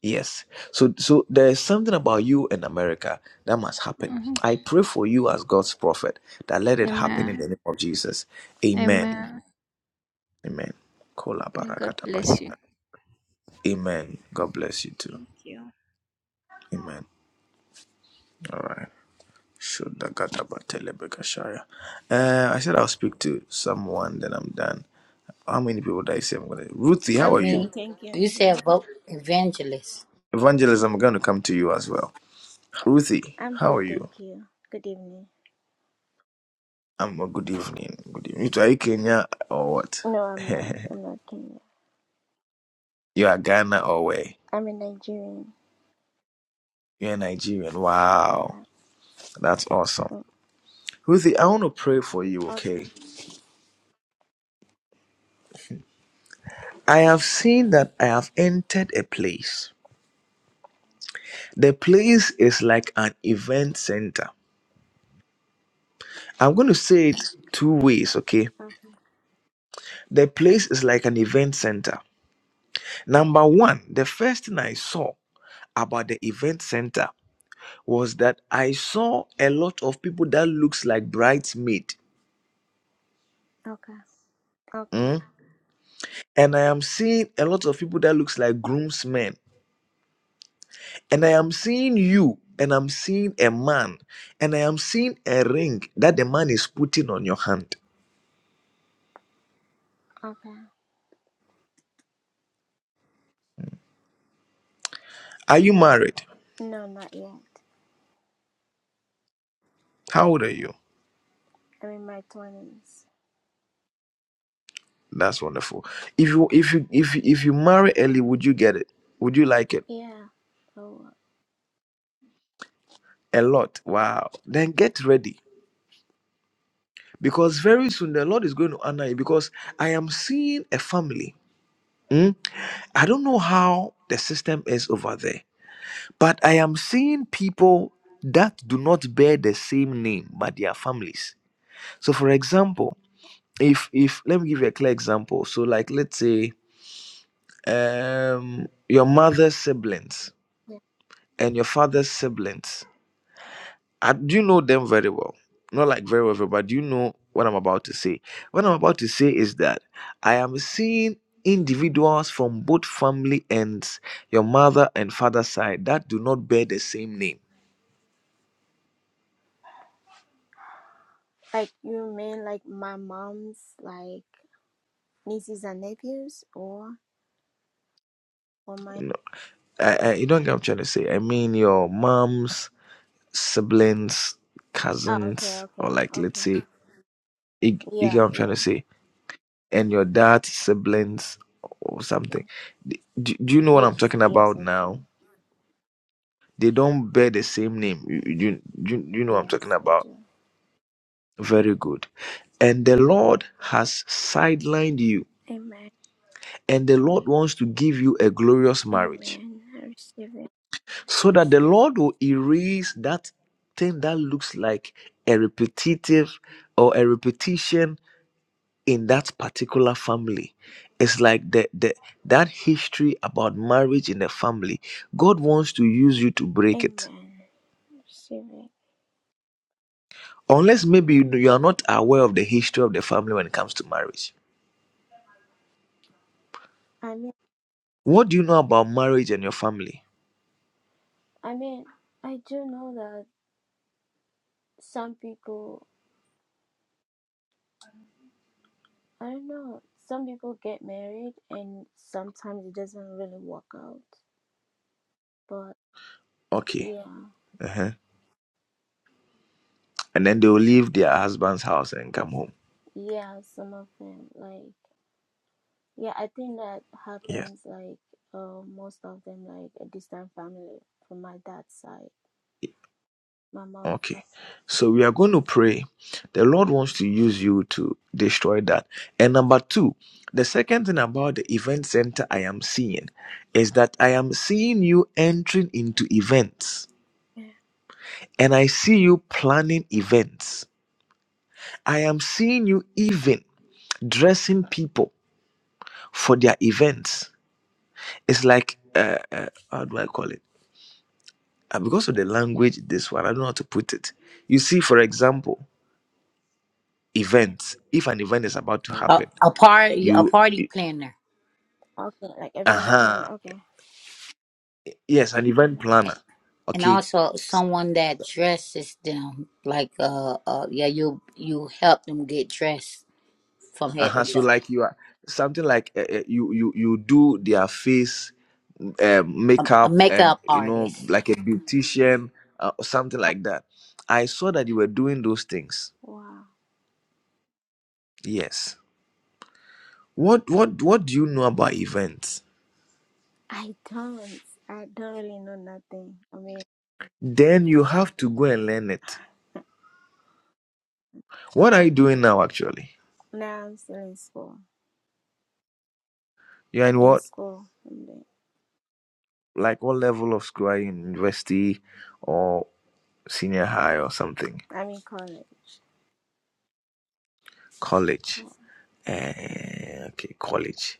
S5: yes. So so there is something about you in America that must happen. I pray for you as God's prophet that let it happen in
S4: Amen.
S5: the name of Jesus. Amen.
S4: Amen.
S5: Amen. Kola
S4: May God
S5: barakataba.
S4: bless you.
S5: Amen. God bless you too.
S4: Thank you.
S5: Amen. All right. Shodakataba telebekashaya. Uh, I said I'll speak to someone, then I'm done. How many people did I say I'm gonna? Ruthie, how are
S14: I'm
S5: you?
S14: good,
S15: Me,
S14: thank you. And
S15: you
S14: you?
S15: said vote evangelist,
S5: Evangelism, I'm going to come to you as well. Ruthie,
S14: I'm
S5: how
S14: good,
S5: are you?
S14: thank you. Good evening.
S5: I'm a good evening. Good evening. You Are you Kenya or what?
S14: No, I'm not. I'm not Kenyan.
S5: you are Ghana or where?
S14: I'm a Nigerian.
S5: You're Nigerian.
S14: Yeah.
S5: Wow. That's awesome.
S14: Mm,
S5: Ruthie, I want to pray for you,
S14: Okay,
S5: okay? I have seen that I have entered a place. The place is like an event center. I'm going to say it two ways, okay?
S14: okay,
S5: The place is like an event center. Number one, the first thing I saw about the event center. was that I saw a lot of people that looks like bridesmaid.
S14: okay, okay,
S5: mm, And I am seeing a lot of people that looks like groomsmen. And I am seeing you and I'm seeing a man and I am seeing a ring that the man is putting on your hand.
S14: okay.
S5: Are you married?
S14: No, not yet.
S5: How old are you?
S14: I'm in my 20s.
S5: That's wonderful. If you if you if you- if you marry early, would you get it? Would you like it?
S14: Yeah. Oh,
S5: A lot. Wow. Then get ready because very soon the Lord is going to honor you because I am seeing a family. mm, I don't know how the system is over there, but I am seeing people that do not bear the same name but their families. So, for example, if if let me give you a clear example. So, like let's say um, your mother's siblings
S14: yeah.
S5: and your father's siblings. I, do you know them very well? Not like very well, very well, but do you know what I'm about to say? What I'm about to say is that I am seeing individuals from both family ends, your mother and father side, that do not bear the same name.
S14: Like, you mean like my mom's, like, nieces and nephews? Or, or my.
S5: No, I, I, you don't get what I'm trying to say. I mean, your mom's siblings,
S14: Oh, okay,
S5: cousins, or
S14: okay,
S5: like, let's
S14: okay.
S5: say, you, you get
S14: Yeah,
S5: what I'm trying to
S14: yeah,
S5: say, and your dad's siblings or something.
S14: yeah.
S5: Do, do you know what I'm
S14: Yes,
S5: talking
S14: yes,
S5: about
S14: I do.
S5: now? They don't bear the same name. You, you, you, you know what I'm talking
S14: Yes, I
S5: about.
S14: do.
S5: Very good. And the Lord has sidelined you,
S14: Amen.
S5: and the Lord wants to give you a glorious marriage
S14: Amen. I receive it.
S5: so that the Lord will erase that thing that looks like a repetitive or a repetition in that particular family. It's like the, the that history about marriage in the family. God wants to use you to break it.
S14: Amen. Receiving.
S5: Unless maybe you you are not aware of the history of the family when it comes to marriage.
S14: I mean,
S5: What do you know about marriage and your family?
S14: I mean, I do know that some people, I don't know, some people get married and sometimes it doesn't really work out. But
S5: Okay.
S14: yeah,
S5: Uh-huh. And then they will leave their husband's house and come home.
S14: yeah, some of them, like, yeah, I think that
S5: Yes.
S14: happens, like, uh, most of them, like, a distant family from my dad's side, my mom's side.
S5: Okay. So we are going to pray. The Lord wants to use you to destroy that. And number two, the second thing about the event center I am seeing is that I am seeing you entering into events
S14: Yeah,
S5: and I see you planning events. I am seeing you even dressing people for their events. It's like, uh, uh, how do I call it? Uh, because of the language, this one, I don't know how to put it. You see, for example,
S14: yeah.
S5: events. If an event is about to
S14: yeah.
S15: a,
S5: happen,
S15: a party, a
S5: you,
S15: party planner,
S14: Okay, like
S5: uh
S14: event plan.
S5: huh,
S14: Okay.
S5: yes, an event
S14: Mhm.
S5: planner.
S15: and
S5: Okay,
S15: also someone that dresses them like uh, uh yeah, you you help them get dressed from head to
S5: uh-huh so
S15: toe.
S5: like you are something like uh, uh, you you you do their face um,
S15: A, a
S5: makeup and
S15: makeup
S5: you know
S15: artist.
S5: like a beautician uh, or something like that i saw that you were doing those things
S14: Wow.
S5: yes what what what do you know about events
S14: I don't. I don't really know nothing. I mean,
S5: then you have to go and learn it what are you doing now actually
S14: now I'm still in school.
S5: you're in
S14: In
S5: what
S14: school, I'm doing.
S5: like what level of school are you in university or senior high or something
S14: I'm in college.
S5: college
S14: Yeah.
S5: Eh, okay college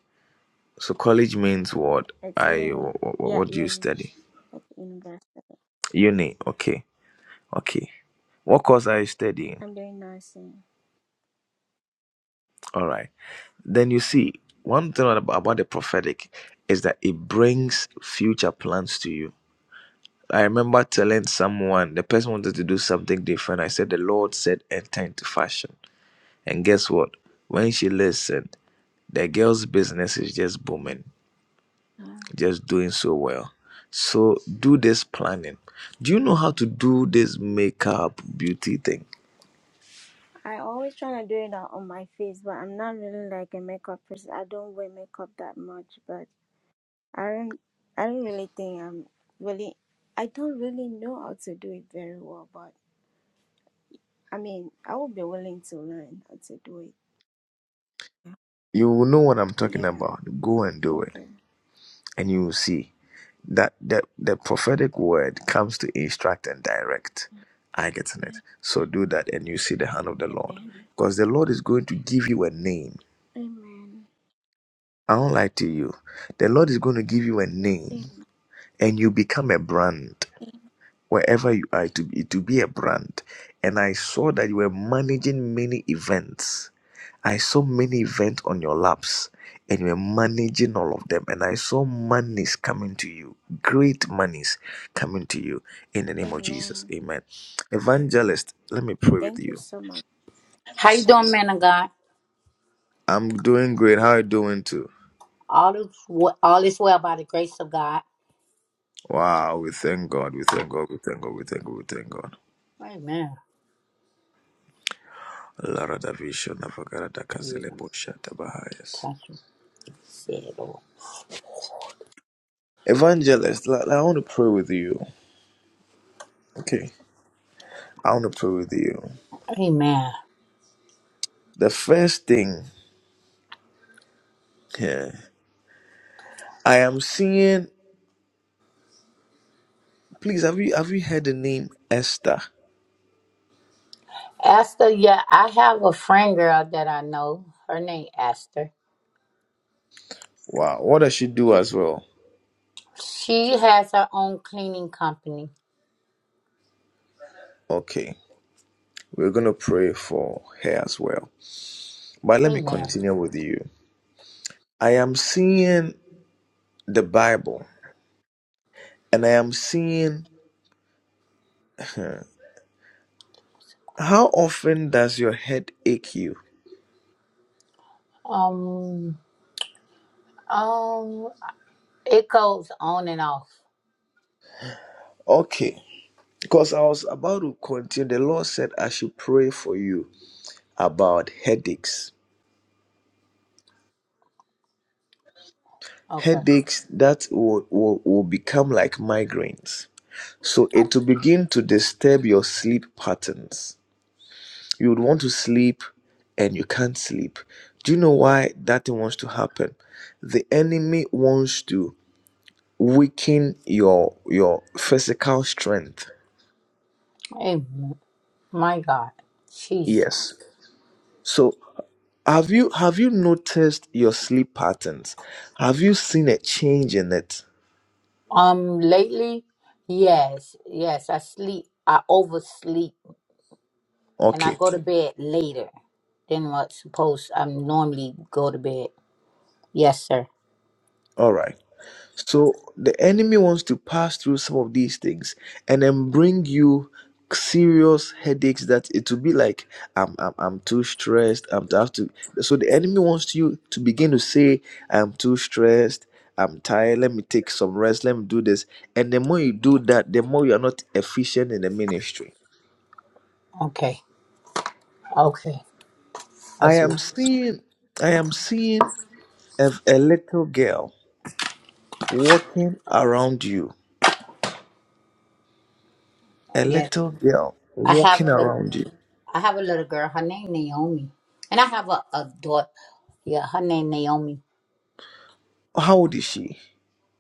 S5: So college means what?
S14: It's
S5: I
S14: uni.
S5: what,
S14: Yeah,
S5: what do you
S14: uni,
S5: study?
S14: like university.
S5: Uni. Okay. Okay. What course are you studying?
S14: I'm doing nursing.
S5: All right. Then you see one thing about, about the prophetic is that it brings future plans to you. I remember telling someone the person wanted to do something different. I said the Lord said enter into fashion, and guess what? When she listened, the girl's business is just booming.
S14: Yeah.
S5: just doing so well. So do this planning. Do you know how to do this makeup beauty thing?
S14: I always try to do it on on my face, but I'm not really like a makeup person. I don't wear makeup that much, but I don't. I don't really think I'm really. I don't really know how to do it very well, but I mean, I would be willing to learn how to do it.
S5: You will know what I'm
S14: Yeah.
S5: talking
S14: Yeah,
S5: about. Go and do it,
S14: Okay.
S5: and you will see that the, the prophetic word comes to instruct and direct. I get it. So do that, and you see the hand of the Lord,
S14: Amen.
S5: because the Lord is going to give you a name.
S14: Amen.
S5: I don't lie to you. The Lord is going to give you a name,
S14: Amen.
S5: and you become a brand. wherever you are to be to be a brand and i saw that you were managing many events i saw many events on your laps and you were managing all of them and i saw monies coming to you great monies coming to you in the name of jesus
S14: Amen.
S5: amen evangelist let me pray with
S14: Thank you
S5: you
S14: so much.
S15: How you doing, man of God?
S5: i'm doing great how are you doing too
S15: All is we- all is well by the grace of God.
S5: Wow, we thank God, we thank God, we thank God, we thank God, we thank God.
S15: Amen.
S5: Lara da Visha Navagara da
S15: You
S5: Kazele
S15: can
S5: Bosha Tabahayas.
S15: touch it, say it, Lord.
S5: Evangelist, I, I want to pray with you. Okay. I want to pray with you.
S15: Amen.
S5: The first thing here, I am seeing. Please, have you have you heard the name Esther?
S15: Esther, yeah, I have a friend girl that I know. Her name Esther.
S5: Wow, what does she do as well?
S15: She has her own cleaning company.
S5: Okay, we're gonna pray for her as well. But let me
S15: Amen.
S5: continue with you. I am seeing the Bible, and I am seeing. huh, How often does your head ache you?
S15: Um, um, it goes on and off.
S5: Okay, because I was about to continue. The Lord said I should pray for you about headaches.
S15: Okay.
S5: Headaches that will, will, will become like migraines. So it will begin to disturb your sleep patterns. You would want to sleep and you can't sleep. Do you know why that thing wants to happen? The enemy wants to weaken your your physical strength.
S15: Amen. My God. Jesus.
S5: Yes. So have you have you noticed your sleep patterns? Have you seen a change in it?
S15: Um, lately, yes, yes, I sleep. I oversleep and I
S5: Okay.
S15: go to bed later than what supposed I normally go to bed. Yes, sir.
S5: All right. So the enemy wants to pass through some of these things and then bring you serious headaches that it will be like I'm I'm, I'm too stressed. I'm to have to. So the enemy wants you to begin to say I'm too stressed. I'm tired. Let me take some rest. Let me do this. And the more you do that, the more you are not efficient in the ministry.
S15: Okay. Okay. I
S5: I
S15: see.
S5: am seeing. I am seeing a, a little girl walking around you. A
S15: Yeah.
S5: little girl
S15: I have
S5: walking
S15: a little
S5: around you
S15: I have a little girl. Her name Naomi, and I have a, a daughter. Yeah, her name Naomi.
S5: How old is she?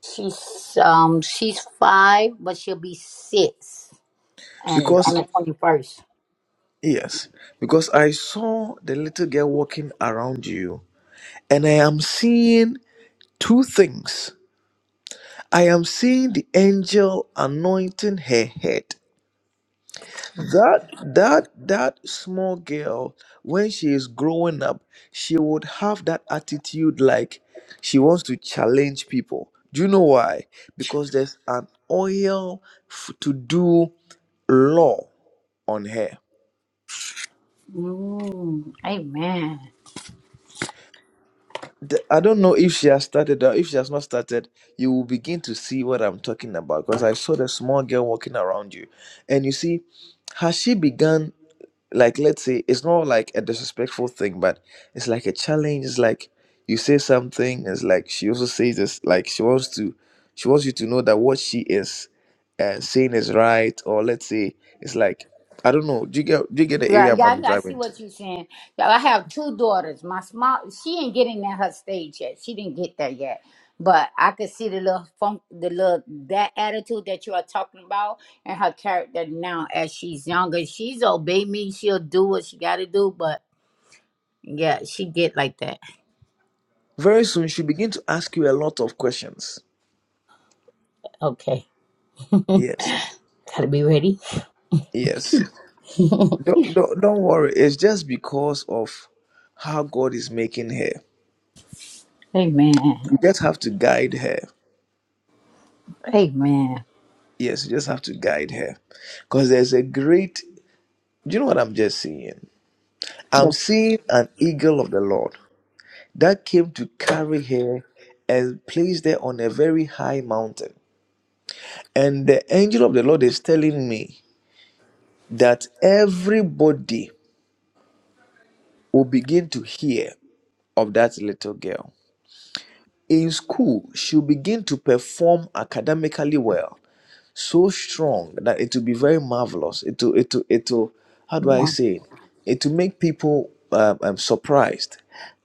S15: She's um she's five, but she'll be six, and on
S5: Because,
S15: the twenty first.
S5: yes, because I saw the little girl walking around you, and I am seeing two things. I am seeing the angel anointing her head. That that that small girl, when she is growing up, she would have that attitude like she wants to challenge people. Do you know why? Because there's an oil f- to do law on her.
S15: Mm, amen.
S5: the- I don't know if she has started or if she has not started, you will begin to see what I'm talking about because I saw the small girl walking around you. And you see, has she begun, like, let's say, it's not like a disrespectful thing, but it's like a challenge. It's like you say something, it's like she also says this, like she wants to, she wants you to know that what she is uh, saying is right, or let's say, it's like, I don't know, do you get, do you get the
S15: Yeah,
S5: area I'm,
S15: yeah, I
S5: I'm
S15: I see
S5: driving to?
S15: what you're saying. Yeah, I have two daughters. My small, she ain't getting at her stage yet. She didn't get there yet. But I could see the little funk, the little that attitude that you are talking about, and her character now as she's younger. She's obey me. She'll do what she got to do. But yeah, she get like that.
S5: Very soon, she begin to ask you a lot of questions.
S15: Okay,
S5: Yes.
S15: gotta be ready.
S5: Yes. Don't, don't, don't worry. It's just because of how God is making her.
S15: Amen.
S5: You just have to guide her.
S15: Amen.
S5: Yes, you just have to guide her. Because there's a great, do you know what I'm just seeing? I'm
S15: Yes.
S5: seeing an eagle of the Lord that came to carry her and placed her on a very high mountain. And the angel of the Lord is telling me that everybody will begin to hear of that little girl. in school she'll begin to perform academically well so strong that it will be very marvelous it will it will it will how do i
S15: Lord.
S5: say it it will make people um, um, surprised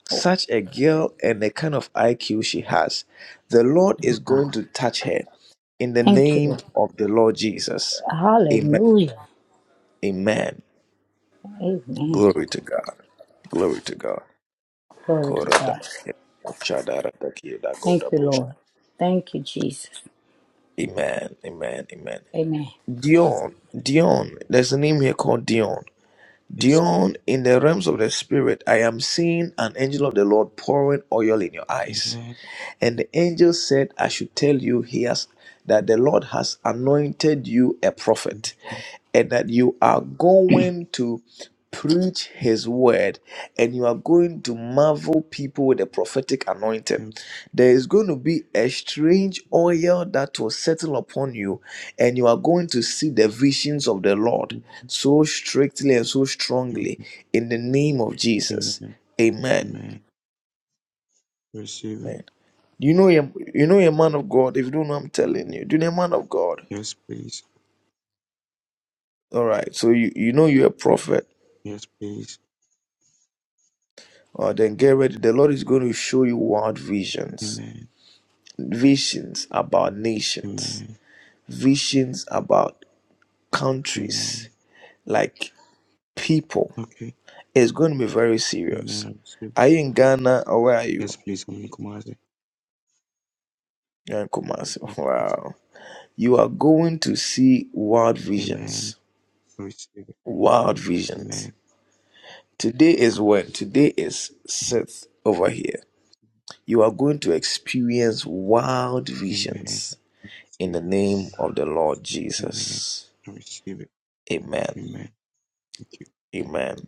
S5: such a girl and the kind of iq she has the lord is going to touch her in the
S15: Thank you.
S5: name
S15: Lord.
S5: of the lord jesus amen
S15: Hallelujah.
S5: amen
S15: Amen.
S5: glory to god glory to god
S15: Glory to
S5: Korada-
S15: God.
S5: Shadara- Takeda-
S15: Thank you,
S5: Godabush.
S15: Lord. Thank you, Jesus.
S5: Amen. Amen. Amen.
S15: Amen.
S5: Dion, Dion, there's a name here called Dion.
S16: Yes.
S5: Dion, in the realms of the spirit, I am seeing an angel of the Lord pouring oil in your eyes.
S16: Amen.
S5: And the angel said, I should tell you he has that the Lord has anointed you a
S16: Amen.
S5: prophet, and that you are going to preach his word, and you are going to marvel people with a prophetic anointing.
S16: Amen.
S5: There is going to be a strange oil that will settle upon you, and you are going to see the visions of the Lord so strictly and so strongly
S16: Amen.
S5: in the name of Jesus.
S16: Amen.
S5: Amen.
S16: Amen. Receive it.
S5: Amen. You know a you know a man of God. If you don't know, I'm telling you. Do you know a man of God?
S16: Yes, please.
S5: All right. So you you know you're a prophet.
S16: Yes, please.
S5: Uh, then get ready. The Lord is going to show you wild visions,
S16: Amen.
S5: visions about nations,
S16: Amen.
S5: visions about countries,
S16: Amen.
S5: like people.
S16: Okay.
S5: It's going to be very
S16: Amen.
S5: serious.
S16: I receive it.
S5: Are you in Ghana or where are you?
S16: Yes, please. I'm Nikumaze.
S5: You're in Kumasi.
S16: Yes, please.
S5: Wow. You are going to see wild
S16: Amen.
S5: visions.
S16: I receive it.
S5: Wild visions.
S16: Amen.
S5: Today is when? Today is Seth over here. You are going to experience wild
S16: Amen.
S5: visions
S16: I
S5: in
S16: receive
S5: the name of the Lord
S16: it. Amen.
S5: Jesus.
S16: I receive it.
S5: Amen.
S16: Amen.
S5: Amen.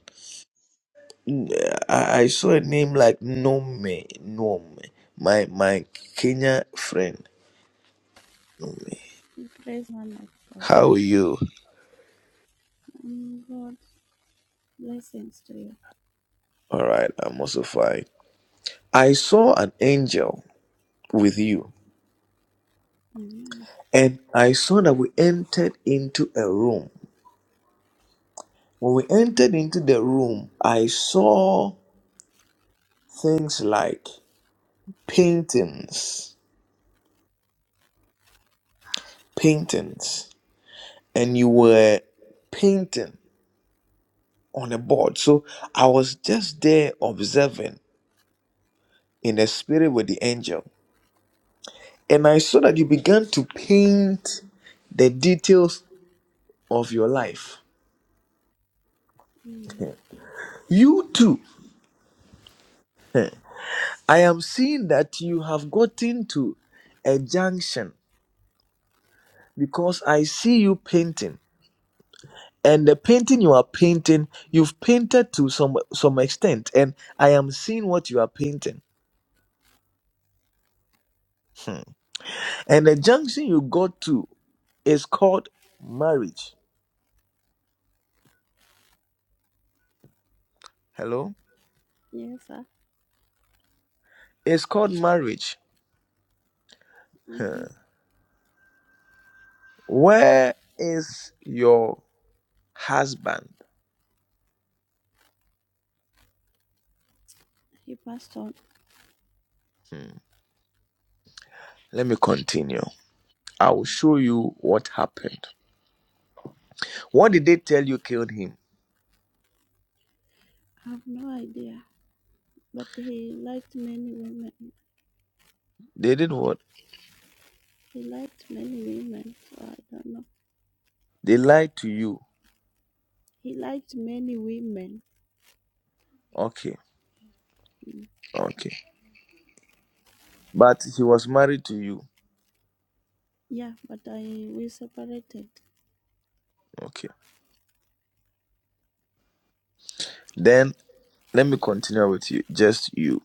S5: I, I saw a name like Nome. Nome. My my Kenya friend. Nome. How are you? Alright, I'm also fine. I saw an angel with you, and I saw that we entered into a room. When we entered into the room, I saw things like paintings, paintings, and you were painting on a board. So I was just there observing in the spirit with the angel. And I saw that you began to paint the details of your life. You too. eh, I am seeing that you have gotten to a junction because I see you painting. and the painting you are painting you've painted to some some extent and i am seeing what you are painting Hmm. and the junction you got to is called marriage hello it's called marriage
S3: Mm,
S5: Hmm. where is your husband
S3: He must not
S5: Hmm. let me continue i will show you what happened what did they tell you killed him
S3: have no idea. But he liked many women.
S5: they did what
S3: He liked many women. So I don't know.
S5: they lied to you
S3: He liked many women.
S5: okay okay but he was married to you
S3: Yeah, but I we separated.
S5: okay then. let me continue with you, just you.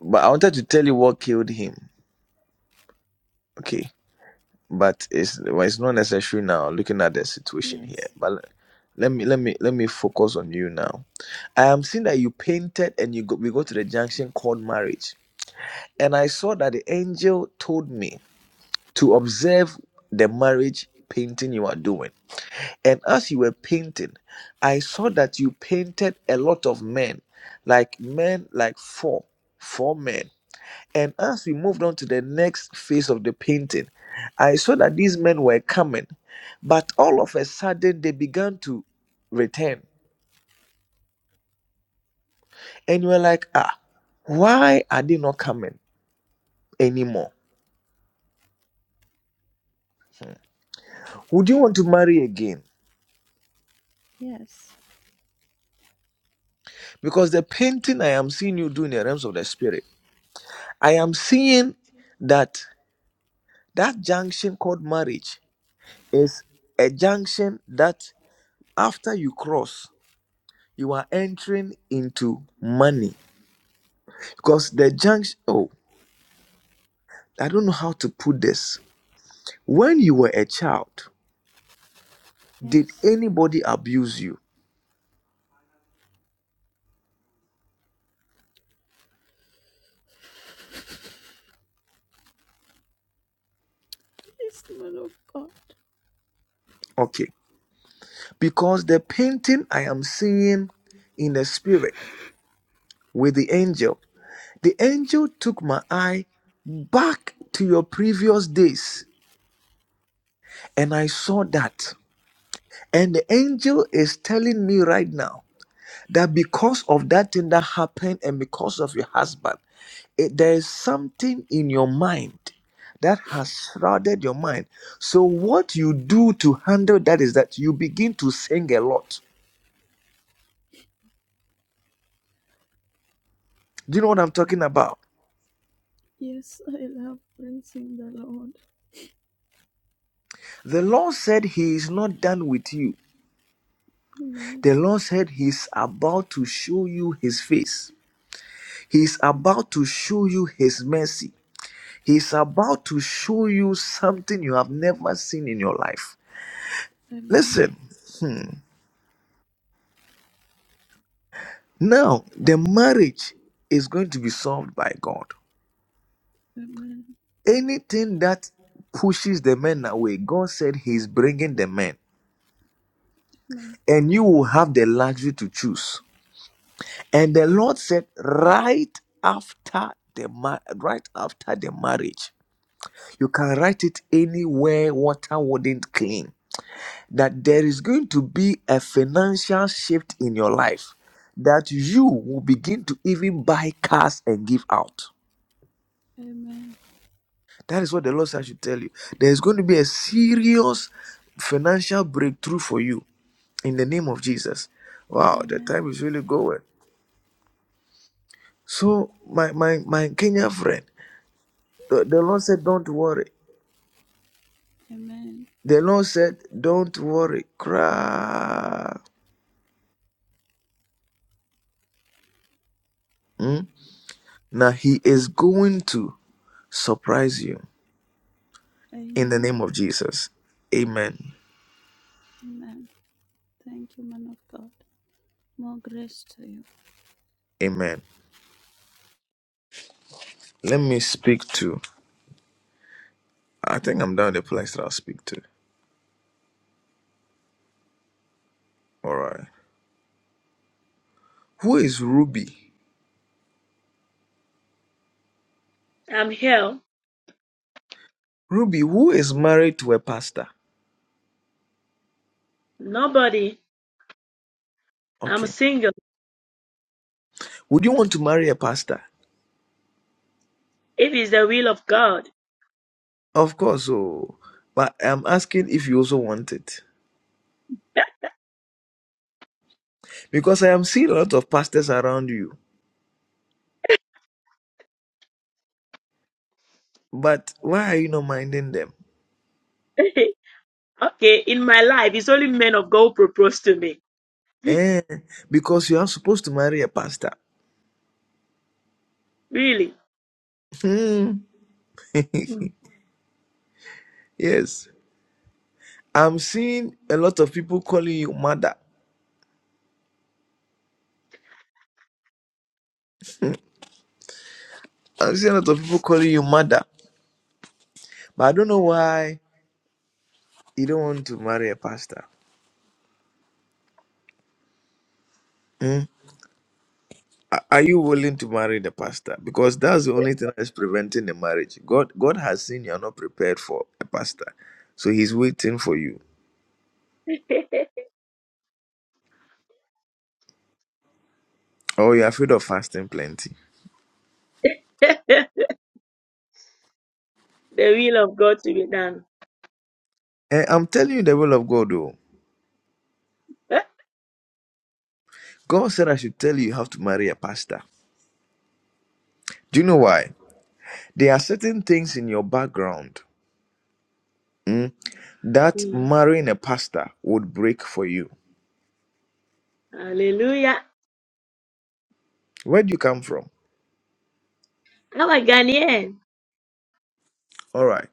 S5: But I wanted to tell you what killed him. Okay, but it's well, it's not necessary now. Looking at the situation here, but le- let me let me let me focus on you now. I am seeing that you painted and you go, we go to the junction called marriage, and I saw that the angel told me to observe the marriage painting you are doing. And as you were painting, I saw that you painted a lot of men, like men like four, four men And as we moved on to the next phase of the painting, I saw that these men were coming, but all of a sudden they began to return. And you were like, ah, why are they not coming anymore? Would you want to marry again? Because the painting I am seeing you do in the realms of the spirit, I am seeing that that junction called marriage is a junction that after you cross, you are entering into money Because the junction, oh, I don't know how to put this. When you were a child, did
S3: Yes.
S5: anybody abuse you?
S3: Yes, Lord of God.
S5: Okay. Because the painting I am seeing in the spirit with the angel, the angel took my eye back to your previous days and I saw that. And the angel is telling me right now that because of that thing that happened and because of your husband, it, there is something in your mind that has shrouded your mind. So, what you do to handle that is that you begin to sing a lot. Do you know what I'm talking about?
S3: Yes, I love praising the Lord.
S5: The Lord said He is not done with you.
S3: Amen.
S5: The Lord said He's about to show you His face. He's about to show you His mercy. He's about to show you something you have never seen in your life.
S3: Amen.
S5: Listen. hmm, Now, the marriage is going to be solved by God. Anything that pushes the men away, God said He's bringing the men, and you will have the luxury to choose. And the Lord said, right after the ma- right after the marriage, you can write it anywhere water wouldn't clean. That there is going to be a financial shift in your life, that you will begin to even buy cars and give out That is what the Lord said I should tell you. There is going to be a serious financial breakthrough for you in the name of Jesus. Wow, the time is really going. So, my my my Kenya friend, the, the Lord said, "Don't worry." The Lord said, "Don't worry, cry." Hmm? Now He is going to surprise you in the name
S3: Amen.
S5: of Jesus. Amen.
S3: Amen. Thank you, man of God. More grace to you.
S5: Amen. Let me speak to. I think I'm down the place that I'll speak to. All right. Who is Ruby?
S17: I'm here.
S5: Ruby, who is married to a pastor?
S17: Nobody. I'm
S5: Okay.
S17: single.
S5: Would you want to marry a pastor?
S17: If it's the will of God.
S5: Of course, oh. But I'm asking if you also want it. Because I am seeing a lot of pastors around you. But why are you not minding them?
S17: okay, in my life, it's only men of God who propose to me.
S5: Eh, because you are supposed to marry a pastor.
S17: Really.
S5: Hmm.
S17: Mm.
S5: Yes. I'm seeing a lot of people calling you mother. I'm seeing a lot of people calling you mother. But I don't know why you don't want to marry a pastor. Hmm? Are are you willing to marry the pastor? Because that's the only thing that's preventing the marriage. God, God has seen you are not prepared for a pastor, so He's waiting for you. Oh, you're afraid of fasting plenty.
S17: the will of God to be done.
S5: And I'm telling you the will of God, though.
S17: Eh?
S5: God said I should tell you you have to marry a pastor. Do you know why? There are certain things in your background mm, that
S17: Mm.
S5: marrying a pastor would break for you.
S17: Hallelujah.
S5: Where do you come from?
S17: How i a Ghanaian.
S5: All right.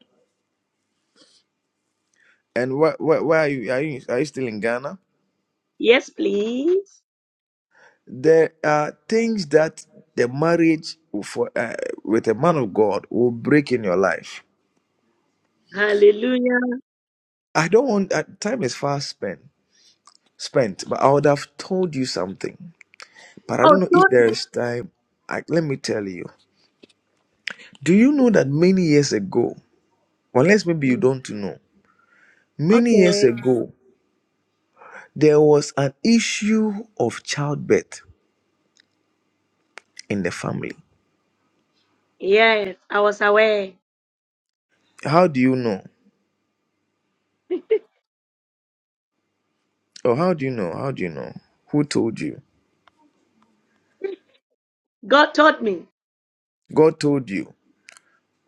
S5: And where, where, where are you? Are you are you still in Ghana?
S17: Yes, please.
S5: there are things that the marriage for, uh, with a man of God will break in your life.
S17: Hallelujah.
S5: I don't want uh, time is fast spent, spent, but I would have told you something. But I
S17: Oh,
S5: don't know if
S17: taught
S5: there is time. I, let me tell you. Do you know that many years ago, unless maybe you
S17: me.
S5: don't know, many years
S17: Okay.
S5: ago there was an issue of childbirth in the family.
S17: Yes, I was aware.
S5: How do you know? Or how do you know? How do you know? Who told you?
S17: God taught me.
S5: God told you.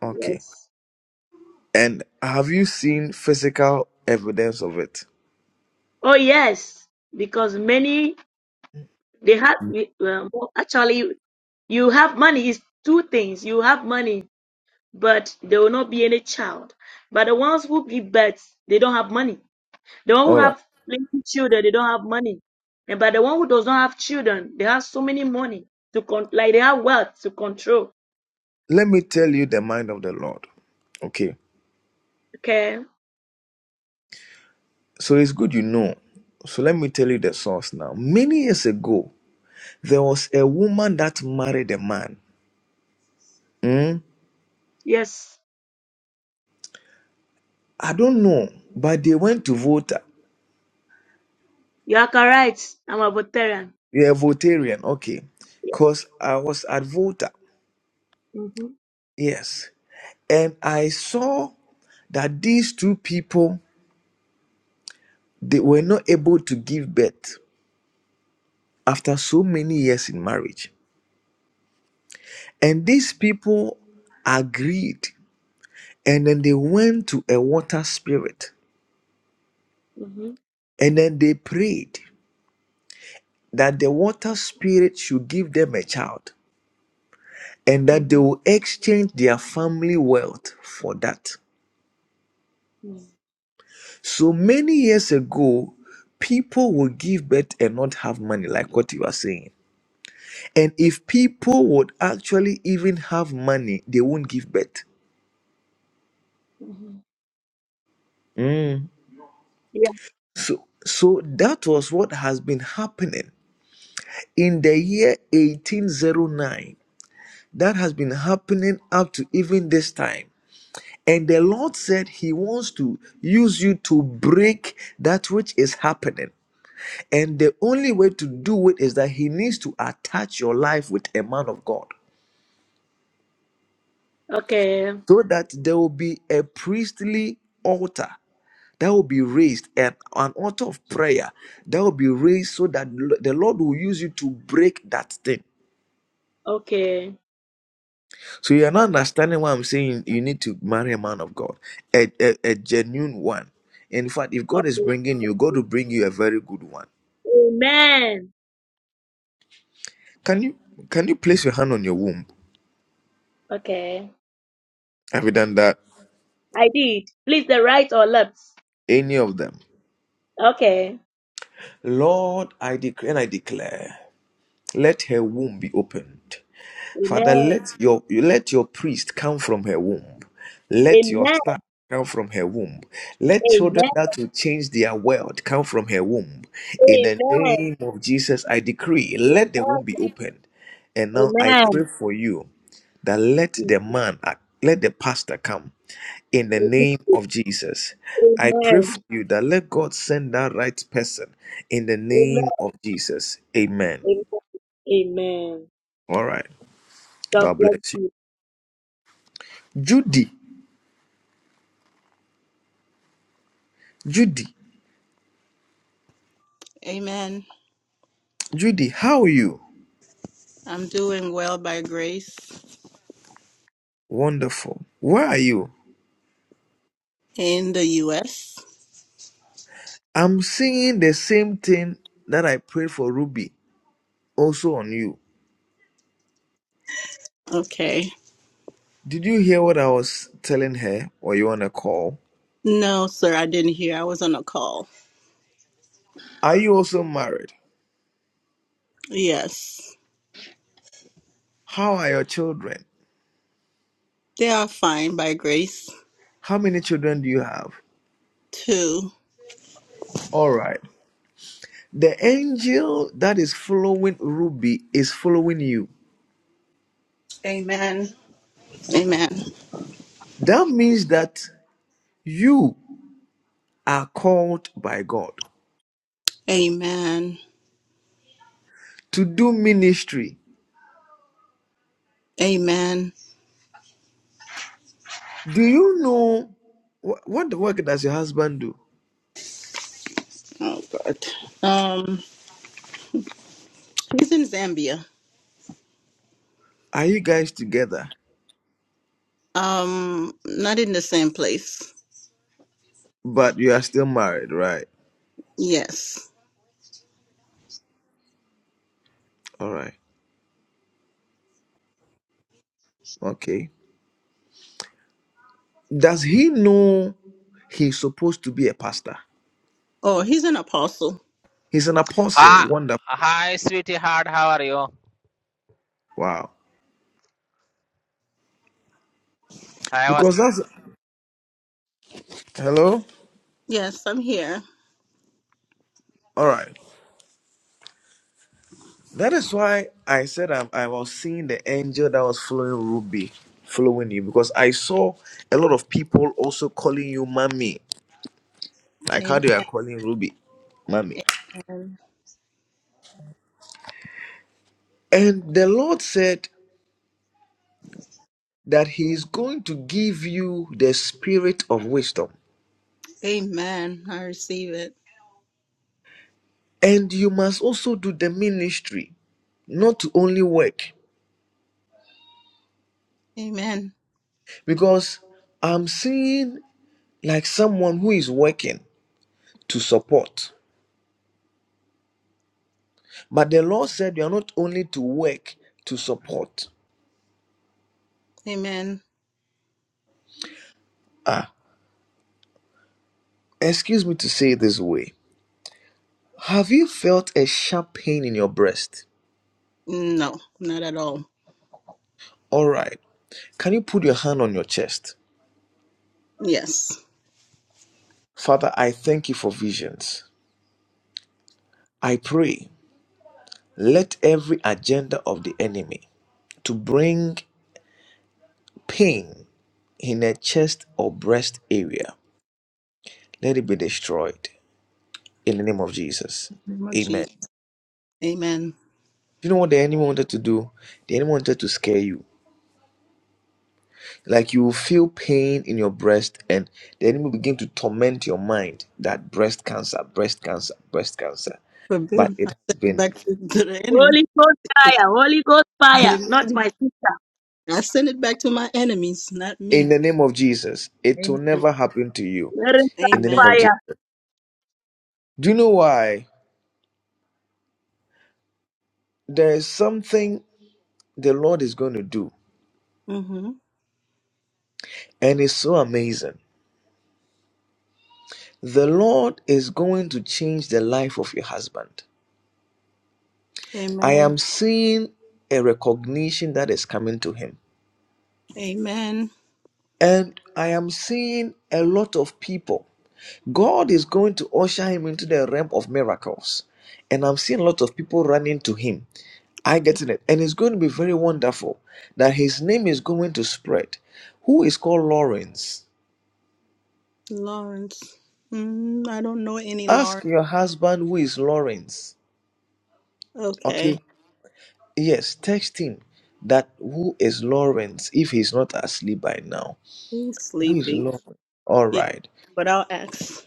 S5: Okay.
S17: Yes.
S5: And have you seen physical evidence of it?
S17: Oh, yes. Because many They have we- well, well, actually you have money is two things. You have money, but there will not be any child. But the ones who give birth, they don't have money. The one who
S5: All right.
S17: have plenty children, they don't have money. And but the one who does not have children, they have so many money to con- like they have wealth to control.
S5: Let me tell you the mind of the Lord. Okay.
S17: Okay.
S5: So it's good you know. So let me tell you the source now. Many years ago, there was a woman that married a man. Hmm?
S17: Yes.
S5: I don't know, but they went to Volta.
S17: You are correct. I'm a veteran.
S5: Yeah, Voltarian. Okay.
S17: Yeah.
S5: Because I was at Volta.
S17: Mm-hmm.
S5: Yes. And I saw that these two people, they were not able to give birth. after so many years in marriage. And these people agreed. And then they went to a water spirit.
S17: Mm-hmm.
S5: And then they prayed that the water spirit should give them a child and that they
S17: Mm-hmm.
S5: will exchange their family wealth for that.
S17: Mm-hmm.
S5: So many years ago, people would give birth and not have money, like what you are saying. And if people would actually even have money, they won't give birth.
S17: Mm-hmm.
S5: Mm.
S17: Yeah.
S5: So, so that was what has been happening in the year 1809. That has been happening up to even this time. And the Lord said He wants to use you to break that which is happening. And the only way to do it is that He needs to attach your life with a man of God
S17: Okay.
S5: so that there will be a priestly altar that will be raised and an altar of prayer that will be raised so that the Lord will use you to break that thing.
S17: Okay.
S5: So you are not understanding what I'm saying. You need to marry a man of God, a, a, a genuine one. In fact, if God is
S17: Okay.
S5: bringing you, God will bring you a very good one.
S17: Amen.
S5: Can you can you place your hand on your womb?
S17: Okay.
S5: Have you done that?
S17: I did. Please, the right or left?
S5: Any of them?
S17: Okay.
S5: Lord, I declare and I declare, let her womb be opened. Father,
S17: Amen.
S5: let your let your priest come from her womb. Let your
S17: Amen.
S5: star come from her womb. Let children
S17: Amen.
S5: that will change their world come from her womb. In the
S17: Amen.
S5: name of Jesus, I decree, let the womb be opened. And now I
S17: Amen.
S5: pray
S17: Amen.
S5: for you that let the man, uh, let the pastor come in the name
S17: Amen.
S5: of Jesus. I pray for
S17: Amen.
S5: you that let God send that right person in the name of Jesus. Amen.
S17: Amen. Amen.
S5: All right.
S17: God
S5: God
S17: bless
S5: bless you.
S17: you.
S5: Judy. Judy,
S18: Amen.
S5: Judy, how are you?
S18: I'm doing well by grace
S5: Wonderful. Where are you?
S18: in the U.S.
S5: I'm singing the same thing that I prayed for Ruby, also on you.
S18: Okay.
S5: Did you hear what I was telling her? Were you on a call?
S18: No, sir, I didn't hear. I was on a call.
S5: Are you also married?
S18: Yes.
S5: How are your children?
S18: They are fine by grace,
S5: How many children do you have?
S18: too.
S5: All right. The angel that is following Ruby is following you.
S18: Amen. Amen.
S5: That means that you are called by God
S18: Amen.
S5: to do ministry
S18: Amen.
S5: Do you know wh- what the work does your husband do?
S18: Oh, God. Um, he's in Zambia.
S5: Are you guys together?
S18: Um, not in the same place.
S5: But you are still married, right?
S18: Yes.
S5: All right. Okay. Does he know he's supposed to be a pastor?
S18: Oh, he's an apostle.
S5: He's an apostle.
S19: Ah,
S5: Wonderful.
S19: hi, sweetheart. How are you?
S5: Wow.
S19: I was
S5: Because that's hello.
S18: Yes, I'm here.
S5: All right. That is why I said I, I was seeing the angel that was following Ruby, following you, because I saw a lot of people also calling you mommy, like how
S18: Amen.
S5: they are calling Ruby, mommy. And the Lord said that he is going to give you the spirit of wisdom.
S18: Amen. I receive it.
S5: And you must also do the ministry, not to only work.
S18: Amen.
S5: Because I'm seeing like someone who is working to support. But the Lord said you are not only to work to support.
S18: Amen.
S5: Ah, excuse me to say it this way. Have you felt a sharp pain in your breast?
S18: No, not at all.
S5: All right. Can you put your hand on your chest?
S18: Yes.
S5: Father, I thank you for visions. I pray Let every agenda of the enemy to bring pain in a chest or breast area, let it be destroyed in the name of Jesus.
S18: Name of
S5: Amen.
S18: Jesus. Amen.
S5: You know what the enemy wanted to do? The enemy wanted to scare you. Like you will feel pain in your breast, and the enemy will begin to torment your mind that breast cancer, breast cancer, breast cancer. But
S18: Forbid. I
S5: it has
S18: send it
S5: been
S18: back to, to the enemy.
S17: Holy Ghost fire. Holy Ghost fire. Not
S18: Amen.
S17: my sister.
S18: I send it back to my enemies, not
S5: in
S18: me.
S5: the name of Jesus. It will
S18: Amen.
S5: never happen to you
S17: Mary's
S5: in the name
S18: Amen.
S17: fire.
S5: of Jesus. Do you know why? There is something. the Lord is going to do.
S18: hmm
S5: And it's so amazing. The Lord is going to change the life of your husband. I
S18: Amen.
S5: am seeing a recognition that is coming to him.
S18: Amen.
S5: And I am seeing a lot of people. God is going to usher him into the realm of miracles. And I'm seeing a lot of people running to him. I get it. And it's going to be very wonderful that his name is going to spread. Who is called Lawrence?
S18: Lawrence. Mm, I don't know any
S5: Ask
S18: Lawrence.
S5: your husband who is Lawrence.
S18: Okay.
S5: Okay. Yes, text him that who is Lawrence if he's not asleep by now.
S18: He's
S5: Who is
S18: sleeping.
S5: Lawrence? All
S18: Yeah,
S5: right.
S18: but I'll ask.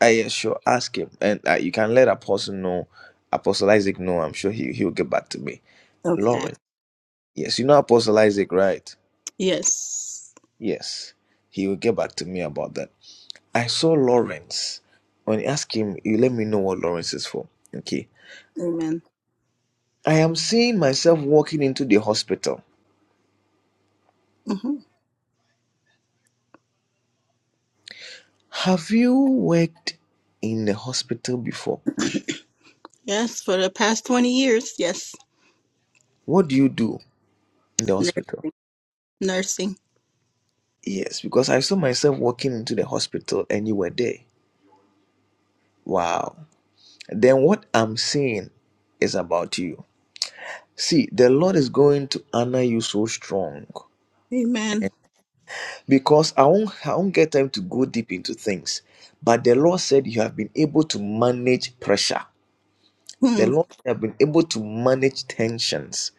S5: I yeah, sure. Ask him, and uh, you can let Apostle know. Apostle Isaac know. I'm sure he he'll get back to me.
S18: Okay.
S5: Lawrence. Yes, you know Apostle Isaac, right?
S18: Yes.
S5: Yes, he will get back to me about that. I saw Lawrence. When you ask him, you let me know what Lawrence is for. Okay.
S18: Amen.
S5: I am seeing myself walking into the hospital.
S18: hmm
S5: Have you worked in the hospital before?
S18: Yes, for the past 20 years. Yes.
S5: What do you do in the
S18: Nur-
S5: hospital?
S18: nursing.
S5: Yes, because I saw myself walking into the hospital and you were there. Wow. Then what I'm seeing is about you. See, the Lord is going to honor you so strong
S18: Amen.
S5: because I won't, I won't get time to go deep into things. But the Lord said you have been able to manage pressure.
S18: Hmm.
S5: The Lord have been able to manage tensions.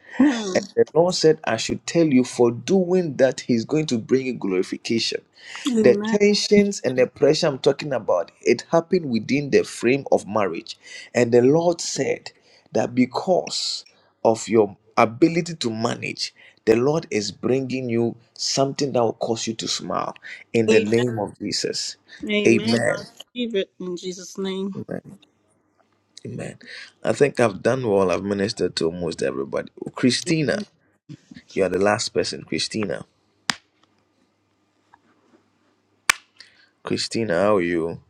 S5: And
S18: Hmm.
S5: the Lord said, I should tell you, for doing that, He's going to bring you glorification. The
S18: Amen.
S5: tensions and the pressure I'm talking about, it happened within the frame of marriage. And the Lord said that because of your ability to manage, the Lord is bringing you something that will cause you to smile in the
S18: Amen.
S5: name of Jesus.
S18: Amen.
S5: Amen.
S18: I receive it in Jesus' name.
S5: Amen. Amen. I think I've done well. I've ministered to almost everybody. Oh, Christina, you are the last person. Christina. Christina, how are you?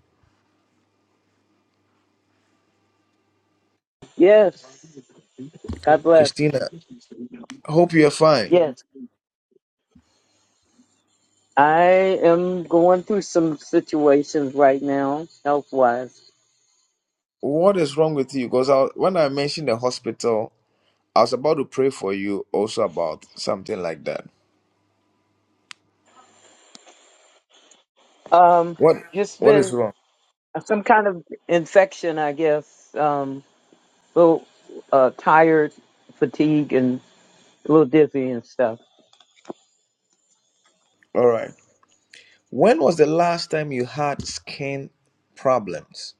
S20: Yes. God bless.
S5: Christina, I hope you're fine.
S20: Yes. I am going through some situations right now, health wise.
S5: What is wrong with you? Because I, when I mentioned the hospital, I was about to pray for you also about something like that.
S20: Um,
S5: What
S20: just
S5: What is
S20: been
S5: wrong?
S20: some kind of infection, I guess. Um, little uh, tired, fatigue, and a little dizzy and stuff.
S5: All right. When was the last time you had skin problems?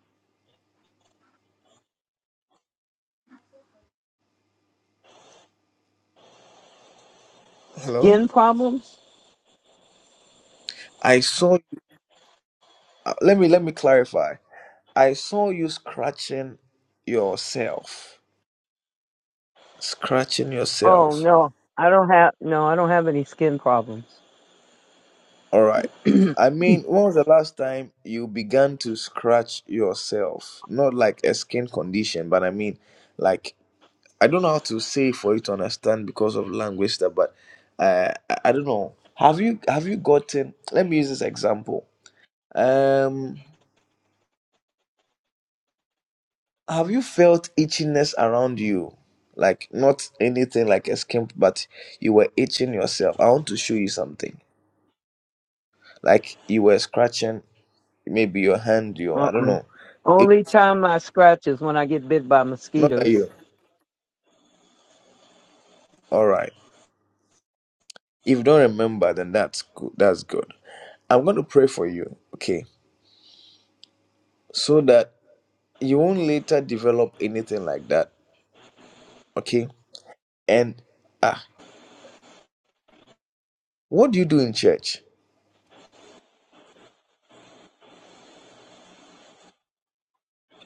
S5: Hello?
S20: Skin problems?
S5: I saw uh, let me let me clarify. I saw you scratching yourself. Scratching
S20: Oh
S5: yourself.
S20: no, I don't have no, I don't have any skin problems.
S5: All right. I mean, when was the last time you began to scratch yourself? Not like a skin condition, but I mean, like, I don't know how to say for you to understand because of language stuff, but uh, I I don't know. Have you have you gotten? Let me use this example. Um, have you felt itchiness around you? Like not anything like a skin, but you were itching yourself. I want to show you something. Like you were scratching. maybe your hand, your I don't
S20: Uh-uh.
S5: know. It's
S20: Only time I scratch is when I get bit by
S5: not that
S20: mosquitoes.
S5: you. All right. If you don't remember, then that's good. That's good. I'm going to pray for you, okay, so that you won't later develop anything like that, okay? And ah, what do you do in church?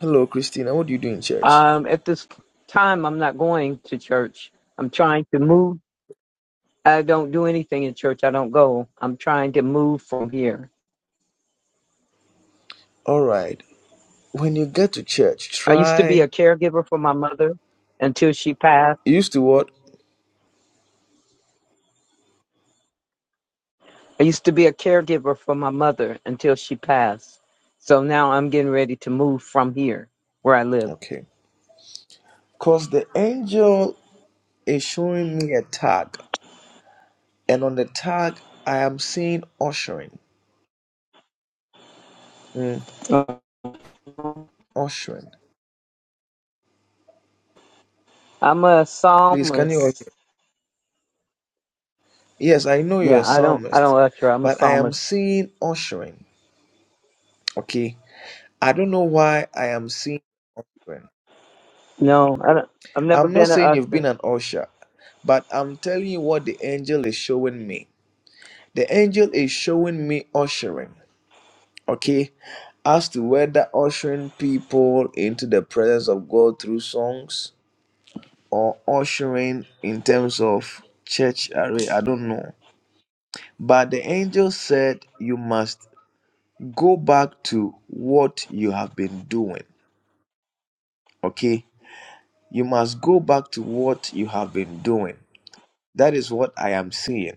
S5: Hello, Christina. What do you do in church?
S20: Um, at this time, I'm not going to church. I'm trying to move. I don't do anything in church. I don't go. I'm trying to move from here.
S5: All right. When you get to church,
S20: I used to be
S5: try
S20: a caregiver for my mother until she passed.
S5: you used to what?
S20: I used to be a caregiver for my mother until she passed. So now I'm getting ready to move from here where I live.
S5: Okay. Cause the angel is showing me a tag, and on the tag I am seeing ushering. Mm,
S20: Uh,
S5: ushering.
S20: I'm a
S5: Please, can you?
S20: psalmist.
S5: Yes, I know you're a
S20: Yeah, I don't I
S5: psalmist,
S20: don't usher. I'm a
S5: but I am
S20: psalmist.
S5: seeing ushering. Okay, I don't know why I am seeing ushering.
S20: No, I don't, I've never
S5: I'm not
S20: been an
S5: saying you've been
S20: usher.
S5: an usher, but I'm telling you what the angel is showing me. The angel is showing me ushering. Okay, as to whether ushering people into the presence of God through songs or ushering in terms of church array, I don't know. But the angel said you must go back to what you have been doing. Okay? You must go back to what you have been doing. That is what I am saying.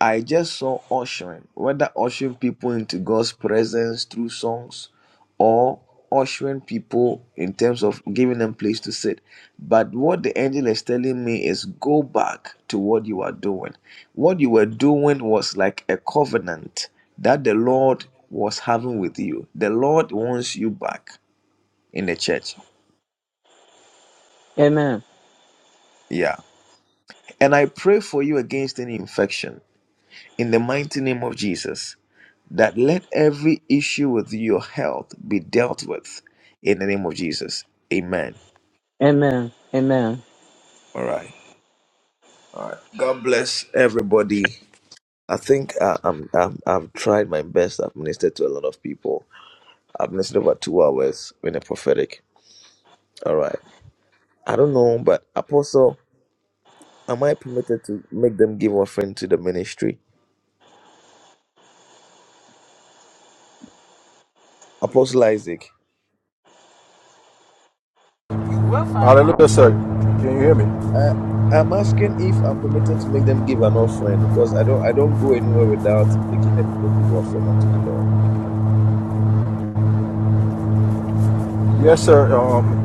S5: I just saw ushering, whether ushering people into God's presence through songs or ushering people in terms of giving them place to sit. But what the angel is telling me is go back to what you are doing. What you were doing was like a covenant that the Lord was having with you. The Lord wants you back in the church.
S20: Amen.
S5: Yeah. And I pray for you against any infection in the mighty name of Jesus that let every issue with your health be dealt with in the name of Jesus. Amen.
S20: Amen. Amen.
S5: All right. All right. God bless everybody. I think uh, I'm, I'm, I've tried my best. I've ministered to a lot of people. I've ministered over two hours in a prophetic. All right. I don't know, but Apostle, am I permitted to make them give offering to the ministry? Apostle Isaac.
S1: Hallelujah, sir. Can you hear me?
S5: I, I'm asking if I'm permitted to make them give an offering because I don't I don't go anywhere without making the people give offering unto the Lord.
S1: Yes, sir. Um,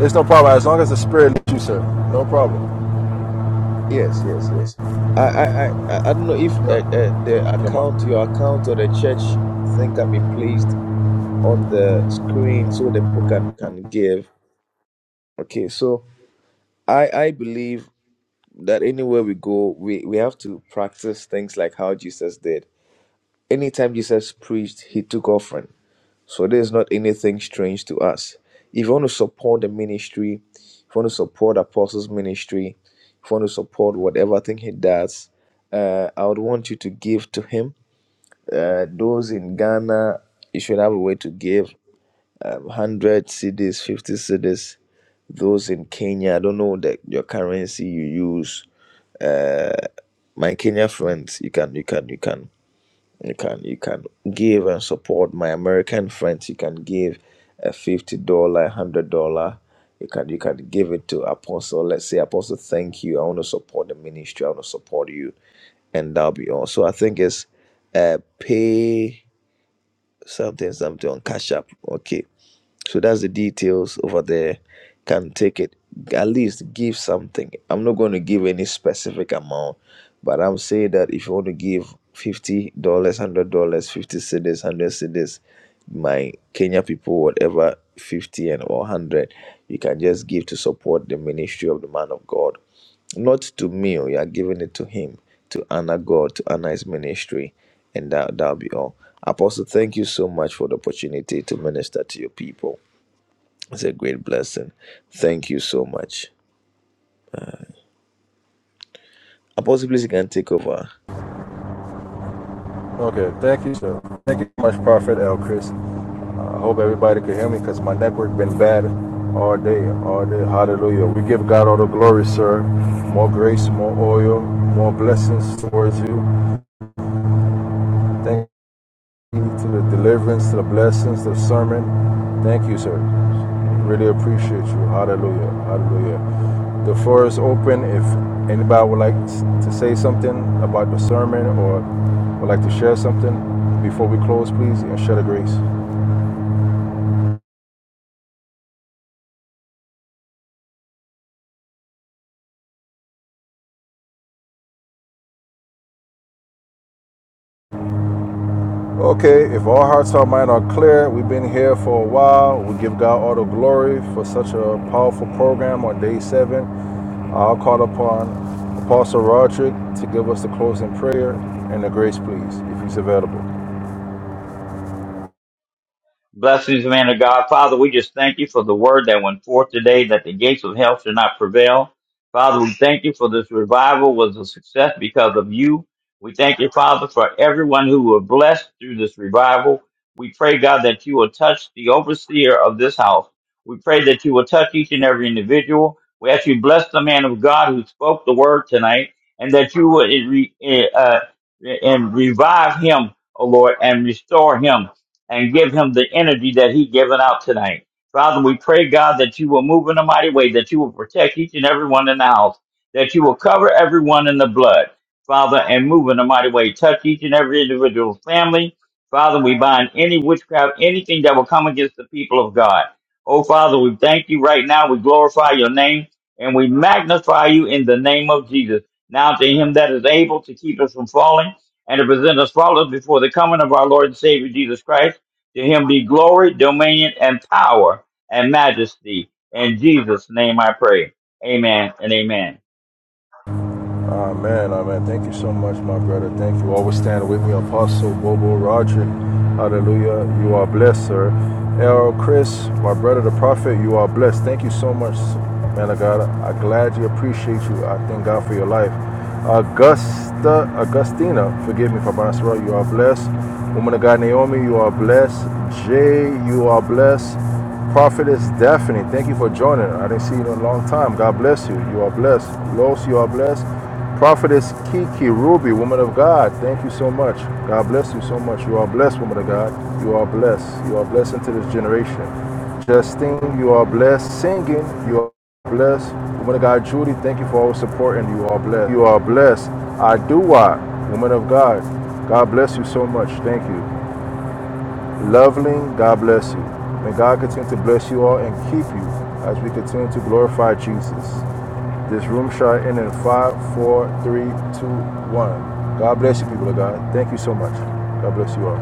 S1: it's no problem as long as the Spirit leads you, sir. No problem.
S5: Yes, yes, yes. I I I, I I don't know if uh,
S1: Yeah.
S5: uh, the
S1: yeah
S5: account, your account, or the church thing can be placed on the screen so that people can can give. Okay, so I I believe that anywhere we go, we we have to practice things like how Jesus did. Anytime Jesus preached, he took offering. So there's not anything strange to us. If you want to support the ministry, if you want to support Apostles' ministry, if you want to support whatever thing he does, uh, I would want you to give to him. Uh, those in Ghana, you should have a way to give um, 100 cedis, 50 cedis. Those in Kenya, I don't know that your currency you use. My Kenya friends, you can, you can, you can. You can you can give and support my American friends. You can give a fifty dollar, a hundred dollar. You can you can give it to Apostle. Let's say Apostle, thank you. I want to support the ministry. I want to support you, and that'll be all. So I think it's uh pay something something on Cash App. Okay, so that's the details over there. Can take it at least give something. I'm not going to give any specific amount, but I'm saying that if you want to give fifty dollars, hundred dollars, fifty cedis, hundred cedis, my Kenya people, whatever fifty and or hundred, you can just give to support the ministry of the man of God. Not to me, oh, you are giving it to him, to honor God, to honor his ministry, and that, that'll be all. Apostle, thank you so much for the opportunity to minister to your people. It's a great blessing. Thank you so much. Apostle, please, you can take over.
S1: okay. Thank you, sir. Thank you so much, Prophet El Chris. I hope everybody can hear me because my network been bad all day, all day. Hallelujah. We give God all the glory, sir. More grace, more oil, more blessings towards you. Thank to the deliverance, to the blessings, to the sermon. Thank you, sir. Really appreciate you. Hallelujah. Hallelujah. The floor is open. If anybody would like to say something about the sermon or would like to share something before we close, please, and share the grace. Okay, if our hearts, our mind are clear, we've been here for a while. We give God all the glory for such a powerful program on day seven. I'll call upon Apostle Roderick to give us the closing prayer and the grace, please, if he's available.
S2: Blessings, man of God. Father, we just thank you for the word that went forth today that the gates of hell should not prevail. Father, we thank you for this revival was a success because of you. We thank you, Father, for everyone who were blessed through this revival. We pray, God, that you will touch the overseer of this house. We pray that you will touch each and every individual. We ask you bless the man of God who spoke the word tonight and that you would eh, re- eh, uh, and revive him, O Lord, and restore him and give him the energy that he given out tonight. Father, we pray, God, that you will move in a mighty way, that you will protect each and every one in the house, that you will cover everyone in the blood, Father, and move in a mighty way. Touch each and every individual family. Father, we bind any witchcraft, anything that will come against the people of God. Oh, Father, we thank you right now. We glorify your name and we magnify you in the name of Jesus. Now to him that is able to keep us from falling and to present us faultless before the coming of our Lord and Savior Jesus Christ. To him be glory, dominion, and power, and majesty. In Jesus' name I pray. Amen and amen.
S1: Amen, amen. Thank you so much, my brother. Thank you. Always standing with me, Apostle Bobo Roger. Hallelujah. You are blessed, sir. Errol Chris, my brother, the prophet, you are blessed. Thank you so much, man of God. I gladly appreciate you. I thank God for your life. Augusta, Augustina, forgive me for I pronounce wrong. You are blessed. Woman of God, Naomi, you are blessed. Jay, you are blessed. Prophetess Daphne, thank you for joining. I didn't see you in a long time. God bless you. You are blessed. Los, you are blessed. Prophetess Kiki Ruby, woman of God, thank you so much. God bless you so much. You are blessed, woman of God. You are blessed. You are blessed into this generation. Justine, you are blessed. Singing, you are blessed. Woman of God, Judy, thank you for all support, and You are blessed. You are blessed. I do what? Woman of God, God bless you so much. Thank you. Loveling, God bless you. May God continue to bless you all and keep you as we continue to glorify Jesus. This room shot in in five, four, three, two, one. God bless you, people of God. Thank you so much. God bless you all.